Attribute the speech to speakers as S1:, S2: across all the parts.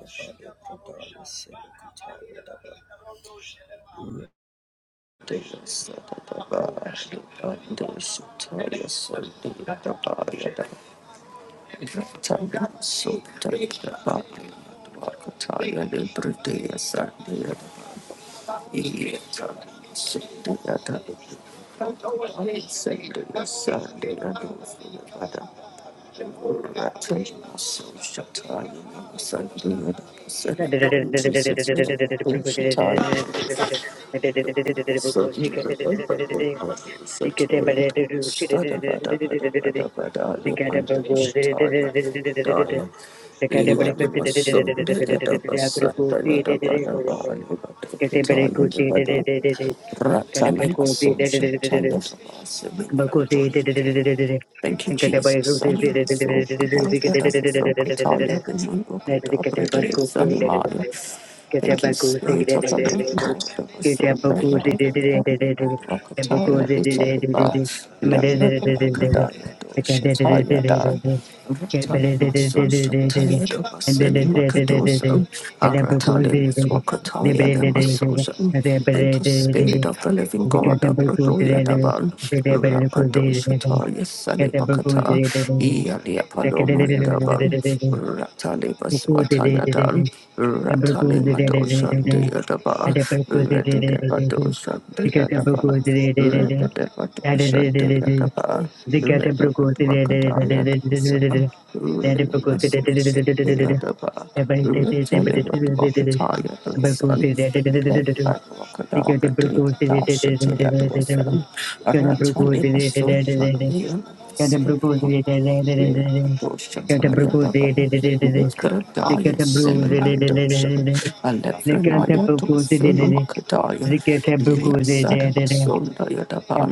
S1: Sunday,
S2: Thank
S1: Rattan
S2: you.
S1: in my soul, shall tell you for us, and we might go joyful. Thank you, Jesus. Anima so Buddha da Sokataya Vinodokadabrede Sanimaya.
S2: Get
S1: Thank you, Spirit of the Living God of the Soul Bayada Vadwakataya Vichadiba Lambadwakadaya Doshataya Da.
S3: Thank
S1: Thank you, Spirit of the Living God. Abradoya Daban, Rakadoshataya Salibakata, Ialia Palomandaban, Ratalibas Watayadan, Ratalimadoshan
S2: Look
S1: Deadaba,
S2: at the
S1: Rededevadoshan Deadaba, Rededevadoshan Deadaba, Rededevadwakadaya. Rattle in a soul, Spirit of
S2: Thank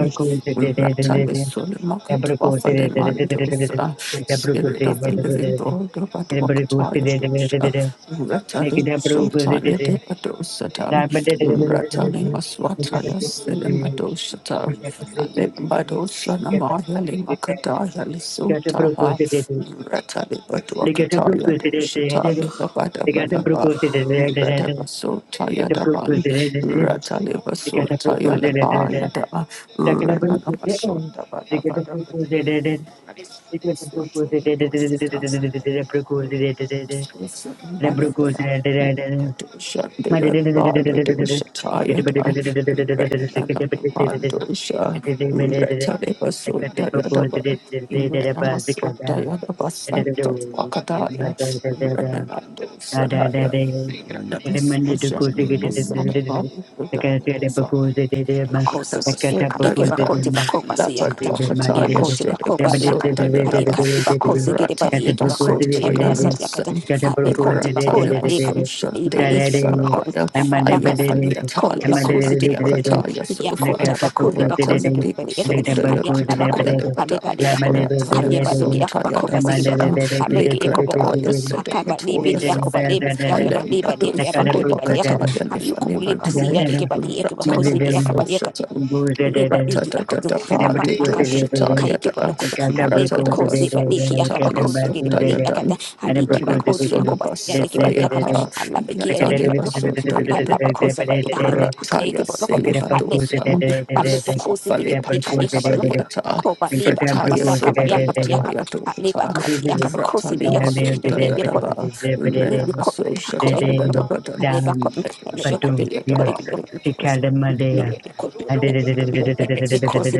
S1: the living God, Rabat Wakataya Dosha, Ratani Shotaya Devadosatam, Ratani Maswataya Selimadoshatam. Alibado
S2: you.
S1: Shanamaya Limakadaya Lisutaha Rata Libadwakataya Dushataya Babada Badaba Rata Basutaya Daban Rata Libasutaya Labaya Daba Renana Basunda Badabada
S2: I'm Thank
S1: Basutaya Dushataya Renamando Sadaya, Renamando Sadaya, Sadaya, Sadaya,
S4: bakosi eka ike
S2: you.
S1: Dayada,
S4: bakoti bakoba siyakata
S2: Thank
S1: Labadwakataya,
S4: yakoti bakoba
S1: Shedibaso,
S4: lakan
S1: Dayada,
S4: eka bakosi gede bari
S1: Ratani
S4: eke
S1: Maso,
S4: bakoti yakabasa yakata
S1: Tayanamasan,
S4: kabe koti
S1: Ratani
S4: bakola leka
S1: Maso, Shandea,
S4: ibadi yakabakon
S1: Salabaya,
S4: haba laka lakan
S1: Ayafalia
S4: kole
S1: Tali,
S4: bakosi gede
S1: Sumadia
S4: bari eke
S1: Kataya, Sofa,
S4: yakota bakoni bakosi gede
S1: Ratani
S4: bari eke
S1: Maso, Daya
S4: ya la bakon
S1: Kataya,
S4: ale
S1: Levada,
S4: bari yakon
S1: Ratani
S4: kaye bari
S1: Maso,
S4: yakabakoba
S1: Yadabasa,
S4: siyakata abeke eko bakon
S1: Likrataya
S4: hakaba
S1: Sedokatoya
S4: libidi yakoba
S1: Safan,
S4: libidi yakaba libidi
S1: Alembado
S4: yakabakoni bari
S1: Sudibakataya
S4: ayukubuliba
S1: Lifanimantu,
S4: siyadikibadiyekibakhosi diyakabayeka
S1: Ratanamasoshatan.
S4: libadikiyakhozi
S1: Ratadadadapadi
S4: abadakatu
S2: you.
S1: doshatayada,
S4: akayikibodokolo
S2: Kata bruku zede
S4: alebekhosi
S2: zede
S1: ratadabasoshataya
S2: kata
S4: badikiyakabakhosi
S2: bruku zede
S1: sodayadan,
S4: gidibadiyakata
S2: ada bruku zede zede
S4: ayikibakhosi
S2: zede zede
S4: yakobasiyadikibadiyakata
S2: zede
S1: renemasolabasafayapa,
S2: kata zede zede
S4: alabekiyadikibadiyoko
S2: zede
S1: yatalibasodayadaban,
S2: zede
S4: abalabakhosa
S2: zede
S4: badiyaha
S1: rataya
S2: zede
S4: akayikibodokolo
S2: kata bruku zede
S1: Selibadosan,
S4: alebeko
S2: zede zede
S4: alubukhosi
S1: aswafale
S2: kata bruku zede zede
S4: gidibadikayikabadoko
S1: aswafalipatwasadiata.
S4: kobaliba
S2: kata
S1: Fretaya
S2: bruku zede zede
S1: Sunda
S2: zede
S4: kabasakabayakabayakata
S1: Yataya Dokata,
S2: zede zede
S4: alebakatiyakabakhosi
S2: ada
S1: Ratalima
S4: biyekolo
S1: Sunda
S2: zede zede zede
S1: Yadaba,
S2: zede
S4: Hayır,
S1: Renama
S2: zede
S1: Soshataya
S2: zede
S1: Dabadan,
S2: dan batu
S1: Shakti
S2: ya
S1: Yadaba,
S2: kikada madaya ada zede zede zede zede zede zede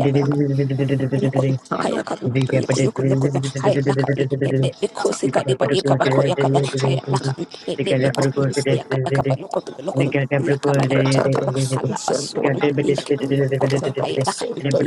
S2: zede zede zede Thank
S1: Yadaba, Rata de la Sunday, Rata de la Sunday,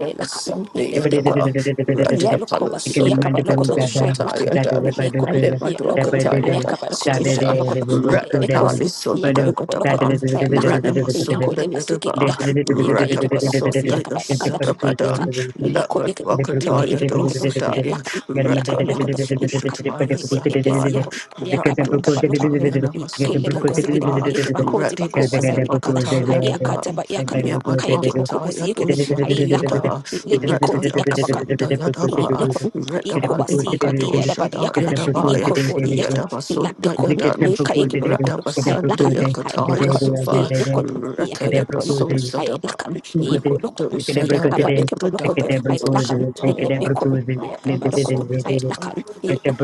S1: Never Sunday at about
S4: Ya
S1: Ratia
S4: loko
S1: Palo
S4: ba siki ya kaba loko do
S1: Solapato
S4: ay laka
S1: Shataya
S4: mm,
S1: Dam.
S4: le ko
S1: I
S4: mm,
S1: never
S4: ya
S1: do a
S4: loko
S1: Kataya
S4: ay
S1: da
S4: kaba loko bo loko bo
S1: Pasisha.
S4: loko do ale
S1: Rata
S4: be ko si
S1: Tali
S4: ya ko yoko bo loko do ay laka yako ko le basuki ya ka mm, ya ka yake bo loko si ya kaba laka do ay laka
S2: you.
S4: le ko ya
S1: Rather,
S2: Get
S4: ka yake bo loko do ay laka mm, ya ko ba ko do ila ka
S1: Ratalimasushataya
S4: le be ke si ya ko mm, ya
S1: Salabaya, Sun
S4: loko bo
S1: Shata
S4: ya
S1: Yanama
S4: le
S1: Sunda
S4: bo siki de bo
S1: Yadaba
S4: yake ba ti ba
S1: Ready
S4: ko ba
S1: Basuna Bakata
S4: ay ya
S1: Yadaba
S4: ba ya ka mm, ka yake
S1: Yamadwakata
S4: si yake
S1: Yadu
S4: de
S1: Sunda
S4: ay lako
S1: Yada
S4: mm, le be ko
S1: Retta Dabasunda Yadaba
S4: Look, I
S1: Redaba
S4: could see by
S1: Limakato
S4: the other body
S1: Shada
S4: yakana,
S1: Yadaba
S4: you could only yakan,
S1: Yadaba Sunda
S4: lapicot, I
S1: Yadan
S4: caikibo
S1: Retta
S4: locodo, I lacan,
S1: Basunda
S4: I
S1: Yakata
S4: lacon, he
S1: Yasufa
S4: locodo,
S1: Retta
S2: them
S4: yakoyakibo locodo,
S2: proposed,
S1: Libasun
S4: I
S1: Sadaba
S4: lacan,
S2: Tuesday, Cadabra today.
S4: he
S2: Nukute,
S4: could locodo,
S1: Dosada
S4: yakaba
S2: Ekadebrikate,
S4: yakibo
S1: Yadibruda
S4: locodo, I
S1: Yakato
S2: Ekadebrikose,
S4: lacan, he
S1: Shata Yada
S4: lepico,
S2: Ekadebrikose,
S4: yakaba
S1: Yanama
S4: locodo,
S1: Sunda
S4: I
S2: Nedede,
S4: lacan,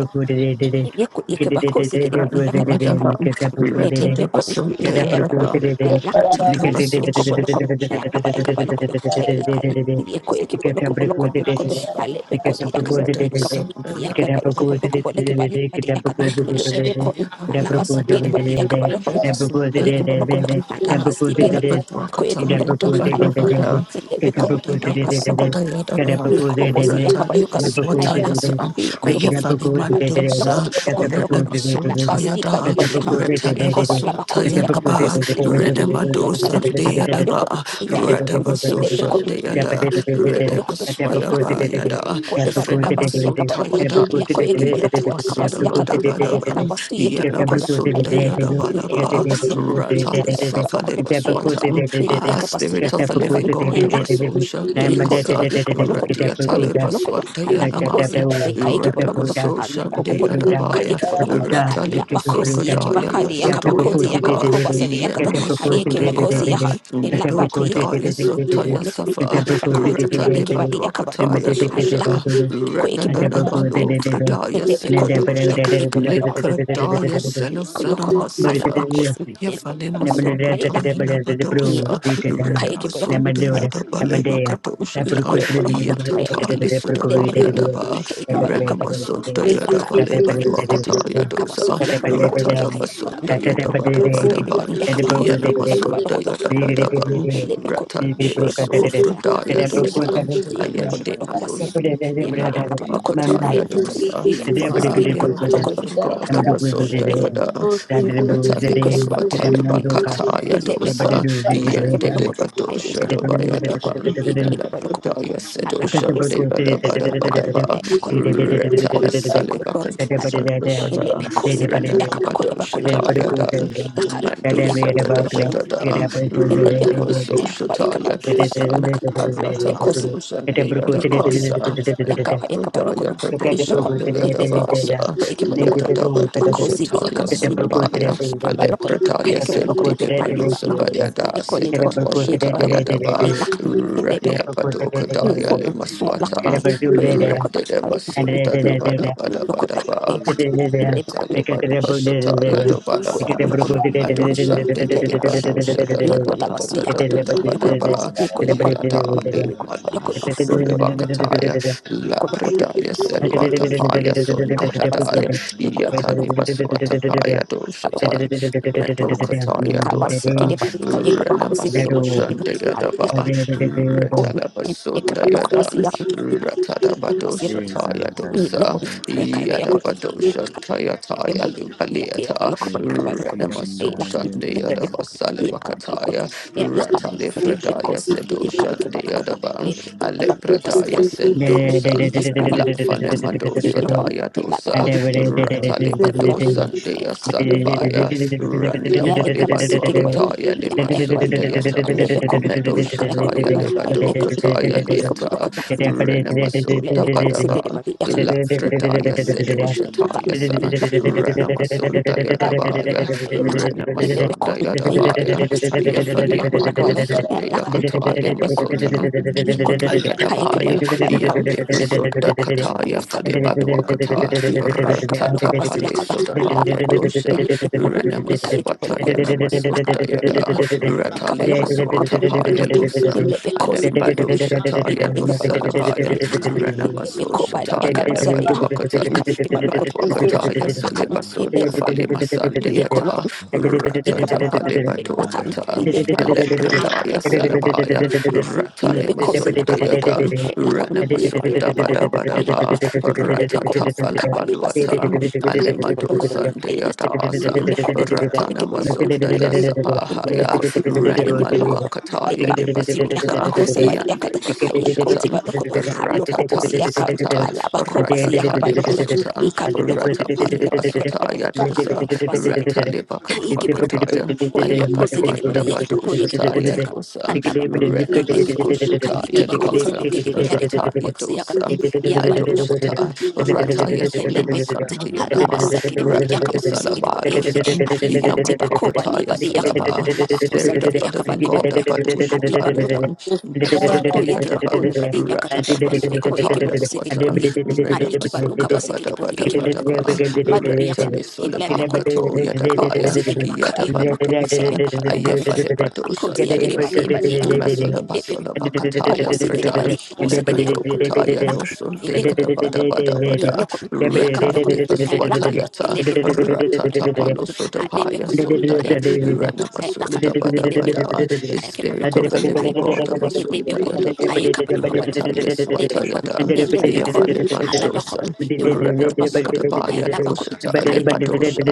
S4: Yaku Yakabaku
S1: Rather,
S4: Sikibari Yakaba Hayakam Yakun Yakayakun Hayakan Yakobo Lokum Yakaba Yakaba Lokodo Hayakan
S2: Ekadebrikode,
S4: Yaku Yakibo
S2: Ikatamba
S4: Lokobo
S2: kuzi
S4: Lokobo Lokodo
S2: dedede.
S4: Halebekon
S2: Ikatamba kuzi
S4: Yakas
S2: dedede.
S4: Yakaba Yakaba
S2: Ikatamba
S4: Lokobo
S2: kuzi
S4: Lokobo Lekibari
S2: dedede.
S4: Badi
S2: Ikatamba
S4: Yakata
S2: kuzi dedede.
S4: Lebekon
S2: Ikatamba
S4: Alabas
S2: kuzi
S4: Kidibari Yakaba
S2: dedede.
S4: Lokum
S2: Ikatamba kuzi dedede.
S4: Yakibo Lokodo
S2: Ikatamba
S4: Alabas
S2: kuzi
S4: Sikiri
S2: dedede.
S4: Yaku Yakibo
S2: Ikatamba kuzi dedede. Ikatamba
S4: Lokodo
S2: kuzi dedede. Ikatamba
S4: Lebekon
S2: kuzi dedede.
S4: Yakaba
S2: Ikatamba kuzi
S4: Yakobosi
S2: dedede.
S4: yakaba yukan
S2: Ikatamba kuzi dedede. Ikatamba kuzi
S4: haya lakan
S2: dedede.
S4: yaku yukan
S2: Ikatamba
S4: kaba yakaba lakutu lakutu lakutu ala basti kade bali yakan yakoba laba koti yakaba
S2: kuzi dedede.
S4: kosi kede bali yakiba yakoba
S2: Ikatamba
S4: lakata
S2: kuzi
S4: ala ba
S2: dedede.
S4: yukun ya
S2: Thank
S4: yukun ele yukun yakaba kede bali yukun haya lakan yakoba de bali yakaba si yakaba
S1: Retalibasun,
S4: lakun
S1: Fayadan,
S4: yako yakiba
S1: Yet
S4: lakutu
S1: was
S4: yakaba si yakata haya
S1: Sadabadabadan,
S4: kaba si
S1: Yanamasunda Yadabalaba,
S4: si
S1: Ratalis Safalebaswatan, Ah,
S4: si
S1: Spirit of the Living God of Asosha
S4: Ikoti ba
S1: Deasa,
S4: yuko ba loko ko eki ba loko
S1: Radiatalebaswanta
S4: hala ba kosi
S1: Yanamaya,
S4: ka eki ba loko halu
S1: Radabasosha
S4: ko ko ko ka
S1: Deadabaya,
S4: eki ba loko hala ba kosi
S2: you.
S4: eki ba
S1: Ratalebasokadaya,
S4: ka de yaka
S2: Thank
S4: ba
S1: Lebradoya
S4: koti yaka ba
S1: Daba,
S4: ko ba sa de yaka da ha eki
S1: Yanamasunda
S4: ba kosi ya
S1: Yadan,
S4: ha ila ba de yaka
S1: Medokadaya
S4: ko bo
S1: Sotaya
S4: leka
S1: Safa,
S4: hala ba koti bi ya eki ba de yaka ba loko
S1: Kataya
S4: ha
S1: Dosha,
S4: ila ka ko eki ba loko
S1: Renanana
S4: ha ila
S1: Malu
S4: ka
S1: Fridaya
S4: ende be ko ya
S1: Sekadosha,
S4: ka eki ba loko ha ila
S1: Likradaya
S4: ka ko loko
S1: Selosanama
S4: hala ba
S1: Safa,
S4: kosi eki ba
S1: Yafalima
S4: loko ha ila ka
S1: Swakataya
S4: eki
S1: Labadosa,
S4: loko ka eki ba loko
S1: Renamasundaya Dabaleba
S4: Iya
S1: Kadoshata,
S4: koi bolo kono hai
S1: Yatata
S4: laka ile be
S1: Lisudabaya
S4: kono ni
S1: Daba,
S4: kai ka balu ka balu kono
S2: you.
S4: hai
S1: Renamasundaya
S4: laka
S2: Thank
S1: Dabaleba
S4: ile be kono
S1: Duakataya
S4: ni ka basu
S1: Dosa,
S4: iya ka balu kono hai laka
S1: Ratadabasundaya
S4: na na ba ko si kiri
S1: Dabadabadan,
S4: bari iya ka ba ko si kiri iya ka balu kono
S1: Yanamasundaya
S4: hai laka
S1: Dabadaban,
S4: ile be kono iya koi
S1: Ratandeva
S4: bolo
S5: Jesus, it
S4: kono hai laka
S1: Sofradaya
S4: ile be
S1: dosa,
S4: kono iya lo kono
S1: Ayende
S4: balu ko basi iya
S1: Malusan,
S4: iya ka iya ka balu kono hai
S1: Labatuakataya
S4: laka
S1: dosa,
S4: iya ko si kiri
S1: Fire
S4: kono
S1: of the
S4: balu kono
S1: Living
S4: hai
S1: God of
S4: laka
S1: Asundayada,
S4: I come, I come, I
S1: Ratalipaswa
S3: you.
S4: come, I come.
S2: you.
S1: Talibakataya
S4: I come, I come,
S1: dosa,
S4: I come, I
S1: Yende
S4: come. I
S1: Devadosha
S4: come, I come,
S1: Dabayadaban,
S4: I come, I come. I come, I come,
S1: Labradaya
S4: I
S1: Sedosha Devadabada Badaba,
S4: come, I come. I come, I come, I come, I come.
S1: Retala
S4: I come,
S1: Salibakadosa Devada,
S4: I come, I come, I come. I come, I
S1: Renanamadosha
S2: Thank
S1: Tayadan,
S2: you.
S1: Mandosa da da da da da. Redabaso Shataya Dosa,
S4: come, I come,
S1: Aratabadosha
S4: I come
S1: Deyadabasa,
S4: yakaba yakaba loko
S1: Lapradaya
S4: hari
S1: Kadosha
S4: loko ilebe ko
S1: Deyadabasa,
S4: ko yakaba loko na
S1: Yadabadosha
S4: makozi di
S1: Taya
S4: yakaba si lebe yakaba
S1: Solabaya,
S4: hari ba loko no, ka
S1: Aleprataya
S4: yakaba loko hari ba
S1: Sentidibayosa
S4: loko
S1: Bayada,
S4: hari loko ni ko
S5: comes.
S1: Sekatwasha
S4: yakaba loko
S1: Taya Daba,
S4: hari loko
S5: I
S4: ilebe ko
S1: Rania Padoka
S4: ni
S1: Daya
S4: ko loko
S1: Limaswata,
S4: ko yakaba loko hari
S1: Redabaso
S4: loko
S1: Dadabada Bada
S4: loko hari
S1: Badaba,
S4: loko ilebe ko e
S1: Retalibadwasha
S5: shall
S4: ko
S5: take
S1: Taya
S5: a bus.
S4: ko ko
S1: Dabadaba.
S4: loko hari loko
S1: Madosan de de
S5: I
S4: ilebe
S1: de
S4: ko
S5: shall
S1: Badosa
S5: take a
S1: da
S4: ni
S1: da
S5: bus.
S4: ko
S1: da
S4: la
S1: da
S4: basu
S1: da da da
S4: yakaba
S2: Thank
S1: da
S2: you.
S1: da ba
S4: yoko
S1: da
S4: loko
S1: ba
S4: ni ko loko
S5: I
S1: Yada le
S4: ni ko loko
S3: Right.
S5: shall
S1: Madoso le
S5: take
S1: Bakataya La Predaya
S3: Yanda
S4: no.
S1: Selvata Paya
S4: Thank
S1: Sundahadaya Yata le Baswata Paya Doshatan Medo Kataya Dosa Renamaso Shandayadaba Retalabasun Yada, Ratada Bado Shataya Dosa, Yada Bado Shantaya Taya
S5: a
S1: Lumpaleata, Renamaso
S3: le
S1: Shandeya
S3: mo
S1: Dabasale
S3: sakataya,
S1: Wakataya, Ratale
S3: Masuka le
S1: Fredaya Sedo Shandeya Dabam, Alepredaya Sendosan, Lafane Madosa Daya Dosa,
S4: you.
S1: Ratale Bado Salabaya, Randi Apalima Duakataya, Lima Sundayatan, Meadow Shataya, Libado Kataya, Liata,
S3: Sandura,
S1: Renamaso Dabadaba,
S2: Thank
S4: Thank
S1: Lafredaya, Sedo Shataya,
S3: Mama,
S1: Sa,
S3: Mama,
S1: Renamaso Dayadabaya, Renamaso Dayadabaya, Ayafalia Mado Sundayakatali
S3: Thank you.
S1: Masota,
S4: Yikodo kayake
S1: Ayadabaya,
S4: baloko balakam,
S1: Yande
S4: yakoyake
S1: Masunda
S4: baloko
S1: Kataya,
S4: alakam,
S1: Fadebadwakata,
S4: yakaba yakaba
S1: Ratata
S4: lokaba siyakaba
S1: Palisodabaya
S4: alabakon,
S1: Dosha,
S4: yekon, yikayake
S1: Renamaswata
S4: baloko do, yakakan,
S1: Yanamasunda Yada,
S4: yekon, yakaba
S1: Ratali
S4: loko do bakon,
S1: Basota Paya
S4: yakakan,
S1: Lusan,
S4: yelebeko sikibon,
S1: Alembadosha Taya
S4: yikayake baloko do,
S1: Lusalabaya,
S4: yakakan,
S2: you.
S4: yelebeko
S1: Renamasosha
S4: bala
S1: Taya
S2: Thank
S4: yakaba
S6: Father, with
S4: seria,
S1: Lebadwakatan,
S4: yikayake baloko do loko do,
S1: Madwakataya
S4: yakakan,
S1: Solibasota
S4: yelebeko, yeko loko,
S1: Falimasandiyata, Ratata
S4: yakaba yakaba loko do, yakakan, yelebeko,
S1: Palibadwakata, Pradaya
S4: yakayake baloko
S1: Salabaya, Ratali
S4: Lebe kozi ya
S1: Masunda
S4: kaba yokodo,
S1: Yadan,
S4: la kodo ye koye ba
S1: Ranamasunda Bada
S4: lokodo,
S1: Bada
S4: ai ba
S1: Ba,
S4: lokodo, lebe
S1: Rata
S5: bus.
S4: kodo,
S1: Tafala
S4: kaba leba sike ya
S1: Balwatan,
S4: kodo, kare
S5: The
S4: kebe
S5: brother
S1: Alemadu
S5: is like
S4: lokodo,
S5: now.
S4: ai la kodo,
S5: The brother
S1: Sandayadasan,
S4: lebe
S5: is
S4: kodo,
S5: like
S4: kore
S5: now.
S1: Ratana
S4: kebe lokodo,
S1: Masunda
S4: ai la lebe
S1: Yasapahaya,
S4: kozi, kare kebe lokodo,
S1: Ranimalua
S5: You may not
S1: Kataya
S4: leba tibi ya kaba
S1: Libasuta,
S5: want
S4: kosa
S2: you
S4: ba
S5: to
S4: ya
S5: do
S4: kata,
S1: Yande
S5: it.
S4: ai ya kozi ba
S1: Basoshatan,
S4: lokodo, ai
S1: Rata
S4: loko bosi ya kaba,
S1: Talisata,
S4: ai la ba ko
S1: Rata
S4: basi ya kaba lokodo, ai
S1: Talibasutan,
S4: kabo lokodo,
S1: Rata
S4: ai kebe kebe
S1: Palibasuta
S4: lokodo, ai loko basi
S2: and
S1: Yadosa,
S5: The
S1: Makadwa
S5: brother
S4: ke,
S1: Kataya,
S4: Ole bakozi
S7: Shut
S1: Ayabadwa
S4: gede bali yeke
S1: Dabado
S4: bako yeke bako
S1: Shataya
S4: zeka.
S1: Dosa,
S4: Anna bako eble beko.
S1: Renamaso
S4: Haliki
S1: Shataya
S4: bakozi
S1: Dwaka,
S4: bekede biyade ke bako
S1: Rataya
S4: bakozi yaka.
S1: Dosa,
S2: Thank
S4: Ya
S1: Medo
S4: bali yako.
S1: Shata,
S4: Obo
S5: is
S4: loko.
S1: Rataya
S4: Eble beko
S1: Solamasan,
S4: ze. Hala
S1: Yanama,
S4: basa gede bali yaka
S1: Ratali
S4: bako se gede bali yeke be.
S1: Salabadosan,
S4: Ha iko te bako bali
S1: Yamadwakataya
S4: bali yaka.
S1: Salaba,
S4: Hala bako se
S1: Spirit of
S4: bali
S1: the
S4: yaka
S1: Living
S4: bali
S1: God,
S4: bali yaka.
S1: Abado Shataya
S4: Ha
S1: Dan,
S4: Bako
S1: Mesodaya
S4: yeke bako
S1: Daban,
S4: ne badi yakata alibe ko yeke
S1: Ratalabasokataya
S4: bako seke de bodi
S1: Swatan,
S4: yeke a iki ba luka ba
S1: Renamasunda
S4: seke de bodi yeke ba
S1: Bada
S4: luka
S1: Yadaba,
S4: a badu yakan
S1: Retali
S4: hilla be ko ko
S1: Sulabakato
S4: ko bo
S1: Yadabaya,
S4: seke de baka yeka bako ba sa
S1: Yadabandosan,
S4: yeka ba luka be
S1: Ayafale
S4: bako zi
S1: Badosan
S4: ya
S1: to
S4: deke ba le
S1: Yasan,
S4: ba le yakan
S1: Mesula
S4: hille be
S1: Basula
S4: ko
S1: Bakataya
S4: bo seke de
S1: Pratan,
S4: badi bo seke de yakan
S1: Lemado Kataya no
S4: lakan hille
S1: Sundi
S2: Thank
S4: ka
S1: Yadabada Bada
S4: i
S1: Bada,
S4: loko yaka
S1: Reta
S4: loko lakan
S1: Dipaswatayata,
S4: hille be ko yaka
S1: Ratata
S4: ba loko ha le be
S1: Palusudabaya
S4: ko ha
S1: Sundaya,
S4: yeke ba loko
S2: you.
S4: ha lakan
S2: Thank
S1: Renamasunda
S4: hille
S1: Bada
S4: be
S1: Bada,
S4: ko
S1: a
S4: ha yeke ba
S1: Spirit of the Living God, of basunda
S4: Ilibikun,
S1: Yadaba,
S4: Ayakabani
S1: Reta
S4: Kabanukun, Libikun,
S1: Yeswatayada.
S4: Ilibikun, Halabakun,
S1: Ayafanamandosan,
S4: Yukunukutubanukun,
S1: Ranamasotabaya dosha,
S4: Hayalabakun, Kayakibanukun,
S1: Talemadosha,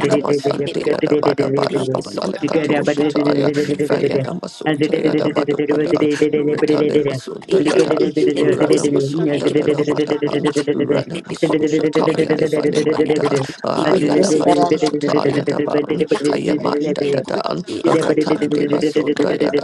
S4: Laka, Ilibikun,
S1: Bada Bala
S4: Ayikibanukun,
S1: Basalakatosha,
S4: Ayakabakun,
S1: Taya, Fayanamasuta, Yada Bada Bada,
S4: Ilibikun, Kayab,
S1: Retalimasuta,
S4: Ayilaka,
S1: Yada,
S4: Ilibikusin,
S1: Ranamasuta, Dada
S4: Ayakibanukun,
S1: Bada Pan,
S4: Ayilaka, Ilibikun,
S1: Ranamasuta, Taya,
S4: Koyakibanukun,
S1: Lefanimanda,
S4: Ayalaka,
S1: Ayala
S4: Ibikusin, Yakan,
S1: Batosha, Taya
S4: Kayalakan,
S1: Daban,
S4: Ayalaka,
S1: Ayamanda
S2: you.
S4: Ayakun,
S1: Dadan,
S2: Let's
S4: Ilaka,
S1: Ratandi Basunda,
S4: Ayakabanukun,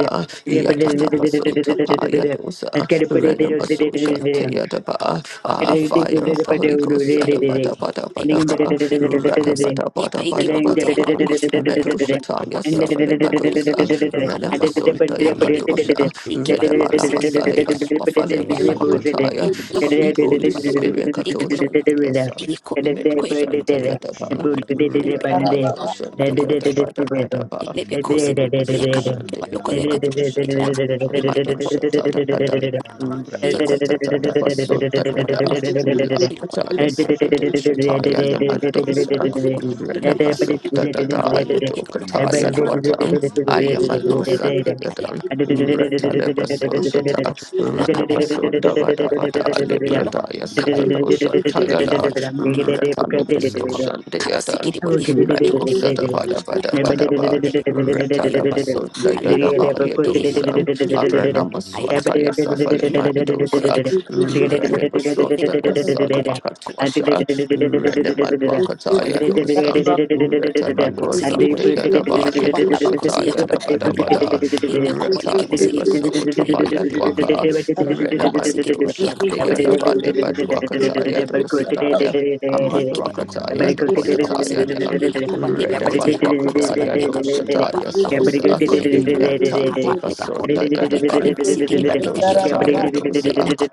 S1: Yada, Maso Tapaya Dosa, Renamaso
S4: Ayalaka,
S1: Shantia Daba, Ah,
S4: Barokoto,
S1: Fire of the
S4: Atabako,
S1: Holy Ghost,
S4: Ikaibu,
S1: Sadabada Bada Bada
S2: get
S4: Ailaka,
S1: Ba, Rata
S4: Ekosi,
S2: it
S1: Bada Bada
S2: and
S4: Ikaiki
S1: Bada
S4: Bakoti
S1: Bada Ba,
S4: Yakabakosi
S1: Medo
S4: Badiakata,
S1: Shataya
S4: Apoyoko,
S1: Safale Badosa,
S4: Akoyoko, Alabako,
S1: Renamasunda
S4: Hanebiko,
S1: Yakadosha,
S4: Alikiba
S1: Redabala
S4: Yubusike de
S1: Basale
S4: Badeka,
S1: Baswafale
S4: Ayabalo,
S1: Maswakataya,
S4: Ikibaloko,
S1: Sweet Holy
S4: Ikibaloko,
S1: Spirit Kadosha,
S4: Ikibaloko,
S1: dear son,
S4: Iliko,
S1: Medo
S4: Koyekibaloko,
S1: Shantia Daba,
S4: Bako, Alibiko,
S1: Redabadosha,
S4: Baloko,
S1: dear Daba Daba Daba.
S4: Inebekosi,
S1: Rattle
S4: Yakaba, Kibaloko, Yakata, Yaka, Inebiko,
S3: Deliver us
S4: Yakaba,
S3: from
S4: Yako,
S3: evil and deliver
S4: Yoko, Yoko, Yoko,
S3: us
S4: Kau
S3: from evil. Masuka yekudzora vai, masuka ndezvandari kudzora
S1: Metal Sada
S2: Oh,
S1: Bada Bada
S2: Thank
S1: Bada Bada Retalabasunda Yadabaya dosa, Aranamaswata Yasafale Mandosa, Renemasunda Yasalabaka Twasha, Renemanuakataya dosa, Retabalo
S4: Kosigidi bodi.
S1: Sande Yadabaya
S4: Yakoba laba
S1: dosa
S4: kosi
S1: Taya
S4: yakada. Ari loko.
S1: Dabadabada,
S4: Yakoba
S1: Reta
S4: leke bosi yakoda.
S1: Devaso
S4: Ari laka.
S1: Tapaya Dwaka,
S4: Elebe. Koba sigidi bodi.
S1: Renemandosa
S4: Yakaba kodi yakaba.
S1: Deyadabade Badwakataya dosa Daya,
S4: Ari kiba loko.
S1: Amatwakataya
S3: mandari
S2: Abadi
S5: like
S4: Ko
S1: dosa
S4: leba
S3: yaratsa
S1: Taya
S4: kosigidi.
S1: Dan.
S4: Yakoba
S3: kuenda.
S4: leba
S5: now.
S4: kodi yakaba kosi bodi
S1: Redabalwakadaya
S4: yakada. Aba
S1: doshataya
S5: Jesus.
S3: Ndokwiramba
S4: laba kodi.
S1: sosa,
S4: Ko yake
S3: ndinomusa
S4: loko. Aba leba kodi.
S1: Yatandibasundaya
S4: Ari
S3: masuka
S1: daban,
S4: kaliba sigidi bodi yake ba
S3: ndezvandora
S4: loko.
S1: Medoshataya
S4: Ari
S1: dosa,
S4: laka.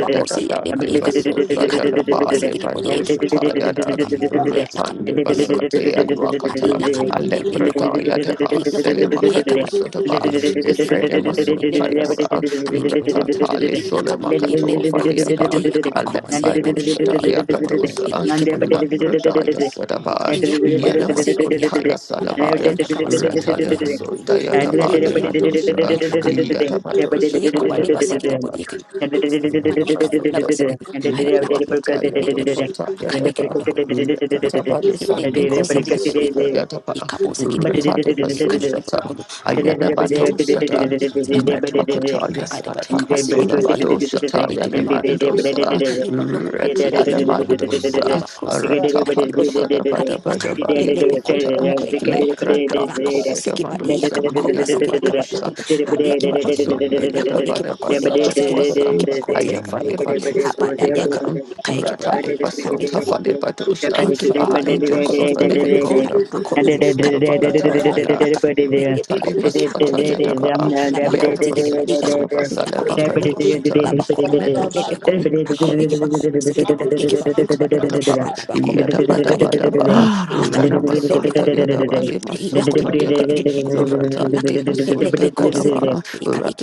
S4: Aba kosi ya leba yakada.
S3: masuka
S4: Ari kaliba koba
S3: ndezvandari
S1: dabali
S4: sigidi bodi yake ba kodi
S1: badoshataya da,
S4: yakada. Aya laka. Ile
S3: yaratsa
S4: kodi
S3: basa
S4: kiba
S1: Retandibasataya
S4: loko.
S3: rako
S1: lwakata,
S4: Ari
S3: ndezvandari
S4: laka.
S1: Alepradaya deba,
S4: He look. on high capa,
S1: Selimakadosa deba,
S4: Look
S3: yaratsa
S4: Ilokon, Haikaba, Lokoto, Ilakon,
S3: kuenda.
S1: Ifredimasundaya
S4: Lebeko,
S1: sa,
S4: Haikebeloko,
S1: Retatali
S4: Ilakan,
S1: solemakato
S4: Lebeko,
S1: vadiapa,
S4: Zibadi, look.
S1: Alembado
S3: Masuta
S4: Siakan, Aiba
S1: Shadaya
S4: Lokon,
S1: Kadosa,
S4: Ilikeboloko,
S1: La
S3: lezandayanda.
S1: Pradaya Sadabai,
S4: Yakuba, Libaseke,
S1: Yenamason
S4: Yakan,
S1: Taya
S4: Alabada,
S1: Salabayan,
S4: Yakabasuki, Libadi, Yakan,
S1: Ratalimason
S3: Masuta
S1: Dayadaba
S4: Ebe
S3: lezanda
S4: Yakon,
S3: your
S1: Levadosa,
S3: right
S4: Lakan,
S3: foot.
S4: Yakuba, Libasiki, the
S1: Yadabadosha
S4: Bodiakin, Maika, Labasiki,
S1: Lekra
S4: Hailakan, Lebeko, Look up, it may be cross it, it will look up.
S2: and
S4: It couples it, it will look up. It can it will look up. Abu Yak, it may be cross Yak. Sakada by Yakabas, it by Yakan. It will look up. I live a look up.
S2: did
S4: I could it will look up. I love a lava crossing. I it will look up. I eat lack. It may be cold. Could it will look up. Yakobo siki badi yakaba koba siki yakaba lokon ha iki ba lokon
S1: Rakapasunda
S4: yakko
S1: Yada
S4: iki
S1: Bada
S4: ba kole ba
S1: Basaka
S4: kosiki bodi
S1: Twasa
S4: iki ba yakaba lokon ha
S1: Hayafalebalusa,
S4: bala yakan
S1: Dedadan,
S4: ka iki ba
S1: Ratalebasota,
S4: lokon Hai
S1: Falebadosha,
S4: ki bala
S1: Ah,
S4: kun, hakul
S1: angels of
S4: ki
S1: the
S4: bala kun,
S1: living God,
S4: ala bakun,
S1: Abrudonusa,
S4: kai Ikebalokoto, Hakoyekebalokoto, Alabakon, Kayekebalokoto,
S1: Bakatayada,
S4: Ayalakan, Melebekon, Hakoyekebalokoto,
S1: Ratalebaswatayadaba,
S4: Alabako, Zigedebadi,
S1: Yadabasosa,
S4: Yahan, Yakoyekebalokoto, Alabakon,
S1: Basalebakadoshatan,
S4: Alebekon, Hakoyekebako, Zigedebodi, Ekeba, Ukabalokoto, Alabakon, Ekayekebalokoto,
S5: Ah,
S1: Yadabadabadaba, Ranamasota
S4: Ilakan,
S1: Yadabali
S4: Lakan,
S1: Masota Yadan, Ratan de Masota
S2: Thank
S1: Yadaba,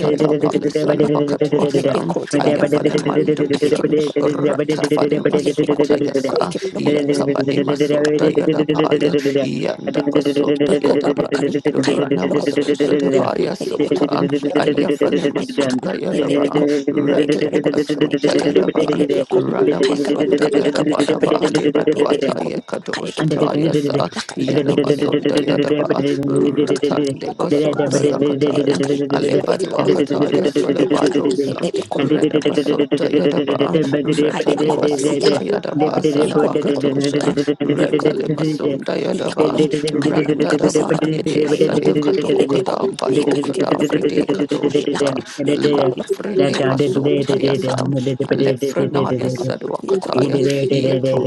S2: did
S1: Palisala Bakatuasam, Ayafale Mandosan, Ratafale Maswata Yasa, Yakabadi Masota Yadapaya, Yandabasota Yadaban, Ranamasosa Tabaya Sota, Ayafale Masota Yadaba, Ratiri Basunda Yadaban, Rana Basunda Yadabadaba, Libadwata Yakadoshita Yasa, Yana Basunda Yadaba,
S4: Hai lakan,
S1: Ratandi
S4: kobo kobo
S1: Basunda
S4: sian. Hai
S1: Yakataya,
S4: lakan, iya kobo kobo kobo
S1: Alebadwakataya
S4: kobo kobo. Hai lakan, iya
S1: Solabadosan,
S4: kobo
S1: Rana
S4: kobo kobo kobo
S1: Basunda Yadaba,
S4: kobo kobo. Hai iya
S1: Ratali
S4: kobo sian kan,
S1: Basunda Yadaba,
S5: Ramandra
S4: iya kobo kobo kaya
S1: Salabakatosha,
S4: kan, iya kobo
S1: Ratali
S4: kobo
S2: and
S1: Basunda
S4: iya kobo
S1: Yadaban,
S4: kobo kaya balu kobo
S1: Randadaba
S4: sian kan.
S1: Yede
S4: Hai lakan, iya
S1: Salekato
S4: lebe kobo,
S1: Okadam,
S4: hai
S1: Bado
S4: kaya kobo
S1: Okada,
S4: kobo kobo
S1: Fride
S4: kobo. Hai
S1: Kadoshita.
S4: lakan, iya
S1: La
S4: kobo kobo
S1: frene Lafrene
S4: kaya kobo kobo.
S1: masotaya
S4: Hai lakan,
S1: sam,
S4: iya
S1: alefrenaya
S4: kobo
S2: Thank
S4: kobo
S1: sadwakataya,
S4: iya
S1: yato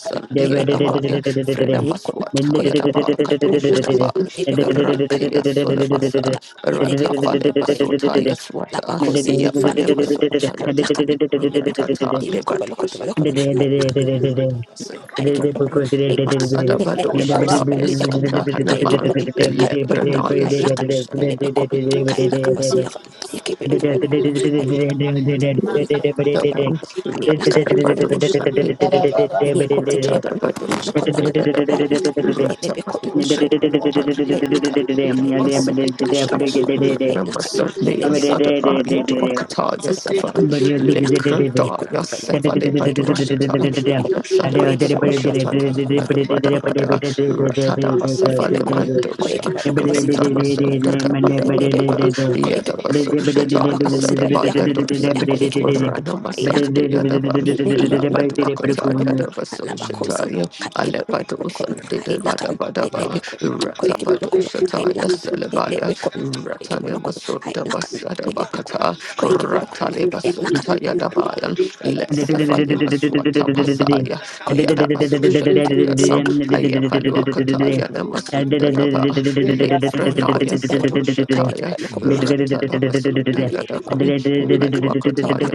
S4: kobo kobo.
S1: namaya, frena
S4: Yakun,
S5: Mm, mm, mm,
S1: maswataya
S4: Koyakun,
S1: dabakato
S4: I Lakan,
S1: shadaban,
S4: Lebekun,
S1: ratia
S4: Kanabakun, I
S1: solabasan,
S4: Lakan, Lebekun,
S1: ratafane
S4: Koyakun,
S1: masotaya swata,
S4: Labakosin,
S1: yafane
S4: Kayakun, I
S1: masotaya tam,
S4: Lakan, Lebekun,
S1: ratata
S2: you.
S4: Yukobalokun,
S1: levatwashandia
S4: I Lakan, Kayakun,
S1: dabasandia
S4: I Lakan,
S1: Masada Badosha
S6: power,
S4: Lebekosin, by
S1: Taya
S4: Yakan,
S1: Sonda Hanaman,
S4: Kayakun, Kayakun,
S1: Lepranaya
S4: I Lakan,
S1: Sedosha
S4: Lebekun, Kayakabasuyak,
S2: But
S4: Yakibayakibalokun, I Lakan, Lebekun,
S1: Ratata
S4: Kayakabalokun, I Lakan,
S6: Father, Father,
S4: Yakon,
S5: mm, mm,
S1: Rattamaso, da da ba da ba da ba. Yada
S2: Thank
S1: baso shata, yasa Yadabayadosan,
S5: mm, mm,
S1: Ranamasan
S2: you.
S1: de Yadaban,
S4: Lekolokon,
S5: mm,
S1: Labaduakataya
S4: Koyakibokon,
S5: mm. Mm,
S4: Labacosin,
S1: Dabasoshataya,
S4: Kaikibokon,
S1: Alepadosan de
S4: Hai Lakan,
S1: Badabadaba,
S4: Lebekon, Koyakibokon, Hai
S1: Ratabadoshataya
S4: Lakan,
S1: Celebaya,
S4: Lebekon, Koyakibokon, Hai
S1: Ratanemasunta
S4: Lakan, Lebekon,
S1: Basadabakata,
S4: Koyakibokon, Lakan,
S1: Ratalebasunta Yadabayan,
S4: Lebekon,
S1: Lesafalimaswata Pasaya,
S4: Koyakibokon,
S1: Yadabasoshanta Yadam,
S4: Saka,
S1: Ayapaluakataya
S4: Lakan,
S1: Namasunda Daba, Lefranaya
S4: Lekotin, Yakon, Kaikibokon,
S1: Sedoshataya,
S4: Yakan.
S1: Ratala Basunda
S4: Ilibiko
S1: Yadaban,
S4: kan ai nak
S1: Metwakataya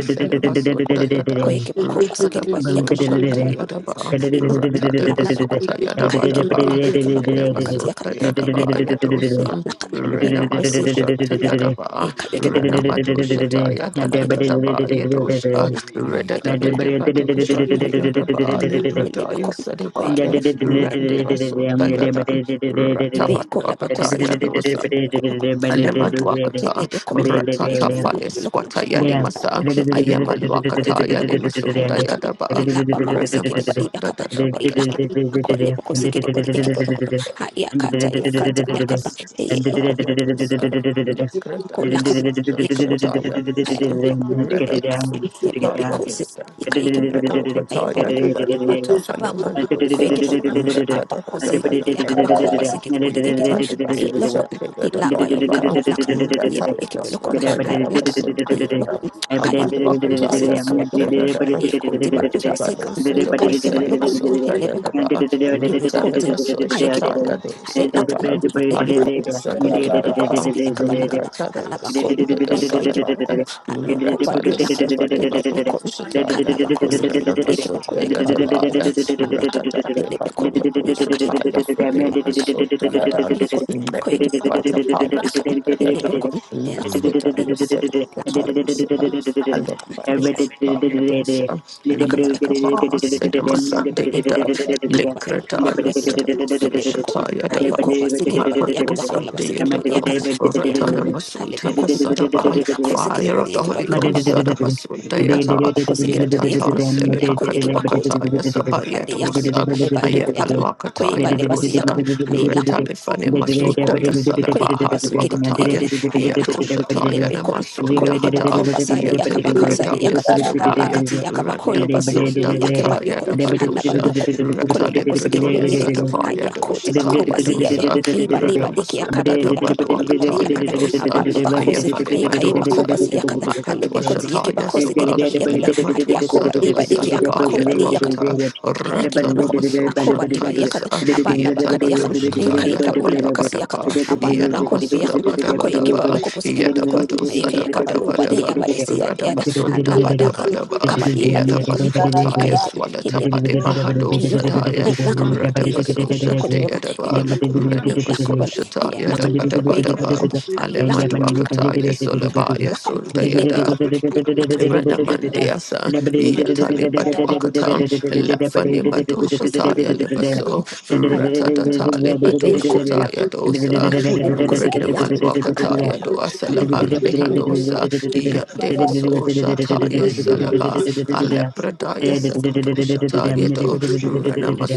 S4: ko
S1: Celebasunda
S4: ko
S1: Yadan,
S4: yake ba ko ba su
S1: Ratada
S4: gari ba iya
S1: Baso
S4: ka ba ko ya ka
S1: Shanta
S4: ba ko
S1: Yadaba,
S4: ha ilo ko
S1: Ratada
S4: ha na ba ko
S1: Baswata
S4: ka yake ba
S1: Yadabadaba,
S4: loko ba yake ba ko na ba ka tiya kan
S1: Renemasunda
S4: ne
S1: Yadaba
S4: ne be ko ya
S1: Yadosan,
S4: na kan
S2: and
S4: ne na be
S1: Renamado
S4: si ko de ba
S1: Shanta
S4: iya kan
S1: Yadaba,
S4: ne ka yake ba
S5: mm,
S4: loko ba
S1: Renamado Shata
S4: ya ka ba yake ba
S1: Yadadadaba Yadosha,
S4: ai na kan ne ne be ko
S1: Redadadabado
S4: ko yake ba loko
S1: Shanta Yadaba,
S4: ba ka ne ne be ko
S1: Librataya
S4: ko yake ba
S1: Sadebaya,
S4: loko
S1: Randeva Sunda
S4: ha
S1: Yadan,
S4: Ibeko la bakosi yakan,
S1: Ratabadwakataya
S4: yebeko loko, hayanakan,
S1: Alemanduakata,
S4: yelebeko,
S1: Ratata
S4: ekebe loko to
S1: Falis,
S4: loko to, hayanakan,
S1: Watayanimasa,
S4: yelebeko, ko
S1: Ayamaluakata,
S4: ekebe loko to,
S1: Yalimasunda
S4: hayanakan,
S1: Yadaba,
S4: yelabako sekede bari
S1: Ranamasunda
S4: yakata,
S1: Dadaba,
S4: hayanakan, ako lebeko sekede bari ekebe loko to, hayakata,
S1: Yes,
S4: yakata, yakata, heye loko,
S1: Shataya
S4: ko
S1: Dosa,
S4: ekebe
S1: Yakrada,
S4: ko
S2: Let's get it
S4: lakan,
S1: yes,
S2: down. Get it down.
S4: ekebe loko,
S1: Shataya Dosa,
S4: hayakebe loko,
S1: Reda
S4: lakan,
S2: Get it
S1: Shataya
S2: down.
S4: yelebeko se,
S1: Dosa,
S4: yika ekebe loko,
S1: Redo
S4: ay ibeko
S1: Kataya Lebata
S4: Abako
S2: I
S1: Fanaman Dosa,
S4: kweke boko
S2: did
S1: Reta da
S4: abako
S1: Bada Bada
S4: zeyidi
S1: Bada
S4: akabako
S1: Bada,
S4: bazegidi bodi tegidi
S1: Reta da
S4: ay
S1: Sasha,
S4: loko
S1: Reda
S4: ila
S1: Bada
S4: bayu
S1: Bada,
S4: kabo lakan ye
S1: Reta da
S4: kweke boko
S1: Swataya
S4: ay
S1: da
S4: lakan
S1: Basun
S4: ye
S1: Bayada,
S4: loko kay basi
S1: Amadwakataya
S4: akaba loko ay ko tiba luba sika
S1: Sotayada, Thank
S4: kay keba loko Record. Kaya kiba loko. Hali laka. Ele
S2: it
S4: record. Ako kiba loko
S2: and
S4: basi ki akaba
S2: it
S4: laka da. Hala
S2: the
S4: bako. E kaya kiba loko. Halo ko ba du yaka. Ele record. Kala bako siki. E kiba ko yakaba loko. Haba yaka. Ele record. Yaka yaka loko. Yaka. Yakon. Kaya kiba loko. Hali laka. Ele record. Ele record. Ele
S2: Thank
S4: record.
S1: you.
S4: Laka.
S1: Fire
S4: Laka. Yakon. Lebekon, Kayabakoto, Lakan, Lebekon, Ayoko, Basikid, but Yakabakola, Basikid, but Yakata, Ayakan, Lebekon, Kola,
S2: you.
S4: Bakosikid, but
S1: of the
S4: Yakiba,
S1: Holy
S2: Thank
S1: Ghost,
S4: Yukabakola,
S1: Sadabasundayata,
S4: Yukakola, Bakosikid, but
S1: Yatata,
S4: Yakin, Yako, Yakibakota,
S1: Selebakatuakata,
S4: Adi Yakan,
S1: Yasabayadosa,
S4: Haleba, Duko Yakan,
S1: Ayapaluakata,
S4: Koyeba, Lebasi
S1: Yadosa,
S4: Yakan, Hayelako
S1: Masunda
S4: Pilicodin,
S1: Yasalabaha
S4: Quakabasuki,
S1: Dwakataya,
S4: Yakin,
S1: Yato
S4: Hayanakan,
S1: Shataya
S4: Elepicon,
S1: Namasunda Hata,
S4: Quakabako, Basada, Yakabaka, Sada
S1: Yatelibrataya
S4: Yakata,
S1: Selubaya,
S4: Alakati,
S1: Randa
S4: Yakabakoli Basin,
S1: Basunda
S4: Yakaba
S1: Kataya
S4: Yokon,
S1: Navadosha,
S4: Hanabadokon, Kolibokosuki,
S1: Ratalibratoya
S4: Yakin,
S2: you.
S1: Satapaya
S4: Hayakoti,
S2: Thank
S1: Doshataya
S4: Bakoba, Siade,
S1: Dosa,
S4: Iba, Liba,
S1: Rana
S4: Liki,
S1: Masunda
S4: Yakabadu, Yakabakola,
S1: Navadwakataya
S4: Yakata,
S1: Dosa,
S4: Abalubakosi,
S1: Ayafale
S4: Ekaibakoba,
S1: Patosa.
S4: Yakata,
S5: mm,
S4: Alebekoti,
S1: Makatwashataya
S4: Yakibakosi,
S1: Soba,
S4: Yakata, Hayakoba,
S1: Lematwasada
S4: Liba, Liki,
S1: Basalaba
S4: Yakabakoba,
S1: Yadwakata,
S4: Iki bolokon,
S1: Ratanamaso
S4: akoba liba yakan,
S5: mm, mm,
S1: Shatayasa,
S5: mm.
S4: haba laba kadi
S1: Yetabado
S4: yakan,
S5: Hmm.
S1: Shataya
S4: ika bula
S1: Bada
S4: bakasi yakan,
S1: Badaba,
S4: haba laba kodi biyakan,
S1: Yanamasoda Bada
S5: Hmm.
S4: hako iki
S1: Badaba,
S4: boloko posiki bolokon,
S1: Yetabado
S4: ika yaka balu
S1: Sada
S4: bade
S5: Hmm.
S4: ya
S1: Devan,
S4: bade siya de yada,
S1: Radabason
S4: hala bada kan,
S1: Dabadabadaba,
S4: kaba liba bolokon,
S1: Yadabaswata,
S4: ika ikon, hindi
S1: Yaswalatapade Bahado
S4: bolokon,
S1: Sadaya,
S5: Hmm.
S4: lakan,
S5: Hmm.
S4: ika
S1: Radabaso
S4: iki boloko
S2: you.
S4: bolokon, iki
S1: Shandayadaba,
S2: Thank
S4: bolokon, ika
S1: Renabaso
S4: bal, iya
S1: Shataya
S4: lakan, ako iki boloko,
S1: Dabadabadaba,
S4: ay
S1: Alema
S4: lakan, akai,
S1: Dwakataya
S4: ay
S1: Solabaya
S4: lakan, hindi
S1: Sundayada.
S4: bolokon, ay lakan, hindi
S1: Ranamandiasa, Yatalibatuakata, Lafani
S4: bolokon,
S1: Madoshataya
S4: ika
S1: Libaso,
S4: bolokon, ay lakan,
S1: Ratatatatali
S4: ebe
S1: Badoshataya Dosa,
S4: Bikapule bokosegede yakal hakala
S2: you.
S1: Ranamalwakataya
S4: bakul hai
S2: Thank
S5: Hmm.
S1: Doasalaban
S4: boko ibe boko
S1: Dehadosa,
S4: kai boko boko
S1: Yandevaso Shataya
S5: Hmm. Hmm.
S1: Salaba,
S4: bokosi kai boko la
S1: Alepradaya
S4: bokosi ibe
S1: Sakadoshataya Do,
S4: ibe boko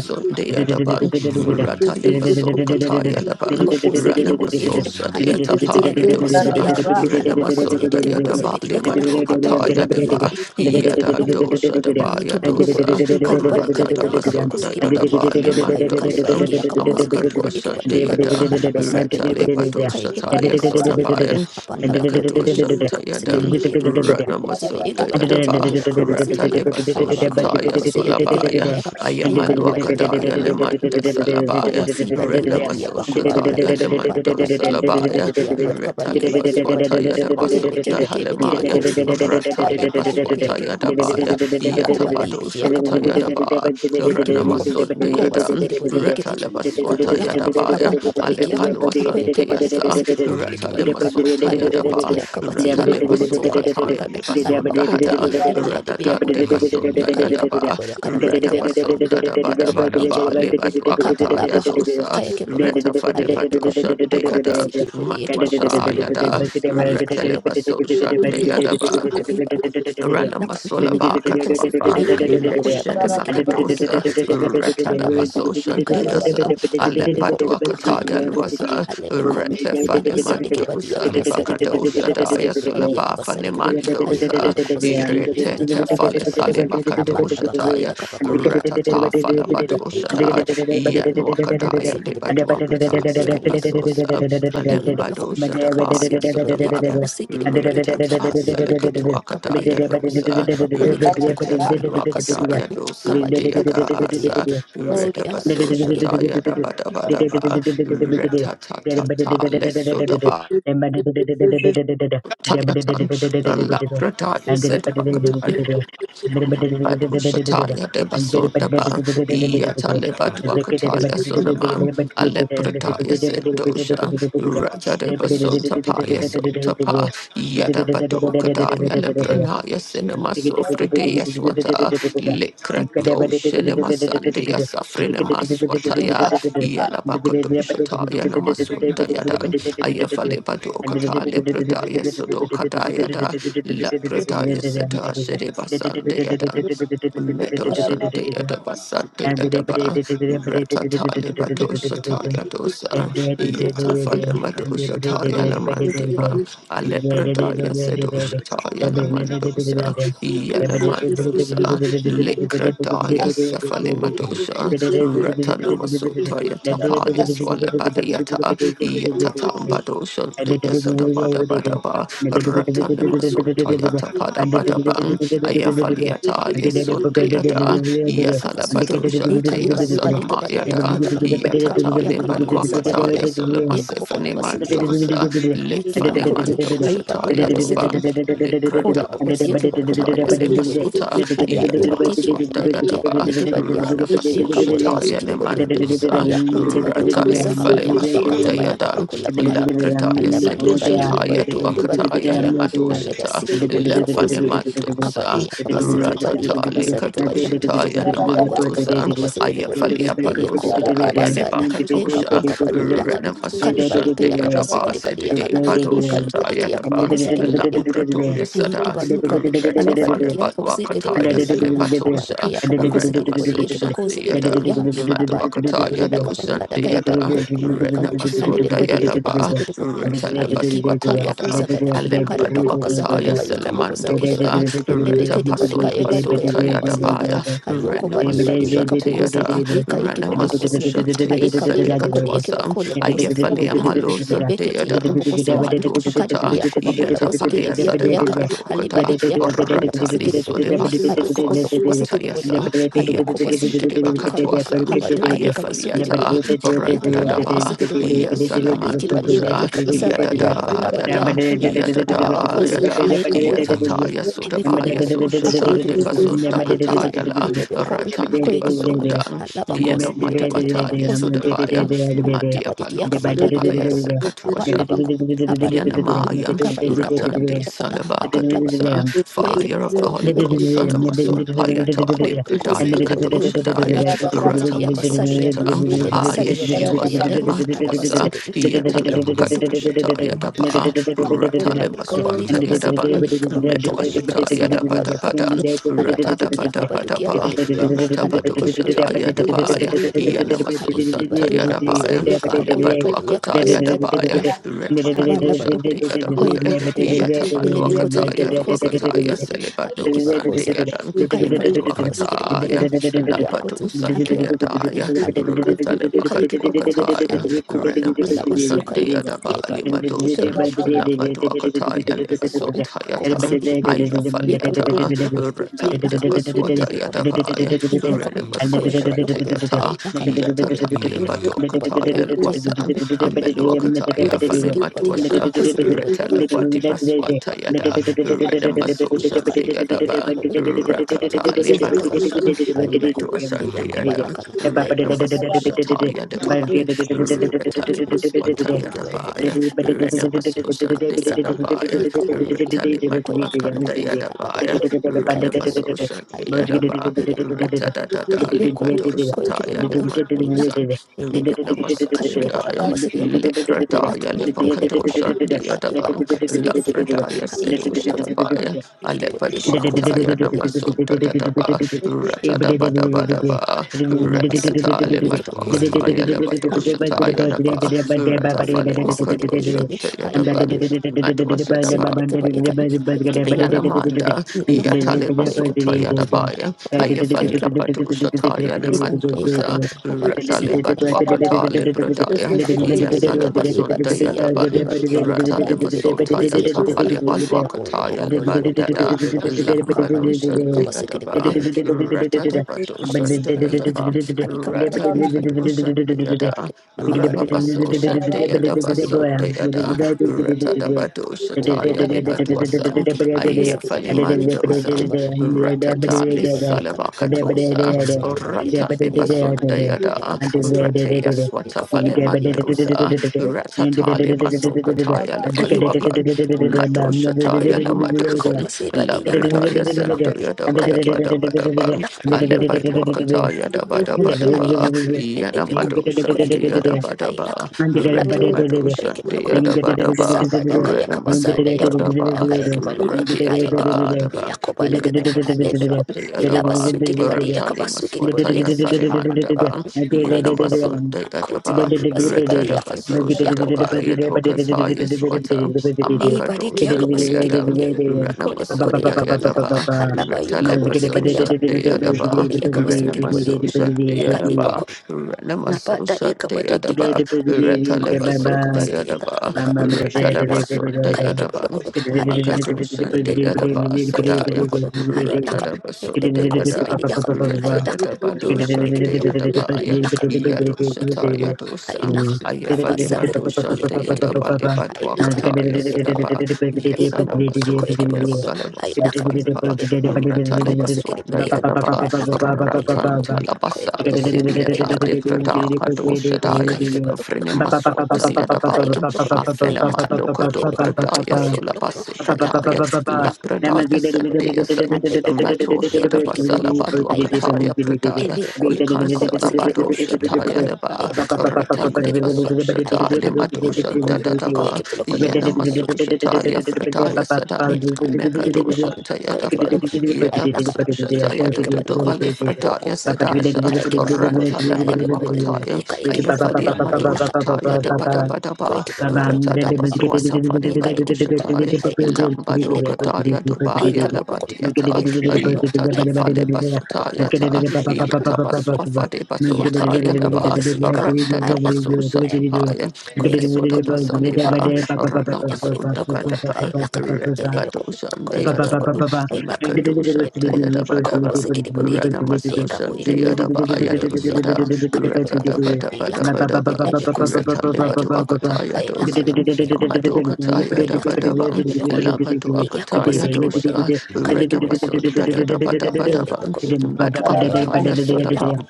S4: ibe boko
S1: Daban,
S5: Hmm.
S4: sakale
S5: Hmm.
S1: Ratalimaso Kataya Laban,
S4: ko bosigede
S5: Hmm. Hmm. Hmm. Hmm. Hmm. Hmm. Hmm. Hmm. Hmm. Hmm.
S4: bodi
S1: Ranamaso
S4: ekene
S5: Hmm.
S1: Shadia
S4: hai bikiti yade
S1: Tapaya
S4: ke bosu
S1: Dosa,
S4: ide yakal hala bakoti yade ke
S1: Ranamasundia
S4: bokosi bide yakal
S1: Dabali
S4: haba lo bade yakal
S1: Yadaba,
S4: e yeke
S1: Yadadosa Daba
S4: Niki loko
S1: Yadosa,
S4: kale ba kale ba yaka ba kuzi
S1: Ratatapasunda
S4: kidi ba
S1: Yadaba
S4: yaka na ayu kale ba
S1: Limandosa,
S4: deki yaka ba kuzi kidi ba
S1: Amakatwa
S4: yaka ba yuka na
S1: Shandayada,
S4: ala ba sa da yaka
S1: Retalibato
S4: ka yake ba
S1: Shataya
S4: loka ba si yaka na
S1: Sodabayan,
S4: apa la
S2: Thank
S4: ba koti
S1: Mekatwa
S4: yake ba loka ba si kidi
S1: Shantayadan,
S2: you.
S1: Ranamasunda
S2: Thank
S4: koti
S1: Yadaba,
S4: yake ba ko ba si yaka na
S1: Ratalibaso
S4: ala ba koli ba
S1: Shataya
S4: kuzi ya deki yaka
S1: Solabaya,
S4: yaka ayu kale ba deki yaka na
S1: Ayamaluakadaya
S4: ba
S1: Lemanda Salabaya,
S4: si ba di ba di ya
S1: Renamaso
S4: ba ko ba
S1: Shataya Lemando Salabaya, Retalibaswata
S4: akebe
S1: Yadabasunda
S4: kebe kebe kebe kosi
S1: Halemaya,
S4: yaka na
S1: Rata
S4: kebe
S1: Libaswata
S4: kebe kosi yaka
S1: Yadabaya,
S4: Hakoba
S1: Yatabado
S4: libiri
S1: Shanta
S4: akabako lakan.
S1: Yadaba,
S4: Ikibo lakan.
S1: Ranamasunda
S4: Hakoba
S1: Yadan,
S4: sikiri bodi
S1: Rata
S4: ekete. Ikabo
S1: Libaswata
S4: lakan. Haba
S1: Yadabaya,
S4: laba liki yakan. Hakoya
S1: Alepanwasanta
S4: keba liki
S1: Yasa,
S4: basikiri bodi
S1: Rata
S4: ekiba yukata.
S1: Limasunta Yadaba,
S4: Halokoti yakabati
S1: Rata
S4: yakabakoti yada
S2: you.
S1: Libasokataya
S4: yukata.
S2: Thank
S1: Libasunda
S4: Halabakota
S1: Hada,
S4: biya dibiya dibiya
S1: Ratatan
S4: kodakan.
S1: Debasunda
S4: Ika ikabako
S1: Yadaba,
S4: bodi akadabadika yakabayo.
S1: Ratabasunda
S4: Ikibo
S1: Dabadabadaba,
S4: lakan. Hakaba
S1: Libadwakata
S4: laba kan.
S1: Yadosa,
S4: Hakaya kebo lakan.
S1: Rata
S4: Halebe kon.
S1: Fadebadoshan
S4: Hakoba
S1: Deada,
S4: sikiri bodi ekiba
S1: Matwasha
S4: kosikiri bodi
S1: Yada,
S4: ekiba.
S1: Ratelebaso
S4: Ibikho-
S1: Shandayadaba.
S4: akho ibakho
S1: Rana
S4: ilaka
S1: Masola
S4: ila
S1: Ba
S4: because
S1: Katuafa,
S4: ayika
S1: Ile
S4: ibakho
S1: Shele
S4: labakhosi kidebole ike
S1: Makadosa,
S4: bakhosi yakho ala
S1: Retana
S4: bakho
S1: Basosha
S4: akaya
S1: Diasa,
S4: kiboloko ale
S1: Ale
S4: bekho
S1: Batua
S4: akaya
S1: Kataya
S4: kiboloko
S1: Luasa,
S4: ale bekho
S1: Rete
S4: ila besade ke badi
S1: Fanemandosa,
S4: yakho basade ke badi
S1: Lebakadosa
S4: yakho basade
S1: Daya
S4: ke
S2: you
S4: badi yakho
S1: Solaba
S4: basade ke
S2: and
S4: ayi
S1: Fanemandosa,
S4: kiboloko bosi kidebole ike
S1: Irete
S4: ayi
S1: Tefale
S4: kiboloko apa
S1: Salebakatosha
S4: abakare
S1: Taya,
S4: yakho bakore yakho bola bakho ayi
S1: Retata
S4: kiboloko bosi kidebole bakho
S1: Yanwakadaya
S4: bosi kidebole
S1: Libadwakata
S4: ike
S1: Selibasosa Alembado
S4: Ibalakon,
S1: Shadabaya
S4: kapasuki de bodi,
S1: Sodabaya
S4: yakapaposiki de bodi, yagina,
S1: Retata
S4: hayiniki de kapodi
S1: Selekatwakadaya
S4: gilaka,
S1: Dosa
S4: labako yakibalakon, halapasuka,
S1: Retatebaluakadaya Dosa
S4: kapati yakapakoti
S1: Deadasa
S4: yariki, kupasiki yakana,
S1: Retabaso
S2: Thank
S4: hayibe.
S1: Shataya Dabadabadaba Retatata Lesodaba Tayatan Labradaya said Badu Shataya de Basunda Ba, Yataleba Dwakataya Sunaman, Alepretaya Sendosha, Raja de Basota Paya Sotapa, Yada
S5: Hmm.
S1: Badokadaya
S2: you
S5: Hmm. Hmm. Hmm.
S1: Lebranaya
S2: and
S1: Cinema
S2: take
S1: Sofridea Swata,
S2: it And
S5: Hmm.
S2: cadaver
S1: Likrato
S2: And
S1: Cinema Sandea
S2: take
S1: Safrinema
S2: it
S1: Swataya, Yalabakadoshataya Namasunda Yadan, Ayafale Badokata Lebretaya Dayada, Lapradaya Seda Shediba Sandayadan. Meadow Sunday at a bus Sunday at a bar,
S2: And
S1: Ratatali Batosa
S2: the
S1: Taya
S2: Thank
S1: Dosa, Yeta Falemadosa Taya Lamandiba, Alepradaya Sedosa Taya Lamandosa, Yanamandosa, Likradaya Sefalimadosa, Ratanamaso Toya Tapaya Swalapatayata,
S2: you
S1: Ratatan Bado
S2: and
S1: Shanti Sadabada Badaba Ratanimasontayata Padabadaban Ayafaliata Yesundiada
S4: Kapasuke,
S1: Yasalabado
S4: Eka
S1: Shanti
S4: Iba Liba Deke Bade
S1: Asanamayada
S4: Yakatabana, Kaba
S1: Yatata
S4: Yakaba Kosa Bade
S1: Libalwakata
S4: Yaka, kola
S1: Yasulamasifani
S4: Basiki Yaka,
S1: Mandosa
S4: Niki
S1: Litfani
S4: Bakuti, Haiba Dula
S1: Mandoshataya Doban
S4: Basiki kole
S1: Likrada
S4: bakuti yake bakula
S1: Yasakataya
S4: bakusikile bodile
S1: Limasota
S4: aya le badiki ya le
S1: Yatapasota
S4: badiki ya
S1: Yadaba
S4: baleke badia
S1: Ranamaso
S4: ayuka bola basikile
S1: Shataya
S4: bodia
S1: Dosa,
S4: aya kuti baduka
S1: Ratale
S4: basaka bayaka
S1: Falemason
S4: bakata bayaka
S1: Dayadan,
S4: bakula
S1: la
S4: bakala
S1: Laprataya
S4: alle bali badile
S1: Sedoshataya
S4: badiki ya le bali
S1: Duakataya
S4: badiki ya alle
S1: Nemadoshata,
S4: basikile bodika bosikile
S1: Lefanemandosa,
S4: akabadi akabasikile badia
S1: Ratata
S4: akabasadi kabaya
S1: Likadoshataya
S4: alle bakuti
S1: Namandosa,
S4: kabalu kabasikile bodia
S1: Ayafalia
S4: ele kobo
S1: Palosataya
S4: kobasada ayuka
S1: Lebakatosha,
S4: bonka badu yaka kale
S1: Renamasosha
S4: badike yaka
S2: and
S4: basikile
S1: Deadabasa
S4: badia
S1: de
S4: kala kale
S1: Badoshataya
S4: badiki yaka
S1: Daban,
S4: bakusikile bodia
S1: Lambratoya
S4: Hiki
S1: Sada,
S4: badu kane,
S1: Reta
S4: ale badu kia kosi kete badu yakana,
S1: Falebadwakataya
S4: abadu
S1: Tosha,
S4: kia kaba kosi kete
S1: Renamaso
S4: bodi yeke ba kosi kete
S1: Shandiada,
S4: bodi yakan, abadu abada
S1: Maduakataya
S4: yada kaba lada kaya
S1: Doshandiada,
S4: badu kaya kaba luka,
S1: Renamaso
S4: ale be kode yoke ba kosi
S1: Diadaba,
S4: kete bodi, hiki ba ko ba
S1: Retalebaswatayada,
S4: kosa kana,
S1: Alemba
S4: akada ba kaba sakada
S1: Duakataya
S4: ba
S2: and
S4: yoka ba kosa kete
S1: Selemandosa,
S4: kana, ele be
S1: Reta
S4: kete bodi kaya badu kaya
S1: Pasolebasota
S4: ba koba si yakana,
S1: Yadabaya,
S4: hayoko ba li
S1: Renamaso
S4: badi yaka ba kosi,
S1: Shantiada,
S4: hika hiki badu koba
S1: Renamaso
S4: si,
S1: Shantia
S4: hika bile ba kode yeke
S1: Selikatwasa,
S4: ba kole ba
S2: Thank
S4: kosi kete
S1: Ayefalia
S4: bodi yeke,
S1: Malo
S4: ebe kete
S1: Sandiada,
S4: yeke ba kosi
S1: Madoshata,
S4: akadibiya kubakula
S1: Yeta
S4: bosikidi biyade
S1: Palea
S4: yakana
S1: Kadokada,
S4: halibadiki yakabakula bosikidi
S1: Ratalis,
S4: bodin
S1: Sodebasa,
S4: hayoko bodo kubosikidi bodin
S1: Foswatayasa,
S4: hayoko
S1: Yantish,
S4: bosikidi baduka
S1: Bakatwasan,
S4: hakabaduka yakabasukidi
S1: Ayefaliata,
S4: bodin hayeke bodo
S1: Randadaba,
S4: kubosikidi bodin hayiki balibadi
S1: Yasalamandosa,
S4: kabasabadi yade
S1: Yadada,
S4: bandabadi
S1: Yada,
S4: yakakula
S1: Yadada,
S4: alabakuzi
S1: Yada,
S4: hayeka bodo
S1: Yatataya,
S4: Ebikoni
S1: Sodabaya,
S4: yokutu, hako
S1: Soshatan,
S4: yekibo lokutu,
S1: Debasunda,
S4: hai daka,
S1: Katayala,
S4: ilebe ko,
S1: Ratan,
S4: hako yekibo
S2: you
S4: lokutu,
S1: Debasundan,
S4: alaba kosi bide bari yakaba
S1: Yanamadiwataya,
S4: kosi bide bari
S1: Sodabaya,
S4: yan, hai
S1: Madia
S4: laba didi
S1: Palo,
S4: yakaba la dede
S1: Sodabaya,
S4: bari
S1: Sekatuasha.
S4: yoko, Hapa do you put it?
S1: Yanamayan
S4: Cover you cover the
S1: Ratande
S2: and
S4: Yakata, Hapa Labadu,
S1: Salabakadosa,
S4: Koyaki
S1: Fire of the
S4: Pokolo,
S1: Holy
S2: Thank
S1: Ghost,
S4: Elecos,
S1: Sanamaso Payatali
S4: Yakoli,
S1: Pradaya
S4: Kosikidi for the young,
S1: Katosadaya,
S4: Hanikiba Koti be Abasadian,
S1: Ratapasoshita,
S4: and Lebasadia
S1: Ayeshua
S4: Detabayadan, and
S1: Salamatuasa,
S4: Labasugan, Ebeki Yakobasik, for the
S1: Yatalebakadoshataya
S4: Badukan,
S1: Daba,
S4: Hapu. Baduka
S1: Ratalemaswanta
S4: badika basika
S1: Yadaban,
S4: baika bakuta balika
S1: Metuashata
S4: basia kabaluka baka
S1: Yadabadabadan,
S4: alabadikia kabadukia
S1: Ratadabadabadaba,
S4: badikuya andebekede boyekede
S1: Ratapatoshataya Dabaya,
S4: bakubosikede bodekede
S1: Yanamaso
S4: haiki
S1: Santa
S4: baduka
S1: Yadabaya,
S4: bosadia kabakula badia
S1: Alebatuakataya
S4: kabasuka
S1: Baya, Retabado
S4: abana bariko
S1: Shante
S4: akoye
S1: Yadabaya,
S4: boneke yakaba elebe kozi yake
S1: Yatabaluakataya,
S4: bakoze gere
S2: you.
S1: Duakataya,
S4: boneke ha
S1: Celebado
S4: iki
S1: Sunday
S4: bakoza
S2: Thank
S1: Adam,
S4: kaya kaba luka bose gere boneke
S1: Meduakataya,
S4: ali
S1: Lapato
S4: akozi haki
S1: Sunday
S4: ya bakozi
S1: Adaya,
S4: alebe kozi kaya ke bakoto
S1: Retalebakatuakataya,
S4: alebe ko ela
S1: Renamaso
S4: basuka
S1: Sunday
S2: you.
S4: kaya
S1: Adabali
S4: bada
S2: Thank
S4: kaya
S1: Madosan,
S4: bakoto
S1: Lamatuakataya,
S4: alebe ko ko basi
S1: Levasotayatan,
S4: gere boneke yaka boye
S1: Ayafaliata,
S4: kaba ila
S1: Retadabaswata
S4: ka
S1: Yadabaya,
S4: he will come. I
S1: Renamaso
S4: will come. He will
S1: Shante
S4: come. I
S1: Yata,
S4: will come. He
S1: Yatata Lebato
S4: will come. He will
S1: Wasan,
S4: come. He will come.
S1: Ameluakataya,
S4: He will come. He will
S1: Falimatuasa,
S4: come.
S1: Retalabati Baswatayada,
S4: He will
S1: Redamasosan
S4: come. He
S1: Deadaba,
S4: will come. He will come. He will come. He will
S1: Ratatali
S4: come.
S1: Badosan,
S4: He will come. He will come. He will come. He
S1: Metuasan
S4: will
S5: Mm.
S4: come. He will come. He will come. He will come.
S1: Deadam,
S4: He
S1: Renamasosataya Devaya, Retali
S2: you.
S1: Maswataya Devaya,
S2: Thank
S1: Renamasosan Deadabaya, Retali Matuakandaya Devaya, Renamasosan
S4: will come.
S1: Deadaba,
S4: He will come.
S1: Retadadada
S4: Ibikun,
S1: Limadosataya
S4: Koyakibalukudu, Ilak,
S1: Limadosan.
S4: Ilebikun,
S1: Ranamasashadaya,
S4: Kayakibalukabasikiyokudu, Ilak,
S1: Likradaya,
S4: Ilebikun,
S1: Levakadosha, Diadabang,
S4: Kayabalukabasikiyokudu,
S1: Lafradaya,
S4: Ikibokun,
S2: you.
S1: Sedoshadabaya,
S4: Gidibody,
S2: Thank
S4: Yakibakos,
S1: Alepadwakataya,
S4: Gidibody,
S1: Namasunda Dadaba, Ratadabadabadaba,
S4: Yabasu,
S1: Radiata,
S4: Gidibody, Yakibakos,
S1: Limadwakataya,
S4: Gidibody,
S1: Levadoshataya,
S4: Ayikibalaba,
S1: Daba, Ratafale
S4: Abalabakos, Gidibody,
S1: Makadosha,
S4: Yakini,
S1: Tayadaban,
S4: Aibadu, Yasuya,
S1: Matwasadaba,
S4: Yakabayakan, Ayakibayakun,
S1: Yanamanda,
S4: Lokon,
S1: Yataleba
S4: Koyakibon,
S1: Sota Yadabaya, Ayefali
S4: Kayakibalus,
S1: Apadoshata Yanamandosa, Rataleba
S4: Ayakayakubalabasia.
S1: Dwakata Lepradaya,
S4: Bakoti bai da
S1: Yasaleba
S4: bali ba da
S1: Sunda
S4: siya da bali
S1: Yadaban,
S4: ba haka ba ike
S1: Ratalema
S4: bai da kuma
S1: Sota
S4: kasi ya bako la kana
S1: Yatapaleba
S2: you.
S4: abu la bako
S1: Dwakataya
S4: bolo
S2: Thank
S4: bako bolo ko
S1: Levandada,
S4: bolo haka ba la bali
S1: Lambadoshan
S4: haka
S1: de
S4: ba sike da bari
S1: Yadaba,
S4: haka ba
S1: Ratadabadoshan
S4: sike
S1: de
S4: da ina kan
S1: Yadaba,
S4: ha ika bolo kan
S1: Ratalema Doshan de Yada,
S4: da baka da ya kan
S1: Rababasoshan de Yadaba
S4: sike da bari
S1: Sunda
S4: ha
S1: Yada,
S4: ika da bolo kan ko la
S1: Ratadabadoshataya
S4: bako la kan ka
S1: Lebadwasan.
S4: ike bolo ka ba sike bari ya kan ha ike
S1: Ayafalimandosan,
S4: bolo kan ka ba
S1: Ratata
S4: sike da bari ya kan ha ba da ka
S1: Lissalabakatosa,
S4: ba sike da bari ya kan
S1: Rata
S4: ne ka ika
S1: Libasunda Yada,
S4: ya ka ba ko sike bari
S1: Ratea
S4: ya ka bolo ko ya ka bolo ko
S1: Swatafalimandosa,
S4: ba
S1: Ratata
S4: ba
S1: Libasokataya
S2: and we can
S4: sike
S1: Labadwakan, Matoshataya
S4: Hatibikum,
S1: Lamadosan,
S4: Kopasi Badi Yakana,
S1: Labrataya
S4: Halabakum,
S1: Sendoyada Bada
S4: Kayakibikum,
S1: Bada Bada Bang,
S4: Haylakan, Wibikum,
S1: Alepadwakataya Bada
S4: Bilukum,
S1: Bada Ba,
S4: Haylakan, Ilibikum,
S1: Yanamadosan Yada
S4: Koyakibikum,
S1: Bada Ba,
S4: Haylakan, Ilabikum,
S8: Thank
S1: Retamadosan
S4: Koyakibikum,
S1: Yada Bada Ba,
S4: Sabada Kayakabasada
S1: Renamasunda
S4: Yakam,
S1: Daba,
S4: Kayakibalukum,
S1: Radiata
S4: Haylakum,
S1: Adaba,
S4: Yakobalakan,
S1: Ranabasusha,
S4: Halibikum,
S1: the Adaba,
S4: Ilabasuki the Badi
S1: Ratali
S4: Yakabasuki the Badi
S1: Maswataya
S4: Yakan,
S1: Salimandaba,
S4: Halabakum, Koyakibikum,
S1: Yanamasun
S2: and
S4: Kuti by
S1: Dayadaba,
S4: Ribasi by
S2: Thank
S4: the
S1: Retadaba
S4: Yakan,
S1: Sosadaba, Yedokasa Yeswata,
S2: you.
S4: Ibariki
S1: Amakadosan
S4: yakabasugiri
S1: Dayadam,
S4: buriyan. Akole
S1: Renamasun
S4: bakore yakabanuka.
S1: Dayadaba,
S4: Alaba
S1: Retaleba
S4: yukabunzigiri yaka.
S1: Sosan
S4: Ele
S1: Dayadaba,
S4: bakore yakabasugiri buriyan.
S1: Renamasosan
S4: Ikali
S1: Dayadaba,
S4: bakon. Nabada
S1: Renamasosan
S4: yakabariki
S1: Dayadaba,
S4: yakabanuka
S1: Retaleba
S4: yakibanuka basugiri
S1: Sundayadaba,
S2: Thank
S4: yakabalaka. Hai
S1: Retadaba
S4: lakan. Kaya
S1: Sundayadaba,
S4: kibanuka. Hai
S8: you.
S4: lakan.
S1: Makadosan
S4: Ele bakon.
S1: Dayadaba
S4: Kaya
S1: Sadaya,
S4: kibanuka. Hai lakan.
S1: Ratadaba
S4: Ele bakon
S1: Sundayada.
S4: sibiri yakan. Hai lakan. Iya kaya
S1: Retadabadoshan de
S4: kibanuka. Hai
S1: Adabaya,
S4: lakan. Iya kaya
S1: Yadosata
S4: kibanuka. Hai
S1: Yadosan,
S4: lakan. Kabasakiri. Iya
S1: Ayafalimadoshan de
S4: kaya kibanuka. Hai lakan.
S1: Adabalibatwakataya
S4: Ende bakon.
S1: Sadaba,
S4: It look quick but
S1: Yasanamasotaya
S4: look
S2: you.
S4: I
S1: Salamaso
S4: like a
S1: Fanaba,
S4: little coin. Cobus get
S1: Ratalibaswan
S4: it
S1: de
S4: pretty can
S1: Adaba,
S4: I like a little coin quick
S1: Ratantalabasa
S4: but look I
S1: Ziliata
S4: like
S1: de
S4: a
S1: Prataka Doshadaya,
S4: Kaike Baloko,
S1: Frenemaswata
S4: Abacosi, Kaike
S1: Yadabaya,
S4: Baloko, I
S1: Afenema
S4: lacan, a
S1: Lokodo
S4: lebico,
S1: Pradaya
S4: Koike Baloko,
S1: Solabase Kataya,
S4: Alabacosi, Lacan, I
S1: Lapradaya
S4: can at Baloko,
S1: Santia
S4: Alabaco,
S1: Mato
S4: I Kaike
S1: Shatabasala Badua
S4: Baloko,
S1: Kataya Pradaya,
S4: Maybe you
S1: we
S4: could
S1: cancel
S4: acrobat security
S1: Abado
S4: body you keep a look at
S1: Shataya
S4: the a
S1: Leba,
S4: lacan, you could
S1: Ratande
S4: give a look
S1: Baso
S4: at a
S1: Shata
S4: lacan,
S1: Limado
S4: a libby could, could you
S1: Shandadaba,
S4: give a look at the a
S1: Yanamaso
S4: lacan,
S1: Shataya Frataya
S4: a
S1: Sadan,
S4: lacan, a
S1: Mekado
S4: libby could,
S1: Shantaya
S2: Baba
S4: could you give a
S1: Daban,
S4: look at a lacan,
S1: Yadabaso
S4: you
S1: Shataya
S4: could give a look
S1: Dodobale
S4: at a book
S1: Frataya
S4: of sacan,
S1: Sadasha,
S4: Kayakibal could,
S1: Rantala
S4: a libby could,
S1: Balwakataya,
S4: a kayakibal could,
S1: Ayafalia
S4: a
S1: Mado
S4: lacan, a
S1: Shataya
S4: libby could, could
S1: Dabadabadaba,
S4: you give a look at a
S1: Ratada
S4: labacusin,
S1: Baswata
S4: a
S1: Fanimato
S4: kayakibal could,
S1: Shatai,
S4: a lacan, a
S1: Lambado
S4: libby could,
S1: Kataya
S4: a
S1: Dubaya
S4: cabot could,
S1: Labadiata,
S4: could you give a look
S1: Ayata
S4: at
S1: Tafale Basota
S4: boloko
S1: Yata,
S4: ai lakan
S1: Yata Baswa
S4: ikon
S1: Fade
S4: ia ka
S1: Basota
S4: eke boloko
S1: Yalaba,
S4: to si ka
S1: Randa
S4: ai
S1: Dabaso
S4: lakan ai lakan
S1: Satapaya,
S4: ko eke
S1: Mesoda
S4: boloko to boloko
S1: Basan
S4: ai
S1: Liba,
S4: lakan ia ko eke
S1: Ranamasunda
S4: boloko to ai
S1: Badaba,
S4: lakan ele be ko
S1: Retabadushan
S4: ko
S2: Ba
S4: eke
S2: ba
S4: boloko
S1: Dayadaban,
S4: to ai lakan
S1: Makadushan
S4: ele be ko ko bo se
S1: Dayadabadaban.
S4: kedi bodi eke ai ka bo
S1: Ranamasoshan
S4: eke boloko to
S1: Dayadabaya
S4: ai boloko
S1: dosada,
S4: ka eke boloko to ai lakan
S1: Retadabadabadabadaba,
S4: ele be ko se ka eke boloko to
S1: Retalibaduakataya
S4: ai lakan
S1: dosan,
S4: ia ko eke boloko to
S1: Amadokataya
S4: ai lakan
S1: dabadaban,
S4: ele be ko ia ko bo
S1: Labaduakataya
S4: se kedi bodi
S1: dosa,
S4: ka eke boloko
S1: Renamasunda
S4: to
S1: dabadabadaban,
S4: Yelebekon, Yakribanakon,
S1: Madwakataya sodaba.
S4: Ailakan,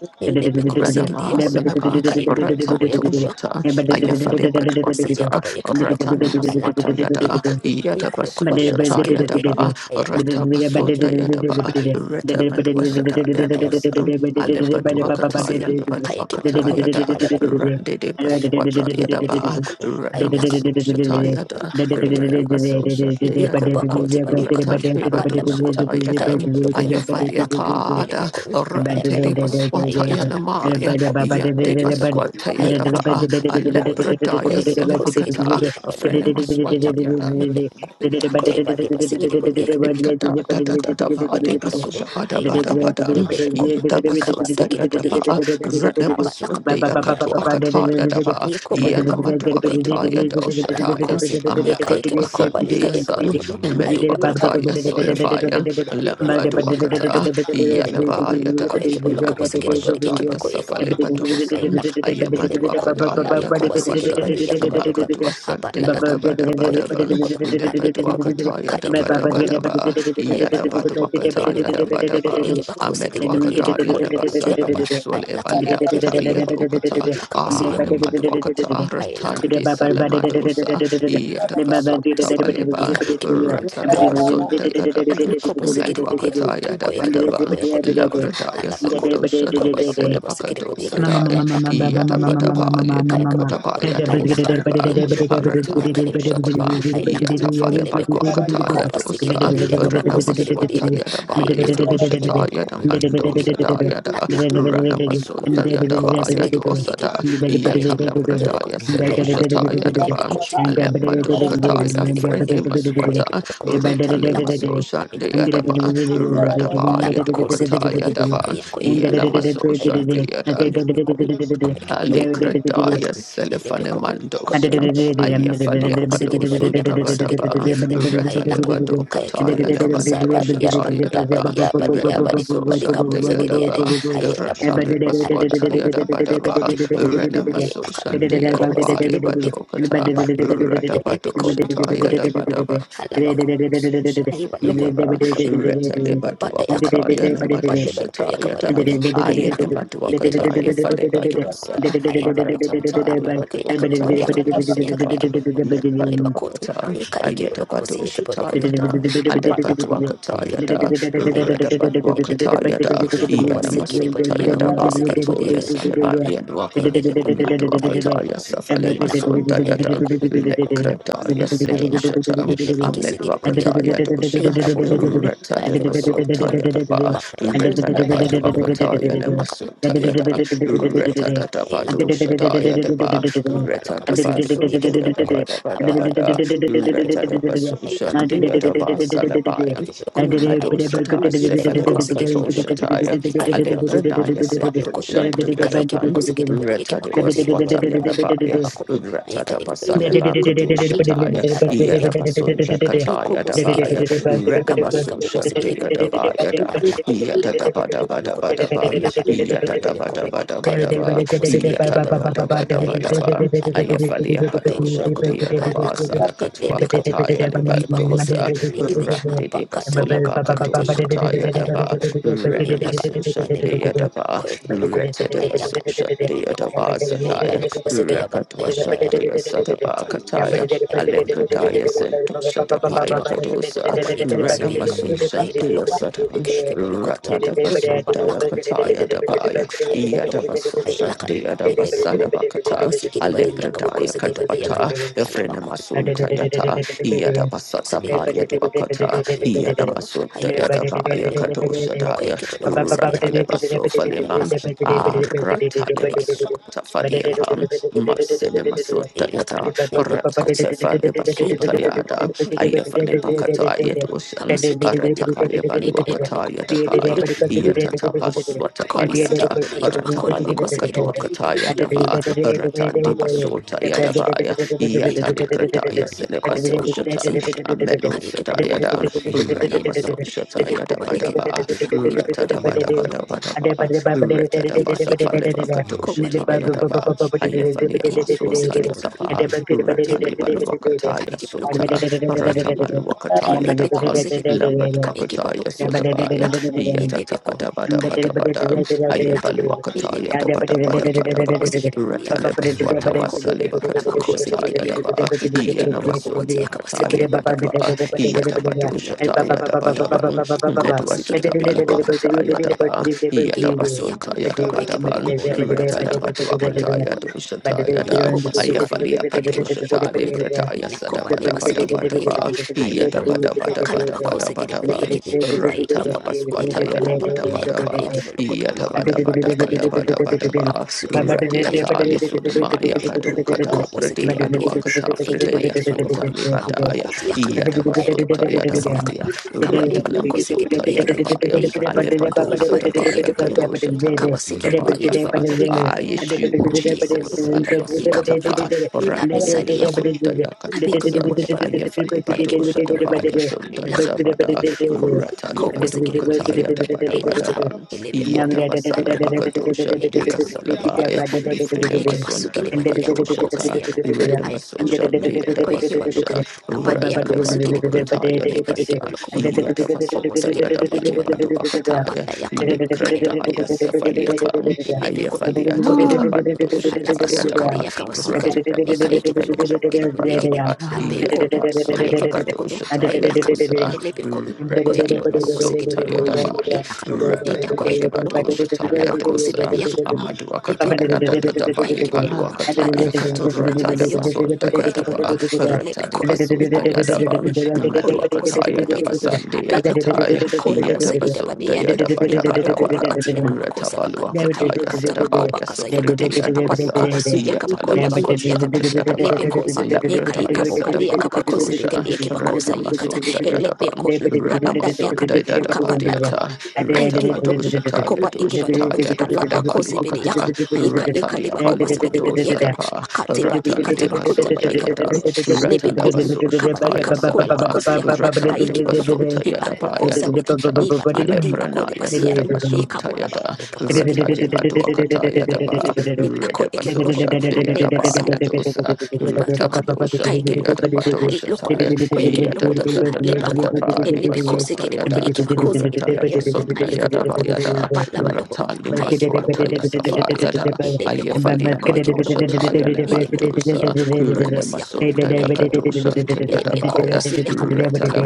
S1: Radama
S4: Yelebekosikidiakon,
S1: Salaba, Ratan
S4: Yukaibanako, Yakadaba,
S1: Tushata,
S4: Yakonokon,
S1: Ayafaleba
S4: Kapasi,
S1: Dwakata,
S4: Yakaba, Yakabalakon,
S1: Ratana
S4: Ailakan,
S1: Maswata Yada,
S2: Thank you.
S4: Yelikon, Yakulukuba,
S1: Yadabasusha
S2: Thank
S4: Lebasikibayakin,
S1: Yadaba,
S4: Ailakan,
S1: Ratabasunta
S4: Kayakibalakon,
S1: Yadaba,
S4: Ay,
S1: Retabadwasata Yadusa,
S4: Kayabalakon,
S1: Alebaduakataya,
S4: Apokosikin, Kayakibalakon,
S1: Lebaduakataya da,
S4: Alebekon,
S1: Randede Baswataya da ba,
S4: Ayakibalakon, Ailakan,
S1: Ranamasushataya da,
S4: Yelebekon,
S1: Ranamasushataya
S4: Idiko
S1: da ba,
S4: bakoti ba yukan
S1: Ratan
S4: abala bakun
S1: Bibadushataya
S4: kaya ke
S1: da,
S4: balokun hay
S1: Ayafalia
S4: lakan
S2: you
S4: hele
S1: Pada,
S4: bekun kaya
S1: Randede
S4: balokun hay
S1: Baswataya
S4: lakan hele
S1: Namaya,
S4: bekun kaya
S1: Yande
S4: ke balokun
S1: Baswataya
S4: hay
S1: da ba,
S4: lakan hele bekoti
S1: Alepradaya
S4: kaya ke bakosi ke
S1: Selebakata,
S4: dibodi ke balokun hay
S1: Afrenamaswataya
S4: lakan hele bekun
S1: yada
S4: kaya ba le basi ke dibodi ke
S1: Ikada da da
S4: lakan
S1: da da ba
S4: kaya ke
S1: de
S2: and
S4: balokun
S1: kasuda ba da
S2: Ba
S4: hay
S1: ba da
S4: lakan
S1: ba da
S4: hele bekun
S1: ita
S2: ba
S4: akaba
S1: basun
S4: se
S1: da
S4: ke
S1: da da
S4: dibodi ke
S1: ba
S4: balokun
S1: rana
S4: haba
S1: basun
S4: lakan
S1: da ya
S4: ya
S1: kato akata ya da ba
S4: Yakoba look
S1: yana
S4: up
S1: madu
S4: Yeke
S1: akata ya
S4: Balokun,
S1: da ushata ya
S4: Alabacosi,
S1: amma
S4: Yaka Yeke
S1: kato
S4: Bacoba, Lika
S1: ya
S4: Yeke
S1: san
S4: Balokun,
S1: medu
S4: Aiba Lokun,
S1: akata ya soleva
S4: Lebekun, Ayake
S1: lambadu
S4: Balokun, I
S1: akata
S4: lack
S1: yana ba
S4: Lebekun,
S1: ya
S4: Ako
S1: da
S4: Yeke Baloka was a
S1: makatu
S4: giddy body,
S1: ashata
S4: Yeke
S1: ya
S4: Bako Yeke
S1: safale
S4: Balokun,
S1: batu
S4: I lack
S1: ayamadu
S4: Lebekun,
S1: akada ya da
S4: Yakoba
S1: batu
S4: Sigiddy
S1: ashan
S4: body, Yakaba Lokan,
S1: makatu san
S4: Abba
S1: da ya
S4: Labakon, Ako Yeke
S2: ba
S1: Daban,
S4: Balokun,
S2: ba
S1: Ilabadwakata
S4: Lebekun,
S1: Yadabadabadaba,
S4: I Balakan, in
S1: Yadabadwakata
S4: Lepicon, Ako
S1: Yadabadaban,
S4: Ekibaco City Body
S1: Amedwakada
S4: Ekibacoli
S1: Yadabasana
S4: Bakujiakana, I
S1: Basul
S4: Lakan, in
S1: Evaliakta
S4: Lepicon,
S1: Yadokata,
S4: in Lakabasuyum,
S5: Longer.
S4: Yukudoku,
S1: Anemadwakata
S4: I Lakan,
S1: Ratandi
S4: Lepicon,
S1: Salamadosa,
S4: Abba,
S1: Yadabasota
S4: Sign,
S1: Baleba,
S4: Eka Ekibacon,
S1: Ratalabasunda Yadaban,
S4: Kobo sikiri bodi
S1: Medwakata
S2: Thank
S4: ko yeki bolo ko
S1: Yadabadaban,
S4: boya ko bolo ko
S1: Labradaya
S4: hala ba ko
S1: Sendosa
S4: ko le ba ko le ba sikiri bodi ka
S1: Dabasilibakadosa
S2: Mama,
S1: Daya,
S4: ay
S2: mama, mama,
S4: la ka le
S2: mama, mama,
S4: be ko
S1: Yadabadaba
S2: mama,
S4: ka
S2: mama,
S4: yeki
S2: mama,
S1: Yadokata.
S4: bolo I ay la ka
S1: Yadosa
S4: ye
S1: Ban,
S4: ko ko ya
S1: Arata
S4: ka yeki bolo ko
S1: Toshata,
S4: ay la ka le
S1: Yatafale
S4: be ko
S1: Balwakata
S4: ko ba sikiri
S1: Yadosa,
S4: bodi ya ka ba ko sikiri bodi
S1: Ranamaswata
S4: I
S1: Yadaba
S4: ay la ka le be
S1: Yadoshata
S4: ko ko
S1: Yadamando
S4: yeki
S1: Sada Yada, Ranamasunta Yadaba
S4: sikiri bodi yeki
S1: Yadosada,
S4: ye ka yeki bolo
S1: Yatalabradaya Sedoshata Yadaban,
S4: Thank
S1: Alemadokataya, Frenemaswata, Ratalemasosha Yadaba, Radaba Yadokata
S2: mama,
S1: Yadaban, Yanamasosha
S2: and
S1: Yadan. Alikradaya Selefanemandosa,
S4: you.
S1: Ayafalia
S4: Makusikiribadi
S1: Palosun
S4: yakamasukiribadi
S1: Dabadaba,
S4: yakende haylakum
S1: Retalevado Kataya
S4: kayakibalu kabasa
S1: Lemandosa
S4: badi ya badi
S1: Taya
S4: ya
S1: Daba,
S4: badi ya badi ya badi
S1: Renamaso
S4: kubadi kabuza
S1: Shandaya Daba,
S4: giriyade haylabukun ande
S1: Ratalipaswata
S4: bakun
S1: Yadabadaba,
S4: yikakibulukun
S1: Renamaso
S4: haylakam
S1: Shandaya Daba
S4: kobasikiribadi yakende
S1: Levadokata,
S4: habadukun
S1: Reta
S4: elebikun
S1: badosha Taya
S4: koyakibulukun
S1: Dabadaba,
S4: halabakun hayibalukun Bada yakan,
S2: and
S4: bada baloko yakabaloko,
S2: Thank
S4: ay nakan, ilibiko, ikibaloko, ay baloko, abaloko yakabako yakan, yaka ikibaloko, alibako, yaka ikibaloko, usi yakibaloko, tobaloko, haba yakan, ikibaloko, ay nakan, ilibiko, yakoba sikiri body yakabako sikiri body yakan, ay nakan, ilibiko, ay ikibaloko, ay nakan,
S1: Yada Dayatan,
S4: ilibiko, ay ikibaloko,
S1: Lekrataya
S4: ay nakan,
S1: Sedoshatan,
S2: you
S4: ilibiki sikiri
S2: and
S4: body
S1: Amelwakataya Dosha,
S4: Ika bulukun, kaya ki bulukut bulukut,
S1: Retalebasotaya Daba,
S4: apana yakan, kaya ki bulukut
S1: Retalebatuakataya
S4: akan,
S1: Nemasotaya
S4: iya ku
S1: Da,
S4: ik bulukut bulukut, iya lakan, bade
S1: Retadadabadoshadaya Daba,
S4: balok apa sekali pun iya kita
S1: Retadabasotaya
S4: bulukut,
S1: Daba Daba
S4: apa
S1: Daba
S4: ada
S1: Da,
S4: yakan, kaya ki bulukut, iya lakan,
S1: Retadabasoshandia
S4: ini
S1: Daba
S4: bulukut, kaya
S1: Salabayan,
S4: ki bulukut, iya lakan,
S1: Madosata
S4: ini bulukut sekali pun iya kan,
S1: Sefalebakatoshataya,
S4: ika ika bulukut,
S1: Alebranaya
S4: apa yukut,
S1: Sedoshan
S4: ika ika
S1: Yadapan,
S4: bulukut sekali iya kita
S1: Retta de
S4: bulukut,
S1: Baswata Yadabaya, Retta
S4: ika
S1: de
S4: ika bulukut,
S1: Basaleva
S2: Thank
S4: ika
S1: Kudushataya,
S4: ika
S1: Yadabasunda Kataya
S4: Bikobo Sikiti
S1: Dabaya,
S4: Lokon,
S1: Retta
S4: Kaba Yakabo
S1: Masusha de
S4: Sikiti Lokon,
S1: Yadabaya da,
S4: Lakan, Kaba Yakabo, I
S1: Yadabadabadabadaban,
S4: Lakan, Lukon, Kayakibo
S1: Yadabadabadabadaba,
S4: Lokobo Sikiti Lokon, I Lakan,
S1: Yadabadabadabadaba,
S4: Alabakon,
S1: Ayafalia
S4: Kayakibo
S1: Padushan de
S4: Lokon, Lakan,
S1: Yadabasala Katua
S4: Lebekon,
S1: Kataya
S4: Yakabako
S1: Levadosa,
S4: Sikiti Likiti,
S1: Retta de
S4: Abakata
S1: Basuleva
S4: Yakabakata Yakon, Kayakibo
S1: Yadaba,
S4: Lokon, I
S1: Renamasu
S4: Lakan,
S1: Shandi
S2: you.
S4: Lebekon,
S1: Yadaba,
S4: Kayakibo
S2: Thank
S4: Lokon, I
S1: Retadabasu
S4: Lakan,
S1: Shandi
S4: Lebekon,
S1: Yadaba
S4: Baby
S1: Sadaya,
S4: Lokobo Sikia, but I
S1: Rakatwa
S4: have better.
S1: Shandi Sadaba
S4: Lakan,
S1: Kataya, Alepradaya
S4: Yakobalimakon,
S1: Sentu Shadapaya
S4: Ikibakun,
S1: Kadosa,
S4: Koba Ikabasugiakan,
S1: Renamasu
S4: Haiba
S1: Shandi
S4: Lokun,
S1: Sadam,
S4: Kayakibalokotabilikotun,
S1: Ratadabasu
S4: Abba
S1: Daya
S4: Lakan,
S1: Kataya
S4: Elebekotun,
S1: Dabaya,
S4: lakan,
S1: Yadabasu
S4: Hailakan,
S1: Shandi
S4: Elebekotun, Koba
S1: Yadabasalabakata,
S4: Sigidibadi
S1: Alepradaya
S4: Yakabakusigabadi
S1: Kadwata,
S4: Yakata, Alabakun,
S1: Efrenamasun Tayata,
S2: you.
S1: Yada Basata Paya
S4: Sigilokotun,
S2: Thank
S1: Duakata,
S4: Kaba
S1: Yana
S4: Ikibalokotun,
S1: Masunda
S4: Hailakan,
S1: Yada Baya
S4: Elebekotun,
S1: Kadosha Daya,
S4: Kayakibalokotun, Sigakabalokotun,
S1: Ratalebaso Faliman,
S4: Hailakan,
S1: Ah
S4: Elebekotun, Kayakibalokotun,
S1: Ratalebasota
S4: Lakan,
S1: Fadiapan, Marcele Masunda
S4: Lakan,
S1: Yada,
S4: Elebekotun, Haiba
S1: Ratatefalebasota Yada,
S4: Lokotun,
S1: Ayefalebakata Yadoshan,
S4: Kabasuki di bodi yakapa. Eka eba
S1: Aratapalebaluakata
S4: lokuta.
S1: Yada Paya,
S4: Abako lokuta. Yakodi.
S1: Yatatapas
S4: Kabasuki di
S1: Watapayata,
S4: bodi yaki bako le bako
S1: Ratamalima
S4: suki di bodi yaki.
S1: Katuakata Yada
S4: Aiba lokuta.
S1: Ba,
S4: Abako lokuta.
S1: Fasota
S4: Kayeki.
S1: Yadabaya,
S4: Ilaka.
S1: Yatalikrataya
S4: Ilako di
S1: Selebaso
S4: bako
S2: Thank
S4: bazi
S1: Shatan,
S4: yaka.
S1: Amelo
S4: Kayeki boloko di
S1: Sadayadan,
S4: boloko. Aiba
S1: Ranamaso
S4: lokuta. Iyako baleke.
S1: Shatayadabadaba,
S4: Iyako eki boloko boloko boloko.
S1: Ratadabadabadabadaba,
S4: Aiba leke
S1: Ratadabasafale
S4: boloko.
S1: Pakato
S4: Ako baleba loko.
S1: Shatayadaba, Ayefania
S4: Eka
S1: Masunta
S4: bosuki di boloko.
S1: Yasapa,
S4: Eka boloko.
S1: Ratalibaluakataya
S4: Kayeki
S1: Sota,
S4: boloko.
S1: Ratamaluakataya Daban,
S4: Ilebekosege,
S1: Lambat Wakataya
S4: Ikaikebalokun, and
S1: Sotabaya,
S4: Nakan,
S2: you.
S4: Ilebekun,
S2: Thank
S4: Kayakabalokun,
S1: Yatatapadabadabadabadam,
S4: and
S1: Aya
S4: Nakan,
S1: Paluakataya da
S4: Ilebekun,
S1: Bada Bada Bada Bam,
S4: Koyakebalokabosege, Yakana,
S1: Rataleba
S4: and
S1: Swataba
S4: Nabakun,
S1: Saleba
S4: and
S1: Katosha
S4: Nabakosege,
S1: Taya da
S4: Yakun,
S1: Ba, Yana
S4: Ikaikebalokabokoti,
S1: Masunda
S4: Yakabasege,
S1: Kataya Bada
S4: Yakun,
S1: Ba, Yata
S4: Ayanakan,
S1: Batosha
S4: Yalokun,
S1: Taya da Bada Bam,
S4: Yalokun,
S1: Medua
S4: Kobasege, Yakana,
S1: Satabaluakataya da
S4: Abada.
S1: Ba, Yata
S4: Kia basi
S1: Basunta
S4: yakan,
S1: Yada
S4: koye
S1: Bada
S4: kibo
S1: Bam,
S4: loko bole bakati
S1: Rataleba
S4: yakan, ale
S1: Duakataya Dosha Taya da,
S4: Ikoba
S1: Aya
S4: sukari
S1: Falia
S4: hayakeba
S1: Padosha
S4: koto
S1: Tali
S4: bonega
S1: Brataya Sada
S4: yakoba
S1: Bada
S4: leba
S1: Bada
S4: sikede bodi
S1: Bada Ba,
S4: yekede
S1: Yata
S4: haiba
S1: Bada
S4: kon
S1: Bada
S4: kala
S1: Bada
S4: ko
S1: Bada
S4: sikede
S1: Bada
S4: bodi
S1: Bam,
S4: yekede hai
S1: Rantala
S4: loko
S1: Baswata
S4: elaba kon
S1: Yada Bada Bada
S4: yakaba
S2: you
S1: Ba,
S4: yekebo loko to
S1: Yata
S4: loko
S2: but
S1: bada bada
S4: yaka
S1: bada
S4: yekebo
S1: bada
S4: loko
S1: bada
S4: haba
S1: ba.
S4: sukede
S1: Radiata
S4: hayakeba loko
S1: lisudama
S4: alebe kon
S1: yakado kada
S4: akobo sikede
S1: prade
S4: bodi yekede
S1: adwakata
S4: Ekeba
S1: fride
S4: yekeba loko
S1: yasuta
S4: to habo ko
S1: libadaya.
S4: ti yakan
S1: Yata
S4: kanka
S1: basuta
S4: loko to
S1: yada
S4: si yakan
S1: baya.
S4: akaba yakaba ko
S1: Ratalema
S4: sikede
S1: suta
S4: bodi yekede
S1: yada baya.
S4: haiba loko
S1: Alebado
S4: haba loko
S1: sadabaya
S4: yekeba loko
S1: kadosha taya
S4: akaba sikede bodi
S1: sudabaya
S4: yekeba
S1: fa.
S4: loko
S1: Ah,
S4: elakan
S1: Yeshua
S4: yekeba loko
S1: Jesus. Alabaswata fa.
S4: Ikabudakan. Ila
S1: Ratmidi
S4: bisadi Yakul.
S1: basuta
S4: Abiko yoko
S1: yakatwasan.
S4: de balokun,
S1: Ayefali
S4: ayaki
S1: badosha
S4: boloko bolokun,
S1: dabaya
S4: ay
S1: sunda da
S4: laka,
S1: da bada.
S4: ilebe kon,
S1: Rata
S4: kobo
S1: libado
S4: sikili bodi yeke,
S1: akataya da bada
S4: ay
S1: bada
S2: you
S4: laka,
S1: ba.
S4: ilebe kon, kaya de
S1: Yatabasala
S4: balokun,
S1: Bakadosha,
S4: ay
S1: Dea
S4: laka, ilebe
S1: Salabaya,
S4: kon,
S1: Ifrene
S4: kaya ke basuki
S1: Masunda
S4: de bodi yaka bakobo si
S1: Yakatoshata,
S4: yaka,
S1: Irene
S4: ay balokun,
S1: Masosha, Dea
S4: ako yake
S1: Dabasosha,
S4: balokan, apade yaka basuki de
S1: Ratalebato
S4: bolokun,
S1: Kataya
S4: yaka yake
S1: Devasa
S4: boloko bolokun,
S1: yada
S4: kobo
S1: Yadabasunda
S4: siki de bodi yake
S1: Yadabale
S4: balokun,
S1: Badu
S2: and
S1: Akataya,
S4: apade yaka, kaya de
S1: Likrataya
S4: bolokun, ay laka,
S1: Safaliapan,
S4: ilebe kon,
S1: Ayafalia
S4: ko
S1: to
S4: yake balokun,
S1: Ulabando
S4: alaba
S1: Shataya
S4: suka de
S1: Daba,
S4: yaka basuka, yaka yake
S1: Ratabasunda
S4: boloko bolokun,
S1: Yadabadabadaba,
S4: Abeko, Kayake
S1: Yadabasulibakato
S4: Balokodo, I
S1: Shataya
S4: Lakan,
S1: Dosa,
S4: Elebiko,
S2: David
S4: Koyake Baloko, Sikil
S1: Retalibasunda
S4: Yokodo,
S1: Yadabaya,
S4: I Lakan, Yakoyake
S1: Ratatabalibado
S4: Balokodo,
S1: Shataya Dosa,
S4: Alabacosi
S1: Amadu
S4: Ebeko yoko,
S1: Akataya de
S4: ayeke baloko,
S1: paluakataya,
S4: ayikatu,
S1: rata
S4: abadi
S1: de
S4: yoko,
S1: basunda
S4: ako yeke baloko,
S1: yadaba, rata de
S4: elebeko,
S1: basunda
S4: niko sida
S1: yadaba,
S4: ida kabako le okoseke
S1: maduakataya
S4: bodi
S1: de
S4: yeke,
S1: basande
S4: abe yoko,
S1: yakataya,
S4: ako la osa ida badi
S1: yadabasunda
S4: yada,
S1: yadaba
S4: ibado ko
S1: tabadabada,
S4: bakati yaka bako
S1: rata
S4: sabaka,
S1: baluakataya
S4: ayikata bako
S1: sadabaya
S4: yakata,
S1: sofrite
S4: abadi
S1: yadwasa,
S4: koba basu yaka bako la
S2: Thank
S1: yatalabaso
S4: bakoti yakata,
S1: shante yadaba,
S4: alebeko zi, nika
S1: alabrataya
S4: ikabo kadi yaka bako
S1: sadabakatosha,
S4: zibeke yeke bako
S1: rata
S4: sa yikata,
S1: masunda yadaba, Namasunda da
S9: Thank
S1: da badiata, Reta
S4: Aidibolo,
S1: badoshata ya
S4: Akoba Ikibadoko,
S1: doshata ya da vada
S4: Alabacosi
S1: baluakata,
S4: Bediakan, Aika Ika de
S1: Ratalia
S4: Bacoba Sikidibo
S1: balukodosa
S4: Yakan,
S1: da ba,
S4: Akate Badi
S1: Ratan de
S4: Katabakuta by
S1: basunda ya
S4: Ikabadoko,
S1: dan,
S5: Oh,
S1: Ratala
S4: Alebeko, Akaba
S1: basoshata ya
S4: Ikabako
S1: salapa,
S4: Labacosi Yakana,
S1: Ratan de
S4: Aiki Bolokon,
S1: basota ya da ba
S4: Aboko
S1: ya
S4: Sabedi,
S1: dokata,
S4: Niba Nibadi Ako
S1: Aleprana
S4: de
S1: ya
S4: Basia,
S1: sada basota ya
S4: Ikabola
S1: da,
S4: Bakabasuki
S1: Reta de
S4: Bodi.
S1: baduakata ya da ba,
S2: you.
S4: Ako
S1: Rede
S2: Thank
S4: Ekibolokon, Aleba
S1: Deadabaya
S4: sadi.
S1: Dosa,
S4: Iba do kan
S1: Retabadosa,
S4: kaya kebo lokon hai
S1: Deadabadosa
S4: lokon
S1: Tire,
S4: kaya kebo lokon hai leba kon en lebi kose gede body
S1: Yadadadadadadabadibasundayada,
S4: eke ba kose gede body eben hai kebo lokon
S1: Retalabasundayadabayada,
S4: apa laba dokon kaya kebo lokon hai akan
S1: Ratalimaswatayasafayada,
S4: en lebi kon kaya kebo
S1: Ayefaliamadosa
S4: lokon
S1: Tire
S4: kon
S1: Lemandosa,
S4: iye lokon lokon bosi yakan kaya kebo lokon
S1: Renemasundayakadosa
S4: hai lebe ko
S1: Deadabaya,
S4: bosi yakan kaba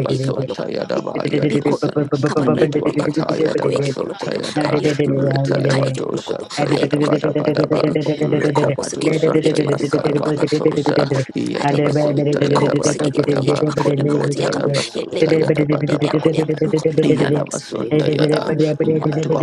S4: bikon kabali bali yakon
S1: Metuakataya da
S4: akoye kibolokodo
S1: Basotaya da
S4: ale bikon
S2: you
S4: kaye
S1: Retalebato
S4: kibolokodo
S1: Santaya
S4: haye
S1: da Bada Bada Bam
S4: Lebekon, a corpus to
S1: Retabato
S4: get body
S1: Santaya
S4: ekipa yukabalakada, and
S1: Salavakatosa
S4: labakon, a lebekon, a
S1: Yetabasontaya da
S4: corpus to
S1: Bada
S4: get body
S1: Bada Ba
S4: ekipa kolabakotiakan, a
S1: Retalabasontaya da
S4: lebekon, the
S1: Bada Ba
S4: yakoyabalukon, and
S1: Yana
S4: labas.
S1: basunda yada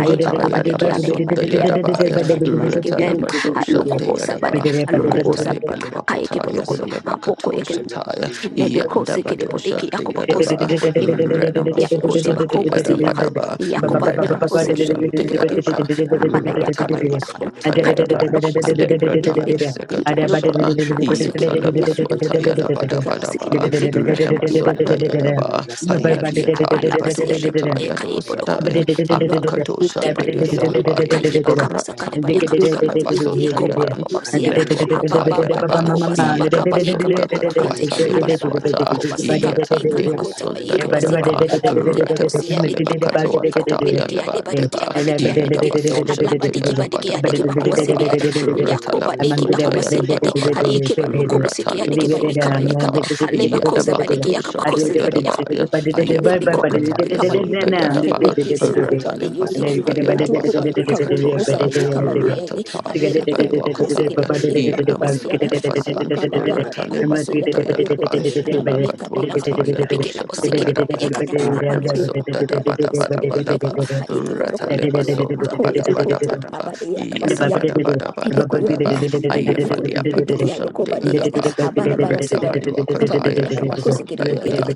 S4: Aiba
S1: yada
S4: labadiki and
S1: basunda
S4: ekipadikia.
S1: yada baya retala baso
S4: Aloko
S1: sunda yada
S4: bosa bade,
S1: ba
S4: aloko bosa,
S1: retale
S4: kaye
S1: balwakata
S5: There
S1: ya
S5: is
S4: kibolokoto,
S5: no
S1: seleba kato shataya
S4: Lebe
S1: yanda
S4: kose kele
S1: bado
S4: bodeki
S1: sunda
S4: yakoba
S2: and
S1: yada
S4: kose
S1: ba
S4: kele bodeki
S1: rena maso
S4: yako tiba
S1: sunda
S4: koba
S1: yada
S4: si yaka
S1: bada ba
S4: yakoba
S1: rena
S4: leba kose
S1: maso
S4: kele
S1: sunda
S4: bodeki ba
S1: yada
S4: yuka
S1: ba
S5: way to,
S4: apana yakaba
S1: ratale
S4: de
S9: you.
S4: yaka
S1: baswata yada
S4: akaya
S1: ba
S4: kibo
S9: Thank
S4: loko kose kele
S1: aleprata
S4: bodeki de
S1: ya
S4: iba
S5: because
S4: loko
S5: now,
S1: sekatwasha
S5: because you are
S4: abasu kele bodeki
S1: Yatalabaswata
S4: akaya badu kaba si kele
S1: Yadabadabadaba, Renamasunda Yadaba,
S4: Sibiyade,
S1: Hayati Yatali
S4: Abalaba Siyade,
S1: Badoshata
S4: Ayakayebo Lokum,
S1: Yadosadaya,
S4: Abalokum, Akebadu
S1: Amakadoshande
S4: Lokum,
S1: Salabaya,
S4: Akayeba Kabasakadeba
S1: Ratapali
S4: Yakabakaba,
S1: Salabasunda
S4: Yakoba
S1: Yadan,
S4: Baba Siyaba, Ababa
S1: Netwakataya
S4: Baba
S1: Daban,
S4: Sabakaba,
S1: Yadabasunda
S4: Ekabakoba Kade,
S1: Katwata
S4: Aleba Koba
S1: Libaswata,
S4: Koba Sikaba,
S1: Yatande
S4: Ekabakota,
S1: Masunda
S4: Ekaba
S2: Thank
S4: Sikaba,
S1: Yadaba,
S4: Ekabakila Osiyade,
S1: Ratapasaliba
S4: Ayibi Kubi
S1: Kataya
S4: Diki Adeba Duki
S1: Lebandeba,
S4: Abadiki Adiki, Alaba
S1: Yadabasoshante
S4: Badiki Adiki Bakoba
S1: Yadabadabadabadaba,
S4: Yakoba Diki Akoba
S1: Ratalabasunda
S4: Siyade,
S1: Yadabadabada.
S4: Ayekeba Lukobo Sikiyade,
S1: Ratalibasun
S9: you.
S4: Yikaba Yikada,
S1: Tayata,
S4: Aleba Kosa Badiki
S1: Yalabakadosan
S4: Yakaba
S1: Tayadabaya,
S4: le be ko e
S1: Ayapalwakataya
S4: ka ba yu ko
S9: Abayandere
S4: le
S1: Sundayadaba,
S4: be si
S9: Pakutanda
S4: ko ba de yu de
S1: Ratalibasun
S9: Kati
S4: ha lu tu ko
S1: Dayadabasa
S4: ba
S9: Lapa
S4: du ka
S9: Kata
S4: bo lo bo
S1: Labakatosha,
S4: sa de yi
S9: Kalapa
S4: ka ba
S2: you.
S4: do ya de
S9: Kutandi
S1: Ratata
S4: ha le ba ko lo
S2: Thank
S4: ko
S9: Chapala
S4: si ki de
S1: Sibaluakataya,
S4: bo de
S9: Kata
S4: yi ke ba
S9: Kila
S4: ko ba si ya da
S9: Kula
S1: Yalamasunda
S4: ha
S9: Kati
S4: ba
S1: Basan,
S4: ka ba
S9: Kaya
S4: ya ka ba
S9: Kanda
S4: ko ba si ya ka
S1: Ratalimasunda
S4: ba yu ko de
S1: Yadaban,
S9: Kaya
S4: ha la ba
S9: Kanda
S4: li ka be la ka ha
S1: Makatwakataya
S4: be ke la
S1: Dosha
S4: bo si ki de bo de
S9: Kata
S1: Tayadaba,
S4: ya ka ta
S9: Lapa
S4: ha ba do ki
S1: Renamasunda
S9: Kutanda
S4: ba ni ka ba si ki de
S9: Kaya
S4: bo de ya ka
S9: Kanda
S1: Dabadabadabadaba,
S4: ha e ke bo lo ko
S9: Kaya
S4: de
S1: Ratale
S5: going to
S4: ha
S9: Lapa
S1: basonda
S4: ko e
S1: bada
S5: the
S4: ba
S9: Kutanda
S1: bada
S4: ko de
S1: bada
S4: ha
S1: ba.
S4: ba de ya ka ba
S1: Yada
S4: si
S9: Kaya
S4: ya
S1: bada bada bada bada
S4: Ebekuyukun,
S1: ba.
S5: He was
S9: Kaya Lapa Kutanda Kaya
S5: able
S4: abaduyukun,
S9: Kati
S5: to
S1: Ayafalia
S5: the water away
S1: padosan
S5: from a
S1: de yada
S4: ebekiyalokobaliyana,
S1: ba. Reta
S4: abadabarasebana,
S1: badua
S9: Lapa Kutanda
S1: kataya
S9: Kaya
S1: de
S9: Kaya
S5: lot of
S1: masonda
S5: Jesus
S1: yada.
S4: abadukiyakabakosekedebodiyekede,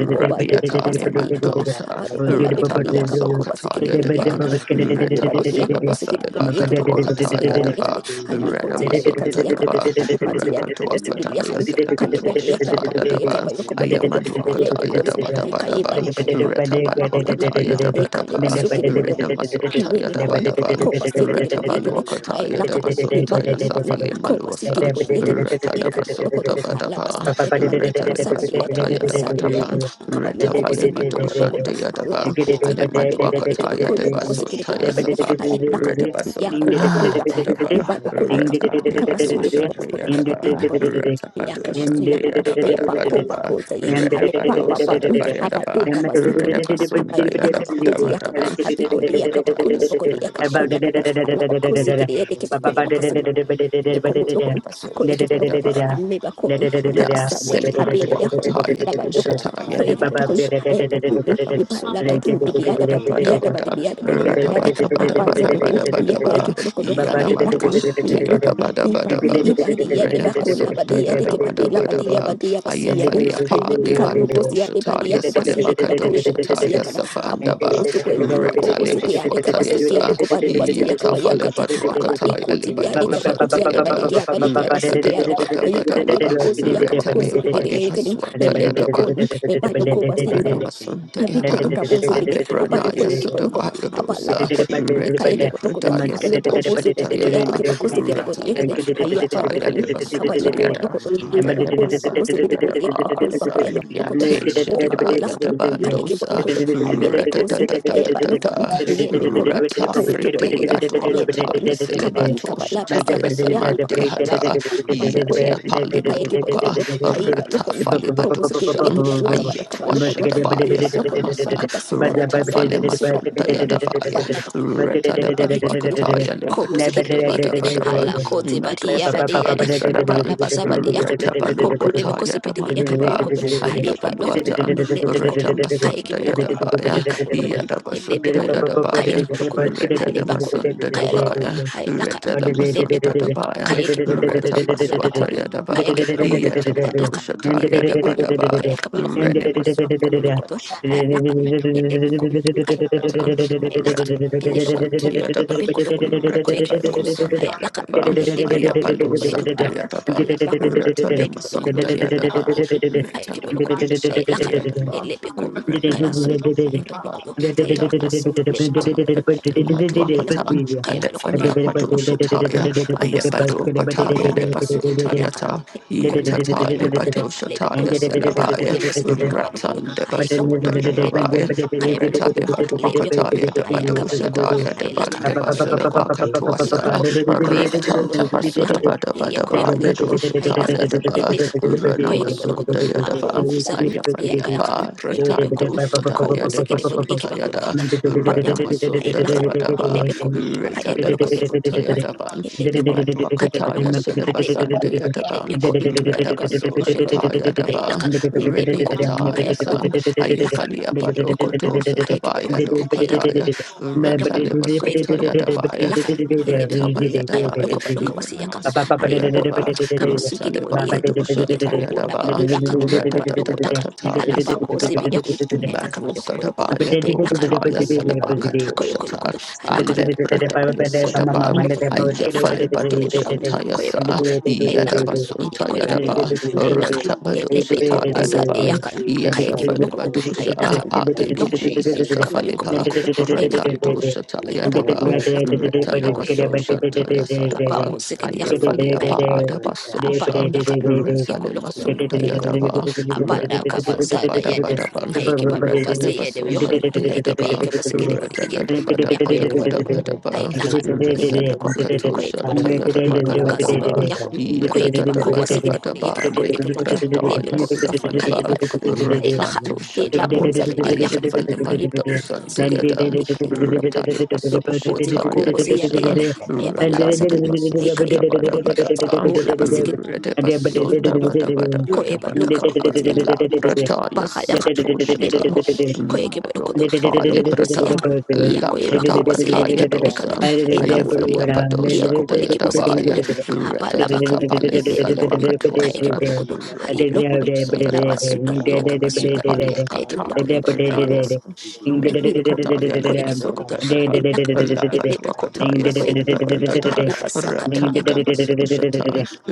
S5: for the new
S1: mandosa. Ratana maso kataya de ban.
S4: abadokolabekadiyakabakobasekedebodiyakaba,
S9: Lapa
S1: Reta basala
S9: Kutanda
S1: basale ba kadua kataya
S9: Nagaza
S1: de
S5: right
S1: ba.
S4: likalobadekiyakabosekedebodiyekebakolabasekedebodiyekede,
S5: now,
S9: de la
S2: Thank
S5: because
S9: Pacatana,
S1: Rena
S5: we are
S4: ayekoteyadekatiyakaba,
S1: Daba,
S5: accustomed
S9: Ela
S1: Rakatua
S5: to
S9: Mantica
S5: this
S4: adukatiyadokobosikediyaka,
S1: Kataya
S9: de
S1: Selakatua
S9: la
S1: Shataya Daba,
S9: Pacatana,
S5: response.
S4: kalebedeyakadabakoteyakabayokobodokodo,
S1: Ayamadua Kataya
S4: alebekozi,
S1: Daba Daba Daba,
S5: And this
S9: Mutila
S4: ayikayebadokayakaba,
S1: Retabalua
S9: Pacatana,
S4: bakuyakaba,
S1: Kataya
S5: is
S1: Daba Daba,
S9: Pataya
S4: ayikalebasukedebodiyaka,
S9: de la
S4: I
S1: Renamasotaya Daba
S9: Pacatana,
S1: Daba, Retabalua
S4: akobasikedebodiyekede,
S9: Elipaya
S5: the
S9: de
S1: Kataya
S5: blood
S9: la
S5: of
S1: Daba
S5: Jesus, I
S4: Libanda
S1: Suntaya
S9: Pacatana,
S4: yukun,
S1: Safali
S4: akoba
S1: Malusa,
S4: siki de
S9: Elipaya de
S4: bodi
S9: la
S4: yakin, aika bolokodo,
S1: Retalabasunda Badaba,
S4: alabasta bede bani baba sabadi yada bada
S1: Retalibaswataya Daba
S4: basadi biya,
S5: see
S9: Pacatana,
S1: Daba,
S4: akaba
S5: the
S4: yuko
S5: blood of
S4: posiki
S1: Tavalima
S4: yuko
S9: Elipaya
S2: you.
S1: Doshan
S4: bolokodo,
S1: de
S9: de la
S1: Yadaba,
S4: alabakote,
S1: Alema
S4: abeki
S9: Pacatana,
S4: abeki
S1: Duakata
S4: bakule
S1: Yadabaso
S4: bakosiki
S9: Salsa
S4: de bodi yakin,
S5: Jesus.
S9: Pacale
S1: Tayasafa,
S9: Pacatana, Elipaya de la
S4: ailaka,
S9: Pacatana,
S1: Redabason
S4: yakuba
S5: Ah,
S1: Dadabada
S4: ibaka,
S5: take up
S1: Badaba,
S5: a
S4: ibadoko yakam,
S1: Reta de
S4: akaba su
S5: flash
S4: yake
S1: Badoshan
S5: and
S1: de
S4: bolokodo,
S5: take up a
S1: Yadaba,
S4: aiki bolokodo.
S1: Reta
S9: Elipaya
S4: Yakaba su
S1: Badoshan de
S4: yakata,
S1: Yadabada
S4: yabako
S1: Badaba,
S4: bakoza ye,
S2: Baba
S4: alepa
S9: de
S1: Redabadosa de
S4: babadu,
S9: la
S1: Bayadaba,
S4: abaduka basika,
S9: Pacatana,
S1: Redabason de
S4: akabadi yakabakoti
S1: Yadabada
S4: yakaba,
S1: Badaba, and
S9: Thank
S1: the
S4: abikodi
S9: you.
S1: Pretaya
S4: yakabakule bakodi
S1: Sakatuashan.
S4: yakabakule Alabakusi kiri yede
S1: Yadaba, Reta
S4: Yakobodokon,
S1: de
S4: Akoekibodokon,
S1: Baso
S4: Hanebakon,
S1: Ya
S4: Akabasari,
S1: Seli
S4: Habede Yakon,
S1: Manduakataya
S4: Labadokon,
S1: Dusataya
S4: Akoekibodokon,
S1: Namadusa.
S4: Ebadun, Ibalabadun, Dibiada Badu, Biada Badibiada Bodobodiada, Abazabin, Yakoekibodokon, Aelakan, Yakon, Ibadu, Ibadi Yadebako, Labadi Yadekibadi, Labadi Yabadi
S2: Thank
S4: Yabasian,
S1: Faliapa,
S4: Alibikalubos
S1: Demando
S4: Yadebadi
S1: Shataya,
S4: Yakobasi
S1: Selemacado
S4: Yadebakaribokosi
S1: Shataya,
S4: Yakana,
S1: Safandaba,
S4: Akobosuko,
S1: Reta Leba
S4: Akobosiki Adekabasiki
S1: Swatayasa,
S4: Adekobani Basi
S1: Yatafa
S4: Yakabayaka.
S1: Leba
S4: Allah Alabi
S1: Duakataya,
S4: koti
S1: Leba
S4: biyade kaba koti yade
S1: Doshanteada,
S4: badeke abadeke
S1: Reta
S4: abasiki yada.
S1: Daba Daba
S4: Ayi
S1: Daba,
S4: kali bakosi yaka
S1: Reta
S4: bakosi
S1: Leba
S4: bekedeke
S1: Leba
S4: bekedeke. Ele bekot.
S1: Swatayadaban,
S4: Ebado koba
S1: Ranamasunta
S4: Abiko de
S1: Yadam,
S4: kabuzi gidi, abadoko
S1: Alebranaya
S4: yeki
S2: you.
S4: bodoko,
S1: Sotabaya Dosa,
S2: Thank
S4: abalabako, eka yeki bodoko,
S1: Retelebradaya
S4: aloko
S1: Sedosha
S4: bozi badeki
S1: Tayada,
S4: yadeki bakosi gidi bodi yeki,
S1: Rataleba
S4: haya
S1: Drakataya
S4: badoko, akaba
S1: Libaswata
S4: yeka
S1: Yada,
S4: bodoko, alabako labakosi
S1: Renemasanta
S4: gidi bodi yeki bako labako
S1: Yadabasa,
S4: yaka bodoko,
S1: Yate
S4: aboka bola
S1: Shedibaya
S4: kan, aka yeki
S1: Dabandosa,
S4: bodoko,
S9: Thank
S4: alebe kosi, eba noko, yebe ko,
S1: Ratatatata,
S4: aka yeki bodoko,
S1: Ridi
S4: alebe
S1: Aduakata,
S4: ko,
S2: you.
S4: akaba yeka
S1: Yasilibato
S4: balaba sa,
S1: Shataya
S2: But
S4: yaka
S1: Samandi
S4: bakaba laba,
S1: Hata,
S4: abadoko ya,
S1: Yatia
S4: aka yeki
S1: Palimaduaka,
S4: bodoko, haiba
S1: Rata
S4: loko, akobuzi gidi
S1: Falibaduashan,
S4: yeki baluka,
S1: Ayatwashadabaya
S4: Iba
S1: Sanamasa,
S4: suka suka de ba
S1: Rata
S4: ba suka bani
S1: Falemasunda
S4: yaka ni ba
S1: Yadabaya,
S4: na Ibanukun,
S1: Rata
S4: Ankapasuka, the Yakapasuka, Yakan, Panabak, Yakibulukun,
S1: Dabaduakataya, Lebadusha
S4: Kobosiki,
S1: Dabadabadaban,
S4: Hala Kote, Badia,
S1: Medusha
S4: Badia,
S1: Taya Salaban.
S4: Abala Basabadi
S1: Yadaban,
S4: Yakun, Akopo,
S1: Retabaluakata
S4: Lebekosipit,
S1: Yadamanteba,
S4: Yakapayokun, Haiba Lokun,
S5: I
S1: Ayabaluatan,
S5: can
S4: Lebekon,
S5: see.
S4: ki
S1: Retamasunda Yadabaya,
S4: Aikabulukun,
S1: Yadabasunda
S4: Lebekon,
S1: Yadabaya,
S4: Kaikibulukutu, Halebakun,
S1: Retelemasunda
S4: Kaelakoto,
S1: Dabaya,
S4: Hailakan,
S1: Retelemasunda
S2: Thank
S4: Lebekun,
S1: Dabaya,
S4: Kaikibulukutu,
S1: Retabaswata
S4: Alabakun,
S1: Yadaba,
S4: Kaikibulukutu,
S1: Yatabadoshata
S4: Lakan,
S1: Yadabadaba,
S4: Lebekun,
S1: Renemasunda.
S4: Lokoto, I lack it, Lokoto, I lack it, Bikun, Quake Bolocodo, I lacan, he Bekolokon, Koekibolokon, Ayalakan, Hedebekon, Koekibolokon, Alabakon, Koekibolokon, Alabakon, Ayekibolokon, Ayalakan, Hedebekon, Kayakan,
S2: you.
S4: Ayekibolokon,
S2: Thank
S4: Ayalakan, Lebekon, Ayabelokon, Ayalakon,
S2: you.
S4: Kayabolokon, Bakon, Kayabolokos, Yakan,
S1: Ayabado Pataya
S4: Yakoekibolokon,
S1: Lebasun
S4: Ayalakan,
S1: Tayata
S4: Lebekon,
S1: Yatata,
S4: Kayalakon,
S1: Libato
S4: Alebekon,
S1: Shataya Selabaya,
S4: Ayakabolebos, Yakabalokon,
S1: Ratan de
S4: Ayalokon,
S1: Basunta
S4: Lebekon,
S1: Yadavaya, Ratan
S4: Kayabolokon,
S1: de Batu
S4: Alebekon,
S1: akataya de Badu Shataya de
S4: Ayakabalokon,
S1: Bandeva
S4: Melebekon,
S1: Selabaka Tuasa,
S4: Pilokon, Koeba
S1: Ratan
S4: Lokodo,
S1: Tapasuda
S4: Hailakan,
S1: Badabadaba
S4: Yakoyaki Lokodo,
S1: Yadu Shataya
S4: Hailakan,
S9: you.
S1: deba,
S4: Elebekon, Koyaki
S9: Thank
S4: Lokodo,
S1: Ranamasuta Yadava,
S4: Haboko Zan, Yakayakan,
S1: Ayafaliapa,
S4: Elebekon,
S1: Ratandu
S4: Kobo
S1: Sadaya de
S4: Sikibon,
S1: Basunta Yada,
S4: Yakibakokana,
S2: Thank
S4: Abayakan,
S1: Ranamasunda
S4: Hailakan, Elebekon,
S1: Dabadaba,
S4: Kaeba Lokodo,
S1: Salebasunta
S4: Hailakan,
S1: Yadaban,
S4: Elebekon, Kaeba
S1: Matwakataya
S4: Lokodo,
S1: Sedabasante
S4: Hailebekon,
S1: Yadaban,
S4: Elebekon, Kayakon,
S1: Redabaso
S4: Koyakodo,
S1: Shataya Daba,
S4: Hailakan,
S1: Retni
S4: Elebekon,
S1: Ataya
S4: Kaeba
S1: San,
S4: Lokodo, Hailakan,
S1: Ayefali Apado
S4: Elebekon,
S1: Kotosa
S4: Kayaki
S1: Tabaya
S4: Lokodo,
S1: Dokadaya,
S4: Yokun,
S1: Retalebasota
S4: Koyakibokun,
S1: Yadabaya,
S4: Lakan, Yelebekun,
S1: Retabaya Dabaya,
S4: Ayabayokobadoka was Yakana,
S1: Yenamasota
S4: Ayakon,
S1: Yadaba,
S4: Kabasuki de Bodiakin,
S1: Retalebakadosha
S4: Yako,
S1: Tayadaba,
S4: Abadu Yakan, Abadoko Yakan,
S1: Ratatatatali
S4: Alabako Zibi
S1: Sotaba,
S4: Yakun,
S1: Madu
S4: Akabayokobolokodo,
S1: Sadabaya
S4: Lakan,
S1: Dokataya
S4: Yelebekun,
S2: you
S4: Akoyokolokodo,
S1: Salabakatoshata,
S2: and
S4: Alakan, Lakon,
S1: Alebradaya Sedaba,
S4: Koyokolokodo, Lakan,
S1: Ayafale
S4: Yelebekun,
S1: Badoshantaya Sa,
S4: Koyabalokodo, Lakan,
S1: Yadabasunta Yadaba,
S4: Yakoyakibokun, Lakan, Yelebeko,
S1: Rantabadoshata
S4: Basabi
S1: Yadaba,
S4: Yakan,
S1: Yasafale
S4: Kayakibokodo,
S1: Badosha.
S4: Lakan,
S1: Ah, thank you,
S4: Lokun,
S1: Jesus. Afaleba,
S4: Akabayokobolokodo,
S1: Ratandoshata
S4: Ilakun,
S1: Yadaba,
S4: ilakun, ilakun, ikibulukun,
S1: Retanamasosha
S4: ilakun.
S1: Taya Sadaba,
S4: Habaku zikidi yakun,
S1: Ayafale
S4: ayakibulukun,
S1: Apadabasosha,
S4: habaku yakun, ikulukun,
S1: Resanemasunda
S4: ikulukun,
S1: Yadaba,
S4: habada kabazada yende,
S1: Renamasoda
S4: ayikibaluba siyede yohun, ayikiba
S1: Ratatapasoshantayadaba,
S4: yakibu sikidi budi ikin, yako yakibulukun,
S1: ratatatabadabadabadabadaba,
S4: ayilakun,
S9: you.
S4: ilibikun,
S9: Thank you.
S4: koyakibulukun, habaka zibadi
S1: rasadabakatoshantayadabadabadaba,
S4: yakun, koyakibakuba sikidi budi
S1: yadatatabadabadaba,
S4: ikibakulikun,
S1: lekrataya
S4: alibikun,
S1: safaleba,
S4: kayibalukun, ayilakun,
S1: ratatoshatam,
S4: ilabunza bidi yakun, ayibiki sukin,
S1: ayafalemandosantayadan,
S4: Yobokoti Bakosi and
S1: ratalipasoshantayadosha,
S4: the Ed, Ayabalaba Sakan, Aika Lukun,
S1: ratandipasoshadabadabadaba,
S4: Safo Labasikin,
S1: Redabasunda
S4: Yukun, Koeba Luka
S1: Badabadabadabadaba
S4: Bakoti Yakabakuda,
S2: and
S1: Labrataya
S4: Baha Yakan,
S1: Satoshata
S4: Adebikon, Koyakibakudu,
S2: Ding
S1: Madokata
S4: and Lokobusi
S1: Librata
S4: Yakan, Yakoeba
S1: Labrata
S4: Kobasi
S1: Kataya
S4: Yakiba Yakan,
S1: Dosa
S4: Aika
S1: Ayafalia
S4: Lukun. Kia
S1: Padosha
S4: kubole kibosi
S1: Dayadabaya
S4: kilibule hapa
S1: Retatata
S4: labakan
S1: Palisa
S4: edebe kon kaya
S1: Lebakatuasa
S4: kibole kodo hai
S5: I can
S4: lokon ni labasuka
S9: That
S4: ni
S5: see.
S9: time
S4: akabasuka kaya Biyokon, Koyakimonokoto, Hilakan, Nebekon, Koyakimonokon, Halabasaka,
S2: and
S4: the Mayakan,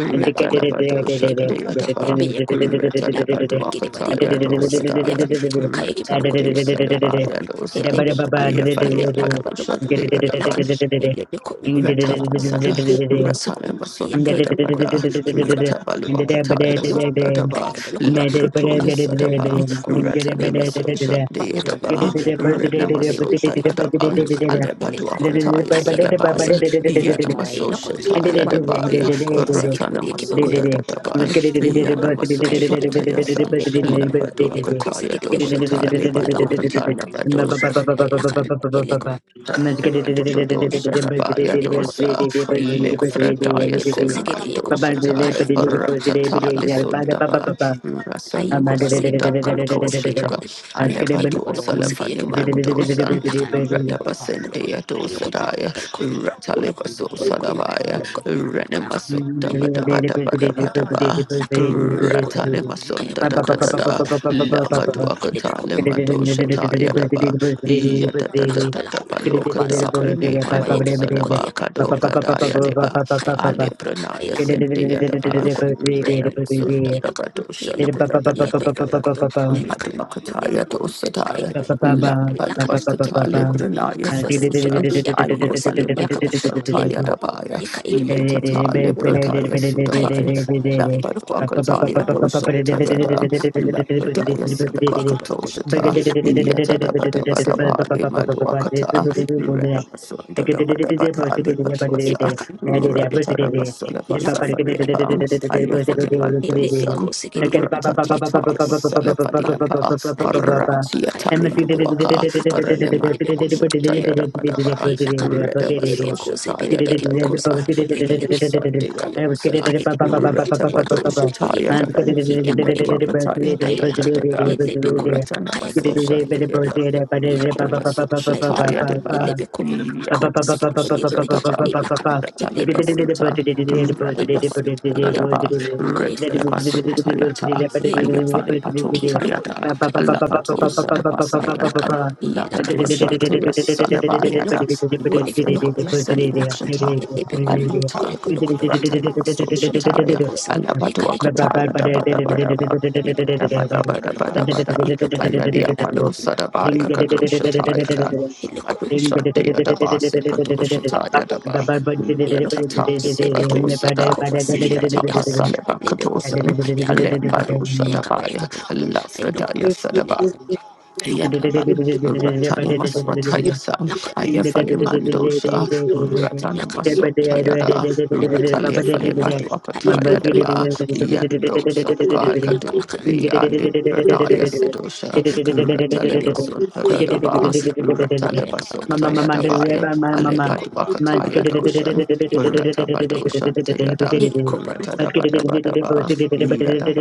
S4: Halabakon, Koyakimonokon, Biyokon, Laba, Gidibadi Yakamako, second Yakan, Kayakimonokoto,
S1: Retande Salabaya
S4: Halabakon,
S1: dosa,
S4: Lebekon,
S1: Ayafalia Padosha,
S4: Kayakabanokoto,
S1: the other one.
S4: Hilakan, Nebekon,
S1: Reta sada,
S4: Koyakimonokon,
S1: Retasada,
S4: Wasukun,
S1: Retanema
S4: Yakayakimonokoto,
S1: Sundadabada,
S4: Hilakan,
S1: Retabaluakataya Sundadaba,
S4: Kubonokon,
S1: Laprotoya Sadaba,
S4: Ilibikum,
S9: Thank you.
S1: Retanema
S4: Quibilukum,
S1: Sosha
S4: Abayakan,
S1: Deadaba,
S9: Jadawala
S4: Ilibikum,
S1: Renama
S9: Pantatanta,
S1: Sosha
S4: Quibilukum,
S1: Yadaba,
S4: Abalakan,
S9: Vela Paz
S4: Ilibikum,
S1: Alebaduakataya
S4: Kayakibako
S9: Patatapati,
S1: Selabaya,
S4: Sikibulated,
S1: Yanama
S9: Yadaya
S1: Sosha
S4: Ayakon,
S9: Vela
S1: Taya
S4: Abalukun,
S1: Debaya,
S4: Koba
S9: Patitanta,
S1: Retanema
S2: Ba ba ba ba ba ba ba ba
S9: Eva Nadala
S4: Sikibulikabakoyakabakulakan,
S1: Sundadaban,
S9: Pagata,
S4: Labakun,
S1: Yanama Sosha
S4: Kayakibulukun,
S1: Tayasan,
S4: Libikun,
S9: Yadaya Vela
S4: Ilibiko
S1: Labaduakataya
S9: Pasta,
S1: Dosha
S4: Sikidikun,
S1: Talibado
S4: Abalabakun, Ilukun,
S9: Pagata,
S4: Aylakan,
S9: Vela
S4: Ilikun,
S9: Patitanta,
S1: Dosa
S4: Aylakan,
S1: Rabaya
S9: Vela
S4: Ilibikun,
S1: Dosa
S4: Koyakibulukun,
S9: Patitanta,
S1: Lefrataya
S4: Ilibiko
S9: Patitanta,
S4: Sikidikun,
S1: Sinamandosata
S9: Eva Yadila
S1: Ratata
S4: Kayakibulukun,
S9: Patitanta,
S1: Lisundaba
S4: Aiko
S1: Rasanima
S9: Eva
S4: basi yakat
S1: Sunda
S9: Nadala
S4: baloka basi ke yakun.
S1: Katoshata
S9: Pagata,
S4: Ayaka eke
S9: Eva
S4: baloka
S1: Alevadosa
S4: basi ke yake
S9: Nadala
S1: Lefanimandosa
S4: Lakan yakun
S9: Pagata,
S4: kulukun
S1: Radabasendia Dosa
S4: kulukun
S1: Daya
S4: kalkun kulukun
S9: Thank
S1: Ratalibaso
S4: kulukun
S1: Sadabaya
S4: kulukun kalakun
S1: Renimasunda
S4: ille bakun
S1: Badabada Badabadaba
S4: lakan ikul
S1: Ratanima
S4: kaya
S1: Sunda
S4: baloka
S1: Dada
S4: basi yakada
S2: ba ba ba ba ba.
S4: lakan ille
S1: Dada
S4: ilukun ille
S2: Ba-ba-ba-ba-ba-ba-ba-ba-ba-ba.
S1: Lemadosha
S4: bakun kulukun
S1: Tayadaba,
S4: lakaba lakada apa
S1: Yatatatatabalokata,
S4: sakan kaya ba
S1: Prenemado
S4: yake baloka
S1: Salaba, Kadoka Dayadeba, Ale Pranaya Sendayadaba,
S4: lokum hay ba lokum
S1: Renamasunda
S4: hay nakal hay
S1: Dabadoshan,
S4: lokum hay ko yek ben
S1: Tatatatata.
S4: kotor hay nakal ne be
S1: Madhubakataya
S4: kum hay
S1: dosadaya,
S4: ba lokum hay lakal ne be
S1: Lambaduaskatale
S4: kum
S1: Brunaya
S4: capacity
S1: Sadosa,
S4: ba di yaka ba
S1: Aya
S4: cruise be yaka da
S1: Falumadosa
S4: le be
S1: Taya
S4: kum
S1: Dabaya,
S4: yaka yek ba lokum
S1: Yatatale
S2: Thank
S4: abunda ba kum
S1: Brutaya
S4: kay yek ba
S1: Sudabaya,
S4: lokum hay lokum ne ne
S1: Sadabaya
S4: lokum
S1: Dosa
S4: nakal
S1: Tayada,
S4: nakal ne be kum
S1: Lapataya
S4: ko yek ba lokum
S1: Sadabakatoshata,
S4: hay lokum hay
S1: Yata Dabata Badabali Maduakata,
S4: nakal
S2: you.
S1: Renabasunda
S2: Thank
S1: Dabata Batali
S4: hay
S1: Patuasa,
S4: nakal ne
S1: Rantada Basala Basafaliapa, Ayafaliman Dosan, Ratatata Salafaliapa,
S4: Alibikum,
S1: Ratia
S4: Kayakabalukudu,
S1: Talimaduaka,
S4: Ilakan, Ilibikum,
S1: Renemandosa Tayada
S4: Kayabalukudu,
S1: Badaba,
S4: Ilakan,
S5: Right
S1: Redabasosha
S4: Ilibikuzi,
S5: now,
S4: Bidi,
S1: Tayada
S5: it's
S4: Ekibakuzi, Bidi, Budi,
S1: Dada.
S4: Ekid,
S1: Sunday
S4: Ilakan,
S1: Adosa,
S4: Hayika, Ekibalukudu,
S5: the
S4: Ilakan,
S1: Ratabadosha Taya
S4: Ilibikum,
S1: Daban,
S4: Iliaku, Ekibalukudu,
S1: Netwakataya da da da
S4: Ilakan,
S1: da da,
S4: Ilibikum,
S9: you.
S1: Ratanamaso
S5: opportunity to
S4: Kayakabalukudu,
S1: Sunday Ada,
S4: Ilakan,
S5: learn
S9: Thank
S4: Yakubalukudu,
S1: Ratabaso
S5: is
S4: Ilakan,
S1: Shataya
S5: waiting
S2: you.
S5: where
S1: Deba,
S4: Ilibikum, Akoba, Sikidi,
S1: Yatabaso
S4: Budi,
S1: Sunday
S4: Ekid,
S1: Daban,
S4: Ilakan,
S5: you
S4: Ilibikum,
S1: Ratalebasota,
S5: are.
S4: Kaba, Ilukun,
S1: Ranabaso Yadaba,
S4: Ilibikum, Ako, Ekibalukudu,
S1: Retabaso Tayata, Ayafale Pato
S4: pi lokun
S1: Tayada,
S4: kai ka
S1: Alapato
S4: pi lokun
S1: Sadabasa
S4: hai
S1: Yada,
S4: lakan pi laka
S1: Labadua
S4: pasi lakan
S1: Sandia
S4: pi
S1: Payada,
S4: lokun ko eke ba
S1: Different
S4: lokun
S1: Yasan
S4: hai lakan
S1: Shata,
S4: he lebe kun ko
S1: Abalita,
S4: eke lokun hai lakan
S1: Ratanamaso
S4: he lebe
S1: Shataya,
S4: kosin e ka eke ba lokun
S1: Alabaduakataya,
S4: ba yokun
S1: Dabadabadaba,
S4: hai lebe kun kai ba lokun hai
S1: Yadabadabadabadabada,
S4: lokun he
S1: Ayalia
S4: lebe
S1: Palo
S4: kun ya ka
S1: Sadabaya
S4: ba lakan hai
S1: Kadoshataya,
S4: lakan
S1: da,
S2: Ring
S4: he lokun
S2: Thank
S1: Amadosha
S4: ka ba
S1: Deadabase
S4: lokun
S1: Kadoshataya, Daba,
S4: hai lokun
S1: Ratata
S4: he lebe kun
S1: Sivadosada,
S4: ko ba sigiri ba de ya kata he
S1: Yatapasaleva
S4: lebe kun
S1: Kadosan,
S4: hai ya ka ba lakan
S1: Alembadosha
S4: ya ka ba eke
S1: Dabaya,
S4: ba lokun hai lokun
S1: Lafredaya
S4: he lebe
S1: Sadabaya.
S4: kun
S1: Yataba, Ratani
S4: Kabalukuta,
S2: you.
S1: Maswatayasa,
S4: Lakon,
S2: Mama,
S1: Ayafale
S4: Libicon,
S1: Mandosa, Ratana
S4: Lakan,
S1: Masotayada,
S4: Libicon, Ibalukut,
S1: Ratalia
S4: Lakon,
S1: Falebatu Akataya
S4: Libicon,
S1: Deba,
S4: Koyabal,
S1: Yandosa, the
S4: Kulukon,
S1: Bakaduka
S4: Kalakan,
S1: de Alibradaya Sedosha,
S4: Lakan, Libicon,
S1: Ratalemasotadaba,
S4: Koyabalukosian, Abayakabalakata,
S1: Ratalebasotayadabaya,
S4: Libicon,
S1: Alebatu Akataya
S4: Abayakabalakut,
S1: Dosan,
S4: Lakan, Libicon,
S1: Ratabadosan Tayada,
S4: Kobalukun,
S1: Ratadabadabadaba,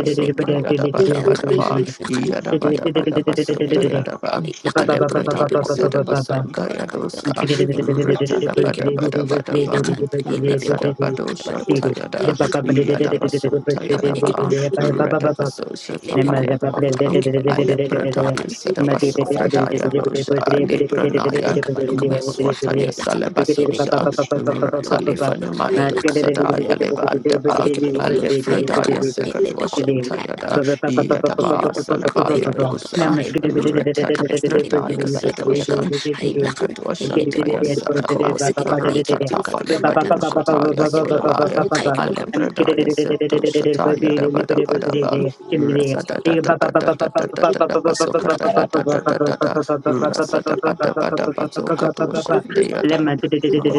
S4: Lebekoon,
S1: da ba da ba da
S4: Lakana,
S1: ba,
S4: Lakan,
S1: ya da ba da ba da
S4: Lebekoon,
S1: ba so da
S4: Lekon,
S1: ya da ba,
S4: Lakan,
S1: ale prada ya
S4: Lebekoon,
S1: se da ba so da ya
S4: Kabalakata,
S1: do
S2: Thank
S4: Balakata,
S1: sa, re
S4: Lebekon,
S1: da da ba da ba
S4: Ekebokon,
S1: da ba da ba,
S4: Lakan,
S1: re sa
S4: Lebekon,
S1: da ba do sa ta
S4: Kabalokoto,
S2: you.
S1: ya da,
S4: Lakan,
S1: ya da ba
S4: Lebekon,
S1: so ta ya
S4: Kaba
S1: da ba,
S4: Ekebalokoto,
S1: re da ba so sa ta ba ya
S4: Lebekon,
S2: Namaste.
S1: do ka, ale
S4: Ekebalokoto,
S1: prada ya
S4: Lakan,
S1: se da ba so
S4: Kayakolokoda,
S1: prada ya do sa, ale prana ya, na
S4: Kayakabalokabayakoda,
S1: swata ya sa le
S4: Lakan,
S1: ba so sa,
S4: Lebekon,
S1: re ta le fa
S4: Kayabalokolokoto,
S1: ne ma do
S4: Lakan,
S1: sa da ya le
S4: Lebekon,
S1: ba da ba.
S4: Kayakabalokoto, Lakan,
S1: Alefredaya
S4: Lebekon,
S1: Sekadwashantayada,
S4: ni
S1: Yadaba
S4: lokon koyek
S1: Salabaya
S4: be lokodo
S1: Dosa,
S4: hay ba lokon
S1: Reta
S4: kapas ni ken yo
S1: Lepredaya
S4: ke ba leka ba yakada
S1: Sedoshan,
S4: hay lakan helle be ko
S1: Nekadwashantaya
S4: ko
S1: Sadaba,
S4: bo sigide bo yeke ba yukada
S1: Ratatafaleva
S4: hala ba ko
S1: Doshataya
S4: halle be ko
S1: Sulabaya,
S4: kayek be ko be ko
S1: Alepredaya
S4: lokon
S1: Sedoshataya Dabadabadabal,
S4: salakan
S1: Rasadadadadadadadadadadabasokadadadadadadada,
S4: ko to sam kan lokon
S1: Rasadabadabadabasokadoshandeyada.
S4: lokon lokon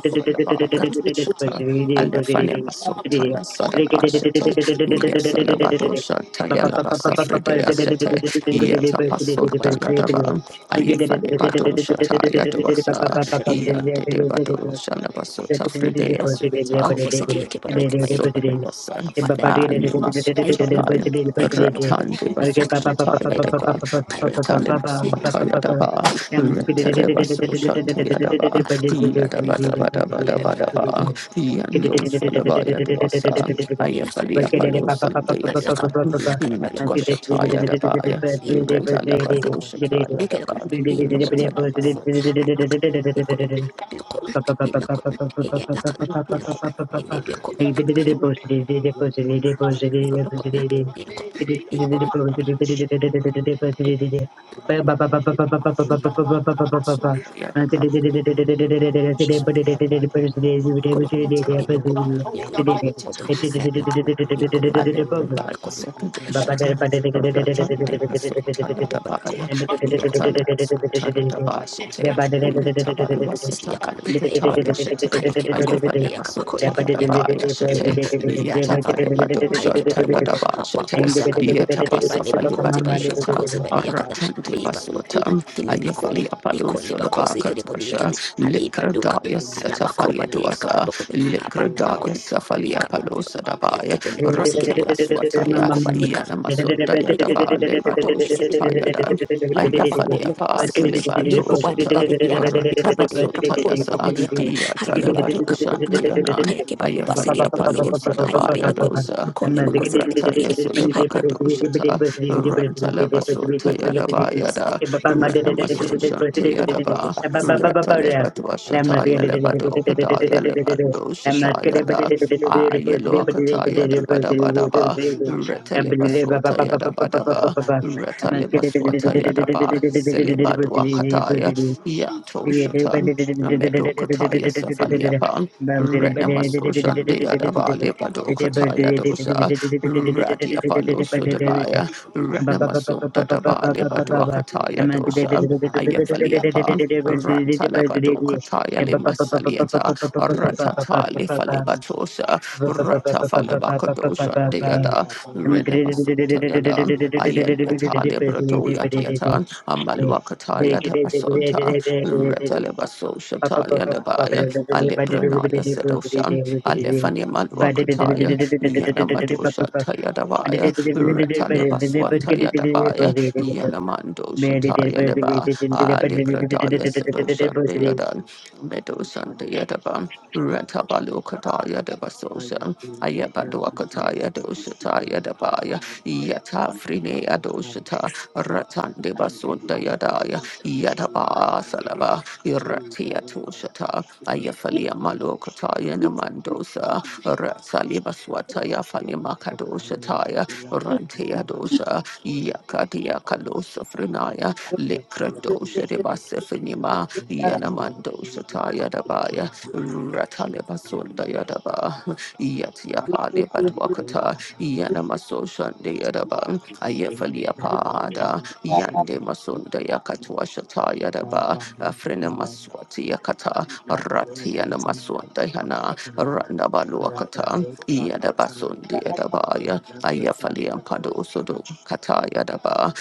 S4: lokon lokon
S1: Alefane masota ya sada bashete, iya sada badosha taya la basafrede ya sete,
S4: lakan
S1: iya
S4: ya kaba
S1: tapasota ya
S4: lakada
S1: daba, ayefane
S4: kaba
S1: badosha
S4: kaba
S1: taya dosa,
S4: lokon
S1: iya dede badosha la
S2: Papa
S1: basota frede ya
S4: lokon ko bo sigide yeke ba yeke ba yeke
S1: sota,
S4: ba
S1: Animas
S4: Ayukalokan,
S1: Tapaya,
S4: ayukalokan,
S1: Ratandi
S4: ilakan,
S1: Basoshataya
S4: ilibikon,
S1: Daba,
S4: kailakatan,
S1: Ratanimas
S4: ilakan,
S1: Mataya Daba,
S4: ilakan, ilakan,
S1: Rentalebas
S4: ilakan,
S1: Oshantaya Daba,
S4: ilakan,
S1: Yadaba
S4: ilakan,
S1: Daba Daba Daba
S4: ilibikon,
S1: Daba,
S4: ilibikon,
S1: Yando Salabaya Dwasa,
S4: ilibikon, ilakan,
S1: Ayafalia Palo
S4: ilibikon, kailakan,
S1: Sandayasa,
S4: iyakaibalokod,
S1: Imatwashataya
S4: ilokon,
S1: Dabaya,
S4: ilokon, kailaka,
S1: Retalapado Shataya
S4: ikilokon,
S1: Daba,
S4: ilokon,
S1: Retanamas
S4: ilokon, ailakan, ikoyokon, ilokon,
S2: Baba
S4: ilokon, iyalakan, ilokon, ilibikon, kaya, ikolokon,
S9: you.
S4: ilokon, ilokon,
S9: Thank you.
S1: Shataya Daba,
S4: Nikolokom, Nikokom, Nikolokom, Kodo, Hayalakan, Nikolokom,
S1: Aleprebaya
S4: Nikolokom, Hayakbalakan,
S1: Sakadashata, Ratandi Basotaya
S4: Nikolokom,
S1: Dabaya,
S4: Nikolokom, yakan hai lokon kaya ke bako ba
S2: Thank
S4: de yaka bako le ba de yaka le bako ha la bako kaya ke ba lokon ha bako zakan kaya ba le bako ze ba yaka bako
S2: you.
S4: ze ba de yaka da hai dukan
S9: Thank
S4: ha
S9: you.
S4: la bako ba de yaka ba
S2: Lemma
S1: Rakta Yaswataya, Yanamasun
S4: we
S1: Dayadaba, Lebadosa Tayada, Ayafalia pa celebato shata ratabasota yasa iya talebado shandianan Ayafalia palo sadabaya dosa rata yasulebakado shata rantalebasota yadabaya da ranamaso shanti yadaba ratalebato shata yalebado padaya lebado
S2: I'm
S1: shata yada ayeloakata yadabadabadaba ratalebasota
S9: Thank
S1: yadabadaba Ratale Maswata Yadaba, Silibadwa Kataya, Yanto Shatan, Medo Kataya Safaliapan, Renamaso Shande Yadaba, Lebado Kataya Dosa, Radi Apollo Sudabaya, Renamaso Dadaba Libadwakataya Dosa, Ayafaliapa, Rantalabado Kataya Limasalieta, Ratatali Falibatosa,
S2: Thank
S1: Ratafalibakadosa Deada, Renabasotayada, Ayeliatali Bratoya Dieta, Amalwakataya Dabasota, Retalebaso Shataya Labaya, Alipranaya Sedosa, Alefaniman Dabaya, Yanamadosha Tayadabaya, Retalibaswanta Yadabaya, Yanamandosha Tayaleba, Ali Kradaya Sedosha Deadan, Medosha Deadaban,
S9: you.
S1: Retabalokataya Devasosha,
S9: Hayati Leperkatan
S1: Ayabaduakataya Doshataya
S9: in the
S1: Dabaya,
S9: planet
S1: Yata Frine
S9: Pakatan
S1: Adoshata,
S9: and the
S1: Ratandebasunda
S9: Pankotu
S1: Yadaya,
S9: and the
S1: Yadaba
S9: Paganity
S1: Salaba,
S9: in the
S1: Iratia
S9: river
S1: Toshata, Ayafalia Malokataya Namandosa dosa, Ratsaliba swataya fanimaka
S9: the
S1: dosa
S9: Palaya
S1: taya,
S9: Pela
S1: Rantia
S9: Pakatan
S1: dosa, Yakadia kalosa frenaya,
S9: the Palaya
S1: Likra dosa
S9: Pakatan
S1: ribasa finima,
S9: in Palaya
S1: Yanamando
S9: Pela
S1: sataya
S9: Pakatan
S1: dabaya, Rataliba
S9: in
S1: sunda
S9: the
S1: yadaba, Yatia
S9: Pakatan
S1: pali
S9: and the
S1: badwakata,
S9: Lamaya Pakatan
S1: Yanamaso shandi yadaba,
S5: Thank you.
S9: in
S1: Ayafalia
S9: the
S1: pada,
S9: Palaya
S1: Yande
S9: Pakatan
S1: masunda yakatwa shataya
S9: John
S1: daba,
S9: Ramdas
S1: Afrena
S9: and Tazama
S1: maswati
S9: pia
S1: yakata,
S9: labda
S1: Ratia
S9: wakichimba
S1: namasunda. Dayana,
S9: napakutanda
S1: Randabaluakata,
S9: yakaleta
S1: Yadabasun, the
S9: wakatanda
S1: Edabaya, Ayafali and
S9: lapatapata
S1: Padosodo, Kataya Daba,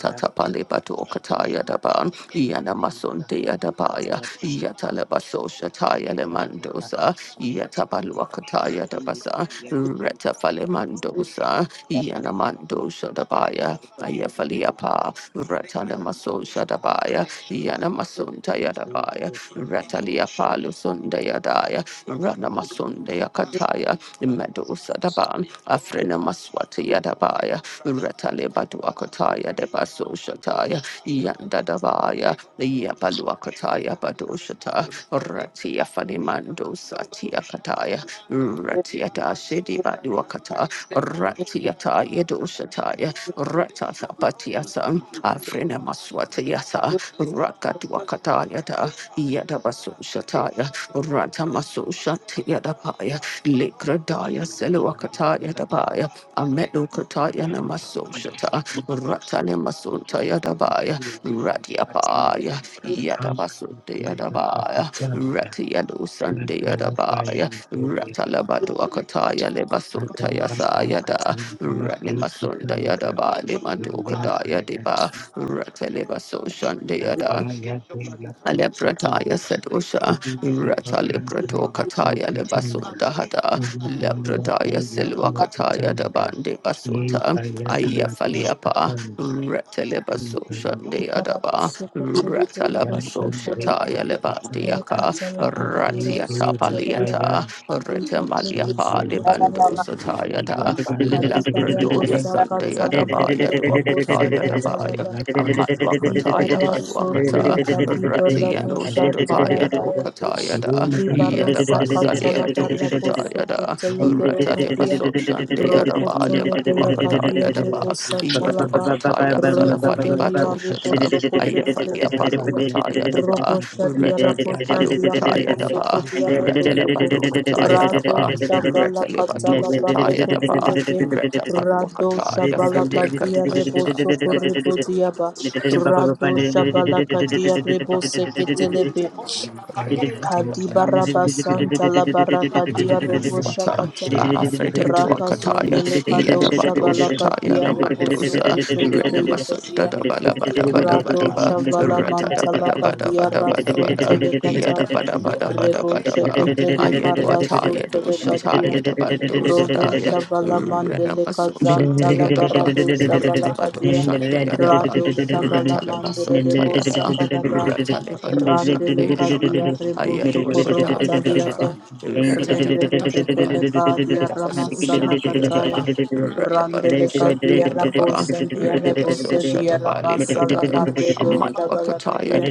S9: ipalanga
S1: Bato Kataya Daba,
S9: ipata
S1: Yanamasun, the Edabaya,
S9: ipatala
S1: Yatalabaso Shataya
S9: yalekalaa
S1: Lemandosa, Yatabaluakataya Dabasa, Retafale Mandosa, Yanamando Shadabaya, Ayafaliapa, Ratanamaso Shadabaya, Yanamasun Tayadabaya, Ratalia Palu sundaya daya, Rafalu Sundayadaya, Ranamasundayakataya, Medusadaban, Afrena Maswati Yadabaya, Ratalebaduakataya, Debasoshataya, Yandadabaya, Yabaluakataya, Badoshata, Ratia Fanimando Satia Kataya, Ratiata Shidi Baduakata, Ratiata Yedoshataya, Ratata Batiasa, Afrena Maswatiasa, Rakatuakataya, Yadabaso Shataya, Ratamaso Shatayadapaya, Likradaya Seluakataya Dabaya, Amedu Kataya Namaso Shata, Ratanemasunta Yadabaya,
S9: Yang
S1: Radiapaya, Yadabaso Yadabaya, Ratiyadu Sunday Yadabaya, Ratalabadu Akataya Lebasunta Yasayada, Ranimasunda Yadabali Madukadaya Deba, Ratelebaso Shandayada. Aleprataya Sedosha, Rata Leprato Kataya Lebasunda Hada, Lepradaya Silwakataya Dabande Basuta, Ayafaliapa, Rata Lebasosha Deadaba, Rata Labasosha
S10: Ibarabusukutulidiribushatalaba.
S1: Taya Lebandiaka, Ratiata
S10: Rekutalabadabarusatalaba.
S1: Paliata,
S9: yang
S1: Rata
S9: Thank you.
S1: Maliapa Lebando
S3: Yamanta
S10: Ibarukusukutalaba.
S1: Sataya
S3: lezanda.
S1: da, Lepratoya
S2: you. and
S1: Sundayadabaya Duakataya Dabaya,
S10: Adibarabusakatalabadiarabusakatalaba.
S1: Amatwakataya Panwakata. Ratiano Sudabaya
S10: Dibarasutelekadibarabushatalabaya.
S1: Dokataya da
S10: Libarosa katala
S1: Yadabasalia to
S10: baraboso
S1: Shataya da
S10: kotele
S1: Rata de
S10: berokadia.
S1: Basoshan de
S10: Roko
S1: Adaba
S10: tole belokadia
S1: Levaduakataya daba
S10: rebosa talaba.
S1: Yatuakataya
S10: Roko
S1: Salafadi Bato
S10: delia
S1: Shata
S10: reboso kotele
S1: Ayafalia
S10: belokadia.
S1: Palokataya daba
S10: Robosa dia
S1: Reta dia
S10: rabosa dia
S1: Palokataya
S10: reboso
S1: daba
S10: kodia
S1: Reta
S10: reboso ko.
S1: Levadokataya
S10: Rado
S1: daba
S10: shavala
S1: Reta Levado
S10: katala
S1: Shataya
S10: bareko
S1: daba
S10: telebe.
S1: Reta
S10: Rado
S1: Panuakataya
S10: shavala
S2: and
S1: Frite
S10: kadia reboso
S1: Katuashata
S10: korebo diaba. Rado
S9: Thank
S10: shavala kadia rebose ketelebe. Kadibaraba Santa la Baraka dia Rebo
S1: Swata,
S10: Shakata
S1: Afride
S10: Raka
S1: Tuakataya,
S10: Zondele Kado
S1: Yadabado
S10: Shabalaka
S1: Shataya
S10: dia Rebo
S1: Namandosa,
S10: Sokotele
S1: Renamasunda
S10: Delekadia
S1: Bada Bada Bada Bada
S10: Rado
S1: Bada Ba,
S10: Shavala
S1: Ratada Bada
S10: Mantalaka
S1: Bada Bada
S10: Diara
S1: Bada
S10: Sun
S1: Bada
S10: Telekata
S1: Yadabada Bada Bada
S10: Rebo
S1: Bada Bada
S10: Cheketelika Rasu
S1: Ayadwataya
S10: Telekadia
S1: Doshataya Dabando
S10: Rodo
S1: Sadaya
S10: Shavala Mandeleka
S2: Thank
S1: Renamasunda
S10: Zantala
S1: Yadaba
S10: Barado Shavala
S1: Retabado
S10: Kadia
S1: Shante
S10: Rado Shavala Mandele
S1: Ratalabaso
S10: Debo
S1: Tayada,
S10: Sakadaba
S1: Ratalibadoshan
S10: Randeleka
S1: Deanaman,
S10: Dia Rebo Sukuron
S1: Ayadwasada Yadava,
S10: Taliaba
S9: you.
S10: Rendeleka
S9: Thank
S1: Ratatatapa,
S10: Deleka Dia
S1: Retabasosha
S10: Ramasalakataya
S1: Deada,
S10: Randele
S1: Retabadoshan
S10: kadia
S1: Deadaba,
S10: rabosa dia rabosa
S1: Retabasosha
S10: dia
S1: Tabali
S10: rabasa la
S1: Prataya,
S10: marre
S2: you
S10: do shavala
S2: and
S1: Amatwakataya
S10: kadia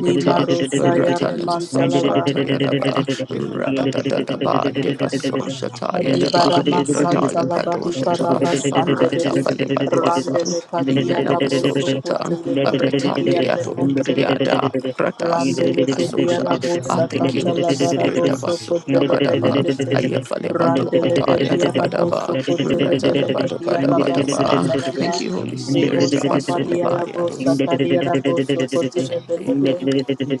S10: ni marusa ya
S1: Ratalimasosha Tayadaba, Ratatadaba Soshata Yadaba
S10: Adibarama Santa
S1: Libradaya
S10: Labadi
S1: Kadoshata
S10: Karaba Sande
S1: Rata
S10: Dede
S1: Falibadwasan
S10: Randele Kadia
S1: Yanama
S10: Rabo
S1: Soshata
S10: Sokote Levele Kedia
S1: Retandia
S10: Remonte Lebe
S1: Briada Rata
S10: Randele
S1: Siliba
S10: Kedia
S1: Sosha.
S10: Rabo
S1: I thank you,
S10: Sakata
S1: Holy Spirit
S10: Labarabo
S1: of
S10: Sokote Levele
S1: Asundabadaba
S10: Kete
S1: Ayafalibado
S10: Randele
S1: Kadaya
S10: Kedia Rabo
S1: Dabadaba
S10: Sokote
S1: Rata
S10: Levele Kedia Raba
S1: Dabadabadabadaba.
S10: Santa Laba
S1: Thank you, Holy
S10: Rebo
S1: Spirit of
S10: Sakadia Rabo
S1: Asundabaya
S10: Sakadia
S9: you.
S10: Rabo Sokote
S9: Thank
S10: Levele
S1: Shandiyatam,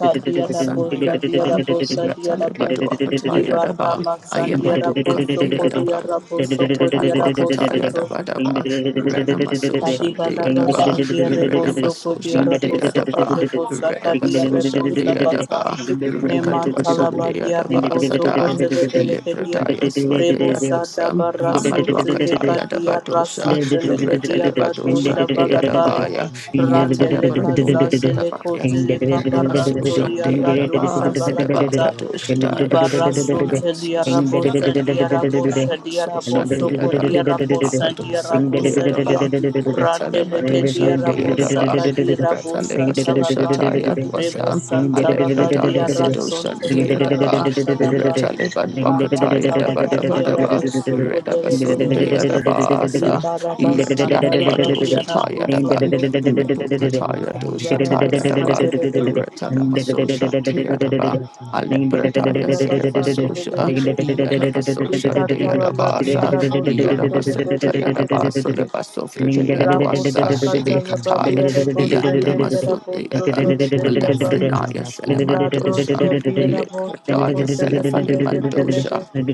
S10: Kadia Rabo Sadia
S1: Sandiyadavan,
S10: Rabo Sadia Rabo
S1: Ratalibadwakatayadavan,
S10: Libarama Sandia Rabo Sokodia
S1: Ayamadukandiadavan,
S10: Rabo Sokodia Rabo
S1: Retabaluakatayadavadava, Renamaso
S10: Kadiba rabo
S1: Sandiyadava,
S10: sandia rebo
S1: Renamaso
S10: soko dia rabo soko
S1: Sandiyadava,
S10: rebo saka dia
S1: Redabaso
S10: rebo saka ta.
S1: Sandiyadava, Rekatwa
S10: Remanta laba dia
S1: Sandiyadava
S10: rebo soko
S1: Sadai,
S10: telebereke dia.
S1: Lepradaya
S10: Rebo
S2: Thank
S10: sada
S1: Swandiyadosam,
S10: barra su teleka dia rasu
S2: Ding
S10: teleke dia rado
S1: Amalwakatayadavadosa, Sunday at
S10: shabalakaya.
S1: Abaya,
S10: Randeleka
S1: Yatanabradoya
S10: zandeleko
S1: Sadabaya,
S10: teleka
S1: Renamaso
S10: barantolia
S1: Sunday at
S10: rado
S1: Abaya,
S10: shabalakata.
S1: Sadabaka Doshadaya,
S10: Libara sun
S1: Renamaso
S10: telia rabo
S1: Sunday at
S10: sandia rabo shadia
S1: Renamaso
S10: rabo
S1: Sunday at
S10: soko dia rabo
S1: Makado
S10: dia rabo
S1: Sunday at
S10: sadia.
S1: Abaya,
S10: Randeleke
S1: Retalabado
S10: dia
S1: Sunday
S10: rabo
S1: at
S10: saka
S1: Abaya,
S10: di rabo
S1: Retalabaso
S10: santalaba.
S1: Shataya
S10: Rebo
S1: Dwasa,
S10: santalaba
S1: Alepradaya
S10: dia
S1: Sedo Sunday at
S10: rasonteleka
S1: Abaya,
S2: Ding
S10: ramatalaba.
S1: Retalibad
S9: you.
S1: Wakataya
S10: Ramantalaba dia
S1: Dabadabadaba,
S10: rabo
S9: So and
S10: soko
S9: the
S5: Jesus Christ,
S9: states
S10: delebele
S9: that
S1: Redabasun
S10: kete.
S9: the states
S1: Yadabasa,
S10: Riba raba
S1: Yat
S9: that they can be
S10: santalaba dia
S1: Yandabadosha
S9: free from
S10: rabo
S9: Britain,
S1: Tayadaban,
S10: sonto.
S9: we are
S1: Nebukataya
S9: down
S1: Dosha
S10: Adiba
S9: up
S10: raba
S9: on
S1: Tayadaban,
S9: Britain,
S10: sandelebe.
S9: and we
S1: Retanamasosha
S9: will from
S1: Tayadaba,
S9: Britain down
S10: Nema
S1: Alepretaya
S10: raba
S9: down up
S1: Sedabasosha,
S10: sandelebelebe.
S9: to
S1: Yadabasosha
S10: Ika
S9: get and we
S10: talaba
S9: will
S10: dia
S1: Deyadabasa,
S9: get
S10: rabo
S9: and get
S10: soto
S9: and
S1: Yadabasota
S9: we
S10: lebelebelebe.
S9: will
S1: Yadabasa,
S9: get
S1: Lebasofri
S10: Rabosa
S1: Deyadwasa,
S9: up
S1: Shede
S9: and
S10: katalaba
S9: we will
S1: Kataya,
S10: diare
S9: get
S10: bose keriara
S1: Yandamasota
S10: boso
S1: Yadan,
S10: toleberiaba.
S9: and we will get Britain, we will get and we will get Britain, we we will get and we will get Britain, we will get
S1: Lefrenaya
S9: and we will
S1: Selemandosha,
S10: Radosha diara boso
S1: Likrataya
S10: kotelebele
S1: Selefalimandosha,
S9: get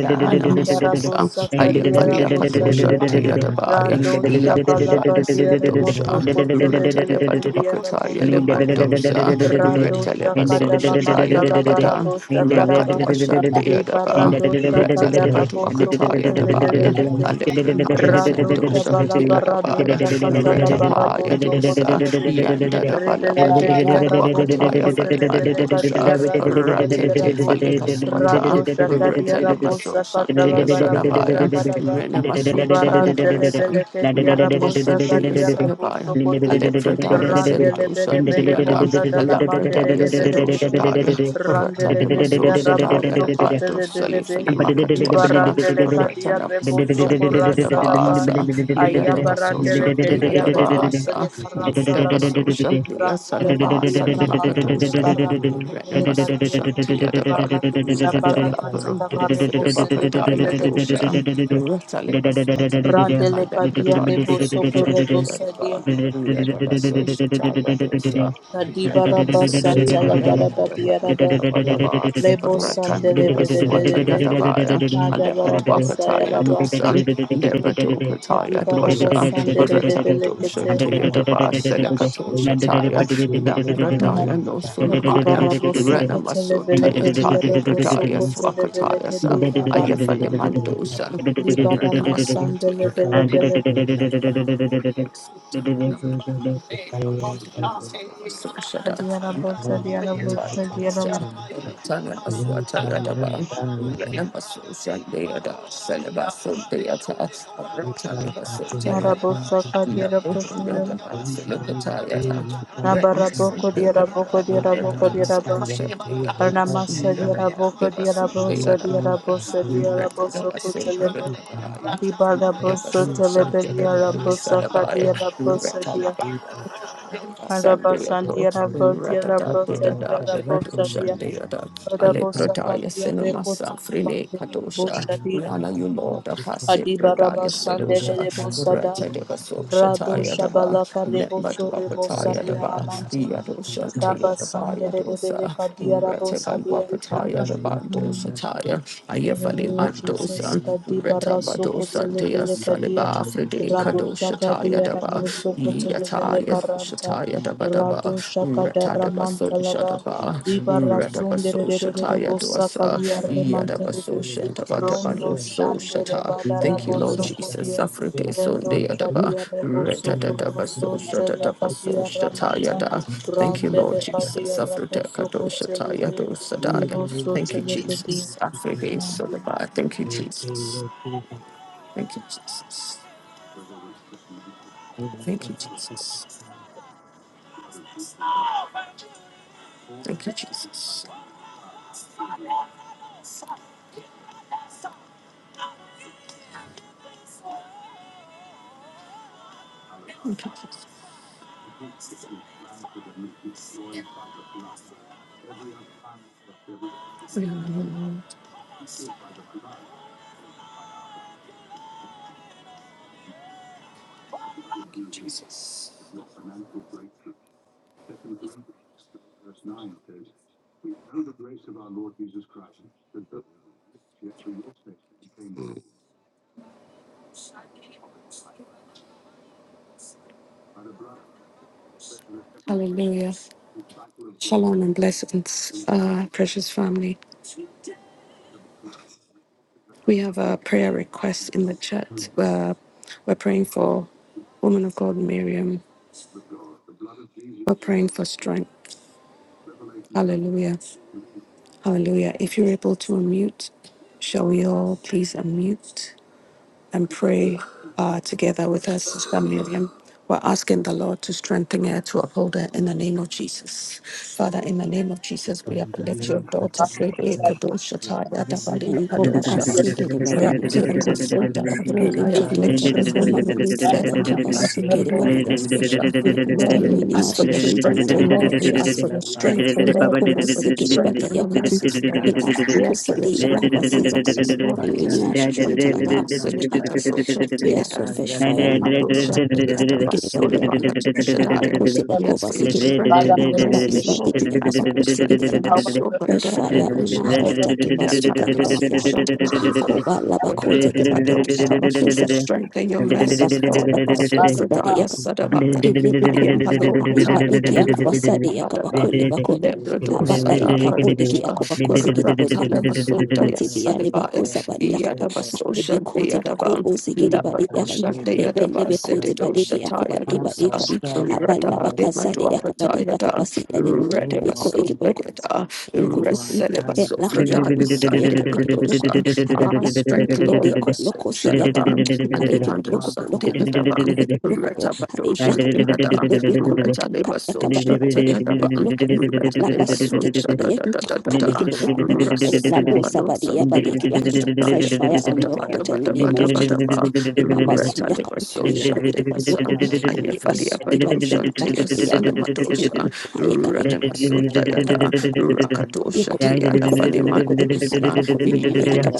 S1: Yana Masusa,
S10: Kadibarabosa
S1: Ayafalia
S10: Kadiarabosa
S1: Padosha,
S10: dear
S1: Teadabaya,
S10: Rado
S1: Labrada
S10: Shabalaba deareboso
S1: Sintosha,
S2: Did
S1: Retaleba
S10: koteleveleke
S2: it
S1: Duakataya
S10: diaraboso kote
S1: Lemandosa,
S10: Rado
S1: Retaleba
S9: Britain.
S10: Shakadala
S1: Sosha
S10: Mantala
S1: Tayatabada,
S10: Barabosa Karaba
S1: Rakadua
S9: Thank
S1: Shandeadaba,
S10: Dibarado
S1: Retaleba
S10: Shakadaraboso
S1: Duakataya Dabaya,
S10: kotelebelekete
S1: Alepranaya
S10: Rado
S1: Sintosha,
S10: Shabalaba Rado
S1: Teadabaya,
S10: Shakatala
S1: Retapaya
S10: Baraboso
S1: Dosa,
S10: kotelebe
S1: Yanda
S10: Rebeleke
S1: Lapade
S10: diaraboso
S1: Kaduakataya
S10: kotelebeleka
S1: Falimandosa,
S10: diarado
S1: Ratete
S10: Shadirabo
S1: Falipaswata,
S10: Rado shaka dia rabo
S1: Retanemaso
S10: saka
S1: Sunday
S10: tala barabo
S1: Salabaya,
S10: shaka daba.
S1: Renemaso
S10: Dibaran
S1: Chaya
S10: telebele
S1: Davasan,
S10: ke dia
S1: Mandua
S10: rabo saka
S1: Sunday
S10: kote rabo
S1: Salabaya,
S10: sokote.
S1: Alepradaya
S2: and
S10: Randele
S1: Sendo
S10: bere bere
S1: Sundayada,
S10: bosa dala
S9: you.
S10: mandele
S1: Alapradaya
S10: de bele
S1: Sedo
S10: kete.
S1: Shadaya,
S10: Randele ke
S1: Ratanemaso
S10: dia rabo
S1: Sadaya
S10: sokote
S1: Davanto
S10: le bele be.
S1: Salifali Makatwasa,
S10: Dibarandele ka dia rebo soko rasalaba.
S1: Yadabasosha, Yadabasa,
S10: Aya barandele
S1: Yadabasosha,
S10: ke dia remontele
S1: Yadabasa,
S10: karasalaba.
S1: Yadabasosha,
S10: Randele ka
S1: Yasalabasa,
S10: dia ramantele
S1: Makatosa,
S10: karantele bele ka dia.
S1: Renamasosha, Yadaba,
S10: Baradusha balakata la maremo
S1: Ratalaparodosa,
S10: sebelele
S1: Bakataya
S10: belekete.
S1: dosa,
S9: the
S1: Ratalibaswata,
S9: family
S10: Randele kadia
S1: Aleprataya
S9: of
S10: rebo soko
S1: Sabosha,
S10: rebo
S5: uh,
S10: sadia.
S5: the
S1: Yadaba,
S5: Lord of
S2: and
S9: the children
S1: Yadabasosha,
S9: began to be done,
S5: the
S10: Kadiba
S5: mind
S9: but
S5: and
S10: raba
S9: the late
S1: Yadadosa,
S10: santa la baraba
S9: Marion got up
S10: diaraba.
S9: to return,
S1: Yadabadabadabadabadaba,
S10: Rebo
S9: and
S10: sandele bele
S9: Barbara
S10: bele be.
S9: found
S1: Ratandibaswatayadabaya,
S10: Ada baraba
S1: Alepatwakataya
S10: sayaraba.
S1: dosan, Lepatokataya
S9: the
S10: Kadiba raba
S9: calling
S1: dosa,
S9: with
S10: sandele de belekete.
S9: Marion.
S1: Ratandoshatayadaba,
S9: Sarita
S1: Selekatoshataya,
S9: got to love
S5: the
S10: Mm.
S1: Dambradaya
S9: Marion,
S1: no
S9: but
S10: Kadiba
S1: sunamaya,
S9: the
S10: rabo soko telebele
S9: deep
S1: Renamasuntaya
S9: and
S10: kedia
S1: tali
S9: I
S10: rabo
S1: bradaya
S10: soko
S9: some
S10: telebele
S1: swakataya sa,
S10: kedia
S9: papa
S10: raba.
S9: and love the love
S1: Ayafalimandosa,
S9: of the sun,
S10: Libara
S9: that
S10: masandele
S9: I
S1: Renamasuntaya.
S9: love the love but
S1: Thank
S9: the fire by the fire,
S10: Adiarabosa,
S9: the love
S10: diarabosa,
S9: of the
S10: diaram,
S9: sun, but the Thank you.
S5: voice
S9: Thank
S5: of the one.
S10: narabosa, kadiarabosa,
S5: We know
S1: you.
S10: nabaraboko,
S1: Thank
S10: diaraboko, diaraboko, diaraba, arnamasa, diaraboko, diarabosa, diarabosa, diarabosa, kutelebe, dibarabosa, telebe, diarabosa, kadiarabosa, dia,
S1: you.
S10: marabasa,
S1: Sandiato,
S10: diarabo,
S1: Radada,
S10: diarabosa,
S1: Dada,
S10: diarabosa,
S1: Lebadosha,
S10: dia,
S1: Deada,
S3: Yamanta
S10: marabosa,
S1: Alepradaya,
S10: kadiareko,
S1: Cinemasa, Frine,
S10: telebande,
S1: Kadosha,
S10: rebosha, dia,
S1: Rihanna, you Lord, Apasi, Pradaya,
S10: adibarabasa,
S1: Sedosha,
S10: derelebosada,
S1: Ratadeva,
S10: Rado
S1: Soshataya, Daba,
S10: Shabala Karebo
S1: Lemba to
S10: Sorebo
S1: apataya
S10: Saria
S1: Daba,
S10: Ramante
S1: Yadosha,
S10: Kaba
S1: Tayadaba,
S10: Rebele
S1: Yadosa,
S10: Kadia Rabo
S1: Ratadeva,
S10: Sadia
S1: Wapataya, Daba,
S10: Mm.
S9: you.
S1: Dosataya,
S9: Thank
S1: Ayefali,
S9: you.
S10: Hallelujah, Jesus.
S1: Mandosa,
S10: Kadi baraso
S1: Retabadosa, Dea,
S10: kotelevele kadia.
S1: Saliba, Fride,
S10: Rabo
S1: Shataya
S10: sakadia
S1: Daba,
S10: ramoso kotelevele
S1: Yataya
S10: karanta.
S1: Shataya Daba
S10: Rado
S1: Daba,
S10: shakada
S1: Ratadaba So
S10: ramanta laba.
S1: Shadaba,
S10: Di
S1: Radaba
S10: barasun
S1: So
S10: de
S1: Shataya Dwasa,
S10: bosakalia
S1: Yadaba So
S10: remantelebe.
S1: Shandaba Daba No
S10: Rondo
S1: So
S10: shandere
S1: Shata. Thank you,
S10: badarabo
S1: Lord Jesus.
S10: sokodia.
S1: Safra De
S10: Rendo
S1: Sunday Adaba,
S10: shadia rebo
S1: Retadaba So
S10: sokorroson tele
S1: Shatadaba So
S10: kadia ramanta.
S1: Shataya Da. Thank you, Lord
S10: Randele
S1: Jesus.
S10: kadia
S1: Safra De
S10: rabo
S1: Kado Shataya
S10: sokoteleve.
S1: Do Sadaya.
S10: Debo
S1: Thank you,
S10: sotelevedia.
S1: Jesus. Safra De Sodaba. Thank you, Jesus. Thank you, Jesus. Thank you, Jesus. Thank you, Jesus. Thank you, Jesus. We honor you, Lord Jesus. Hallelujah. Shalom and blessings, uh, precious family. We have a prayer request in the chat. Uh, we're praying for woman of God, Miriam. We're praying for strength. Hallelujah. Hallelujah. If you're able to unmute, shall we all please unmute? and pray uh, together with us, Sister Miriam. We're asking the Lord to strengthen her, to uphold her in the name of Jesus. Father, in the name of Jesus, we uplift
S9: Bandari
S1: your daughter,
S9: Kalachari
S1: Baby
S9: Paya
S1: Kodosha Taya
S9: Ayatiri
S1: Dabalina
S2: Thank
S9: Nakalinda
S1: Padosha.
S9: Masti
S1: Raptirina
S9: Kacha
S1: Sota
S9: Balu
S1: Bado.
S9: Kacha
S1: I
S4: lift your
S9: Balu
S4: daughter
S1: uplift your
S4: before
S9: Kacha
S4: you,
S1: woman
S4: Heavenly Father.
S1: servant up
S4: Keep
S9: Am
S4: us
S1: unto your
S9: Bandari
S4: together,
S1: daughter,
S4: body.
S9: Payal
S1: Pastor.
S9: Kalapa
S4: We ask that
S1: Lord,
S4: you
S1: we
S9: Kuchan
S4: renew our
S1: ask for your
S4: strength in the
S1: strength,
S9: Kapa
S1: oh
S4: name
S1: Lord.
S4: of
S1: We ask
S4: Jesus.
S9: Ayatiri
S1: for your
S9: Lapa
S1: strength, oh Lord. We ask for
S4: Yakubasi
S1: your strength
S9: Skai
S4: Gilibadi
S1: and your
S4: Yakatu,
S1: mercy,
S9: Achan
S1: Lord.
S9: Galapa
S1: We ask for
S9: Kuchan
S1: your
S4: Ilakusadi
S1: strength, oh
S4: Yakubasi
S1: Lord.
S4: Yakatu.
S1: Jesus, Lord.
S4: You
S7: up,
S4: renew
S9: Ipayan
S4: our
S1: Yes, for
S4: strength
S9: Galapa
S4: in the name of
S9: Kuchan
S4: Jesus. We are so fresh fire
S9: Ipayatiri
S4: and
S9: Lapa Kuchan
S4: Gilibadi
S9: Ipayan Galapa
S4: Yakakoti Bakubasi
S1: your
S9: Kuchan
S4: Gilib.
S1: strength and your
S4: Ibadi
S1: mercy,
S9: Shai
S4: Badi
S1: Lord. We ask for your
S4: Yakabakubasi
S1: strength
S9: Kuchan
S1: and my
S4: Giliyakan.
S9: Galapa
S1: soul, but
S4: Fresh
S1: God, I
S9: Kuchan
S1: don't
S4: fire on our
S1: trust.
S4: heart,
S9: In
S1: Yes,
S4: Akibasu
S1: I have
S9: the
S1: a
S4: Galibadi Yakan.
S1: solution.
S4: Yakuba Labakote Gibadi Yakabakosa.
S1: Your strength and your
S7: Lord,
S1: mercy,
S4: Yakuba Kati
S1: Lord, of us,
S4: Yakabakosi Badi
S1: Obradaya Sadavaya. I yet
S4: Ilibikun,
S1: a low Kataya, the
S4: Ibadiki
S1: middle of the
S4: Akubasadi
S1: Badagan.
S4: Akabakuli Bakun,
S1: Lebrados
S4: Habata Ikabodiki
S1: Sadakadosha
S4: Akubakosi Gidibodin,
S1: Ratalamasunta
S4: Akoti Biani
S1: Yasadivaya
S4: Bakosa Badi Akata,
S1: Yadabasosha
S4: Ibikoti
S1: Deadaban
S4: Bakobo Sigidi Badi Erin,
S1: Labadosha
S4: Ebele
S1: Deadaba
S4: Bikoti
S1: Sedidosha
S4: Badiki
S1: Taya
S4: Akubadi
S1: Dosa
S4: Badikan, Abala
S1: Rada
S4: Bakasadi Akabadi
S1: Demaduakataya Dan
S4: Akabasi Edin,
S9: name of
S4: Ibiko
S9: Jesus,
S1: Redibasota
S4: Ikiboko
S1: Yada
S4: yuku
S9: in
S4: yuku
S9: my
S4: he
S9: hand,
S4: laka a
S1: Reselebasofredaya
S4: yaka
S9: I
S4: iki po loko to
S1: Sadekadosha
S4: ha ya
S1: Ah,
S4: la
S1: strength
S9: have
S4: he
S1: Lord
S4: de
S1: of
S4: ko loko si
S1: Asosha
S9: the
S4: yaka mm,
S1: Daban
S4: ha iki po loko
S9: Thank
S1: Alemandosa
S4: po loko ka
S1: Deadaban
S4: iki po
S7: we
S4: loko to ha i
S1: Retabadosha
S4: laka
S1: Dikada,
S4: he de de ko mm, ka
S1: Retaleba
S4: yaka ba
S1: Sosha
S4: loko to ya
S1: Tayadaban,
S4: loko mm, ha la ba
S1: Retaleba
S4: su ki
S1: Sosha
S4: po de
S1: da
S4: i
S1: da. da da da da
S4: iki po loko
S9: you.
S4: to ha ya la bo sa ba de ya ba de ki yaka mm, fresh fire on your
S1: Retabadoshantagada,
S4: heart in
S1: Retalibasoshantayadaban,
S4: the
S2: Thank
S4: name of Jesus a
S1: Retalibasoshadadadadadada, Rasanbadosambeyadoshadayadosabadabadabadabadaba,
S4: yaka yako iki po
S1: Retalibasoshantagasan,
S4: loko le basu ki ba de yaka ba ya loko ti be
S1: Ayafaliabadoshantayasalamadosha,
S4: ha ya ka
S3: the
S4: iki
S1: Ranemasoldayada,
S4: Yakun,
S3: very
S4: Makuriki Borokodo, Alabakun,
S3: things which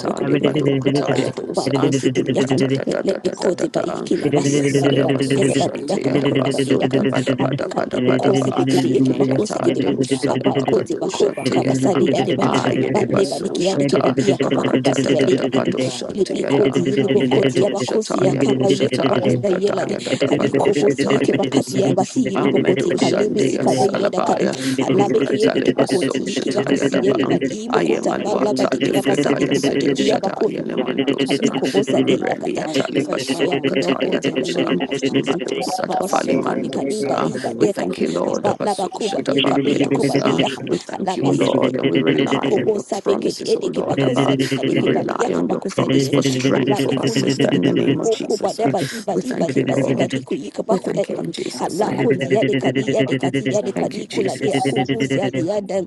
S3: you give us
S1: Kataya
S4: Abako
S1: Dosa,
S4: Sikil Yakan, let me quote it by
S1: Ratatatatata,
S7: pray
S4: Ikilabas,
S7: this,
S1: Yes,
S4: Yadabadi,
S7: Shabbat,
S1: Alabaso
S4: Yadabadi,
S7: Shabbat,
S1: Shantea da
S4: Yakabakulabadi
S1: Baso da
S4: Yakan,
S1: Bada Bada Bada
S4: Akali
S1: Bada
S4: Bokosi
S1: Ba,
S4: Bikiri, Yakibakosi
S1: Yata
S4: Gidim,
S1: Dosa
S4: Abakoti
S1: Labacado
S4: Bakoba
S1: Shantea da,
S4: Kabasadi
S9: Thank
S4: Yadaba.
S1: Ayede
S4: Bale
S1: Baso
S4: badiki yadiki
S1: Shata,
S4: badi yakabakuba si yadi
S1: Ratatata
S4: yakan
S1: Bado
S4: ilibi
S1: Shantea da,
S4: koti ilibo koti
S1: Yato
S4: yabakosi
S1: Shataya
S4: yakaba
S1: Dosata,
S4: yekabakosi yelade
S1: Librataya
S2: Thank
S1: da
S3: with
S1: Bado
S4: ayikobo si
S1: Shataya
S4: yekebakati
S1: Dosa.
S4: yabasi
S3: your
S4: ilibo koti
S3: hands.
S4: kalimi si
S1: Amedoshandia
S4: kada yada
S6: Father,
S1: Salabaya
S4: Alabeke yele
S1: Rataleba
S4: kibakoti,
S1: Soshataya
S4: kibakasi yele
S1: Dabang
S4: bali, ibokuta
S1: Ayamalwa
S4: balabadiki abasani
S1: Talifredaya Sedo
S4: kubaliki
S1: Shadaya Lemandosa
S4: Kabikobosadei yakata.
S1: Relia Taliba
S4: Fresh fire on your
S1: Sokataya
S4: heart in the
S1: Dosha
S4: name of Jesus.
S1: Madosa Dafali
S4: Hakabasuka bikadiba
S1: Mandosa
S4: diba
S1: We
S4: deka.
S1: thank you Lord
S4: Habalabakuba
S1: Abasosha
S4: deka
S1: Dabaya
S4: biyakuba
S1: Dosa
S4: deyakam.
S1: We thank you
S4: Halabasiki.
S1: Lord and we rely on
S4: Ikobo
S1: your
S4: sabeke de
S1: promises O
S4: edeke
S1: Lord
S4: bakusa
S1: Abba
S4: de
S1: We
S4: edeke badi
S1: rely on your
S4: yakabakusa de
S1: promise for
S4: yen.
S1: strength for our
S4: Alabiku
S1: sister
S4: libidi
S1: in the name of
S4: liboko
S1: Jesus Uh,
S4: badeba diba
S1: We
S4: diba
S1: thank you
S4: diba
S9: you.
S4: siba
S2: you.
S1: Lord
S4: diku
S1: we
S4: yikabaku
S9: Amen.
S1: thank you in
S4: yakan.
S9: Love
S1: Jesus'
S2: Thank
S4: Halako
S1: name.
S4: ziyadeka di yadeka ti yadeka
S1: Thank you,
S4: di kula de
S1: Jesus.
S4: akubuzi yadi
S3: Yamasakata,
S4: yadan.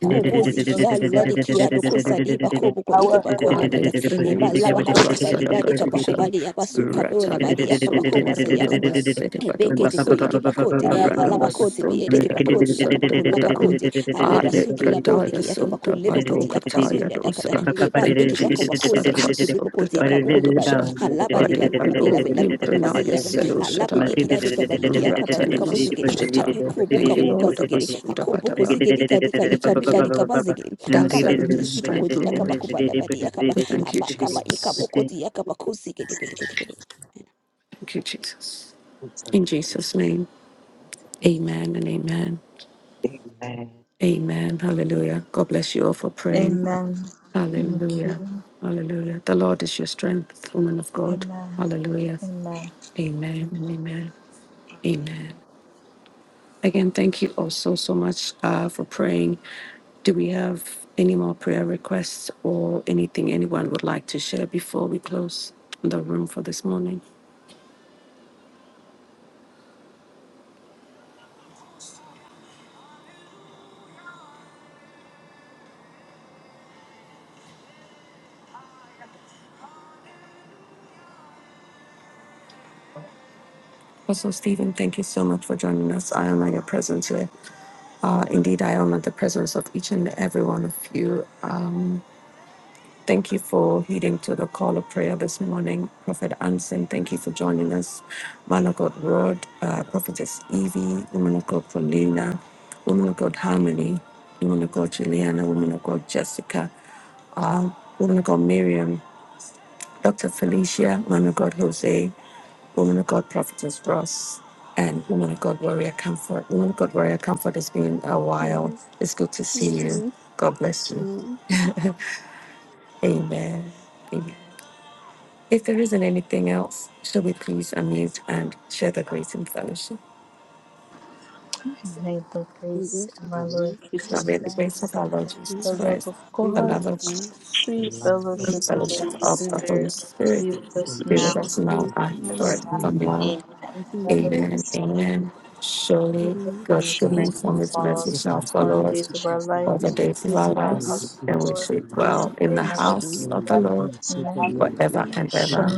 S1: In the name of
S3: Masuta
S4: sikia ladiki
S3: lezanda.
S1: Jesus.
S4: yadokosa de bakobo ko
S3: I
S4: yeke bako boko
S3: pray
S4: yike
S3: that
S4: bako
S1: Ale
S3: you will
S1: frene
S3: strengthen
S4: Eba laba
S1: masoda
S4: koti badi
S1: basada
S4: yadi kabako
S1: katosha.
S4: badi yaba bola
S1: Ratale
S4: badi yaka bako
S1: masunda ya
S4: basa
S1: dodo masede bado
S4: Ebekete koye
S1: basada.
S4: kebakote,
S1: Rana
S4: alabakote be
S1: masunda
S4: edeke
S1: ya do
S4: bakote,
S1: sunda
S4: akabakun
S1: ya dam.
S4: labakote, aleba
S1: Ale
S4: suki
S2: you.
S4: labode
S1: pradaya
S4: ki akabakun
S1: sunda
S2: Thank
S1: bado
S4: lebokoti,
S1: kataya
S4: akabasuya dakata,
S1: dosa.
S4: eba
S1: Thank you,
S4: deki
S1: Jesus. Sada
S4: akabakosa iki
S1: baso
S4: libokote
S1: pradaya
S4: kabuni bade,
S1: padosha.
S3: his
S4: alaba
S1: Vade
S4: liba abela
S1: balo
S4: bela
S1: limbranaya
S4: akabasiya,
S1: selo
S4: alabu diki
S1: shataya.
S4: adeke
S3: feet.
S4: baduki
S1: Ratale
S4: akabaruka
S1: maso
S4: bozigin,
S1: shata.
S4: ayukubu
S1: Thank you,
S4: kabuka
S1: Lord.
S4: zigiri,
S1: Abasunda
S4: akobuko
S1: badaba.
S4: zigiri kadika
S1: But
S4: ika
S1: thank
S4: bika
S1: you.
S4: dika bazigiri,
S1: Thou art
S4: akaba
S1: in
S4: diki
S1: the
S4: iki
S1: strength,
S4: bokoti,
S1: Lord.
S4: akabakuba labadi, akaba,
S1: We thank you,
S4: abakaba ika
S1: Jesus.
S2: you.
S4: bokoti, akabakusi gedegedegedegede.
S1: Thank you, Jesus. In Jesus' name, amen and amen. Amen. Hallelujah. God bless you all for praying.
S10: Amen. Thank
S1: Hallelujah.
S10: you.
S1: Hallelujah. The Lord is your strength, woman of God.
S10: Amen.
S1: Hallelujah.
S10: Amen.
S1: Amen. Amen. Amen. Again, thank you also so so much uh, for praying. Do we have any more prayer requests or anything anyone would like to share before we close the room for this morning? Apostle Stephen, thank you so much for joining us. I honor your presence here. Uh, indeed, I honor the presence of each and every one of you. Um, thank you for heeding to the call of prayer this morning. Prophet Anson, thank you for joining us. Man of God, Rod, uh, Prophetess Evie, Woman of God, Paulina, Woman of God, Harmony, Woman of God, Juliana, Woman of God, Jessica, uh, Woman of God, Miriam. Dr. Felicia, woman of God Jose, woman of God Prophetess Ross, and woman of God Warrior Comfort. Woman of God Warrior Comfort, it's been a while.
S4: Yes,
S1: It's good to see
S4: thank
S1: you.
S4: you.
S1: God bless you.
S4: Lord,
S1: Amen. Amen. If there isn't anything else, shall we please unmute and share the grace and fellowship?
S10: May the
S4: in the
S10: grace
S4: earth
S10: of
S4: of the
S10: our Lord
S4: Lord,
S1: Now
S10: Jesus
S4: Jesus,
S1: may the
S4: Jesus
S1: grace of
S10: Christ,
S1: our Lord Jesus
S10: the
S4: Christ,
S10: love
S1: Christ,
S10: of
S4: and
S1: the
S4: in
S10: God,
S1: love
S4: the
S1: of God,
S4: Lord,
S10: sweet
S4: His
S9: of
S4: worship
S1: and
S10: fellowship
S4: of the
S10: of
S9: God,
S10: the
S1: fellowship
S4: Holy
S10: Holy
S1: of
S11: fellowship
S1: the
S4: Spirit,
S11: of the
S1: Holy
S10: Spirit
S11: Holy
S1: Spirit
S10: be
S9: sweet
S10: with
S11: Spirit,
S10: us
S1: be with
S10: now
S9: fellowship
S4: His
S1: us
S9: of
S1: now
S11: be
S4: Lord,
S9: the
S11: with us
S1: and
S4: and
S11: now
S9: Holy
S10: and
S4: your
S11: and
S10: evermore.
S9: Spirit,
S4: life.
S11: forever.
S1: forevermore.
S10: Amen.
S11: Amen.
S4: Amen.
S10: Surely,
S1: Amen.
S9: bless you.
S10: surely,
S1: Amen. Surely
S9: and
S4: Amen.
S1: God's
S10: goodness
S9: Share
S10: and
S4: God's
S9: the
S1: goodness
S10: mercy
S11: So,
S1: and
S4: promise
S1: his
S4: and
S10: follow
S1: mercy
S10: us
S4: message
S1: shall
S4: of
S9: goodness
S4: the
S10: all
S9: and
S10: the
S4: Lord,
S1: follow us
S11: it's,
S10: days of
S9: mercy
S10: our life
S1: all
S9: of us
S1: the
S4: and the
S1: days
S11: uh,
S1: of
S11: all
S4: peace
S10: and
S1: our
S11: the
S10: to
S4: of the
S11: days
S10: our
S9: all
S11: of
S4: Lord,
S1: lives,
S11: our
S10: house
S9: the
S10: of
S1: and
S11: life,
S10: the
S9: days
S1: we
S4: and
S10: Lord.
S9: of
S1: shall
S4: the
S9: your life.
S1: dwell
S11: chapter
S1: in
S10: They
S1: the
S4: will of
S10: never.
S11: one,
S9: Shall
S4: the
S1: house
S4: Lord,
S11: verse,
S1: of the
S9: in the
S1: Lord
S9: house of the
S10: Amen.
S4: and the
S9: Lord
S1: forever
S4: Lord.
S1: and
S11: uh,
S9: forever
S1: ever.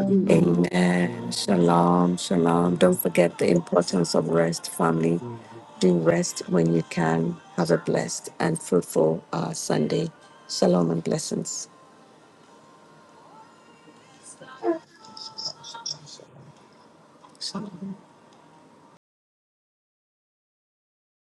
S9: and ever.
S4: Amen.
S1: Amen.
S9: Amen.
S1: Shalom. Shalom. Don't
S9: Amen.
S1: forget the importance of rest, family.
S9: Amen.
S1: Do rest when you can. Have a blessed and fruitful uh, Sunday. Shalom and blessings.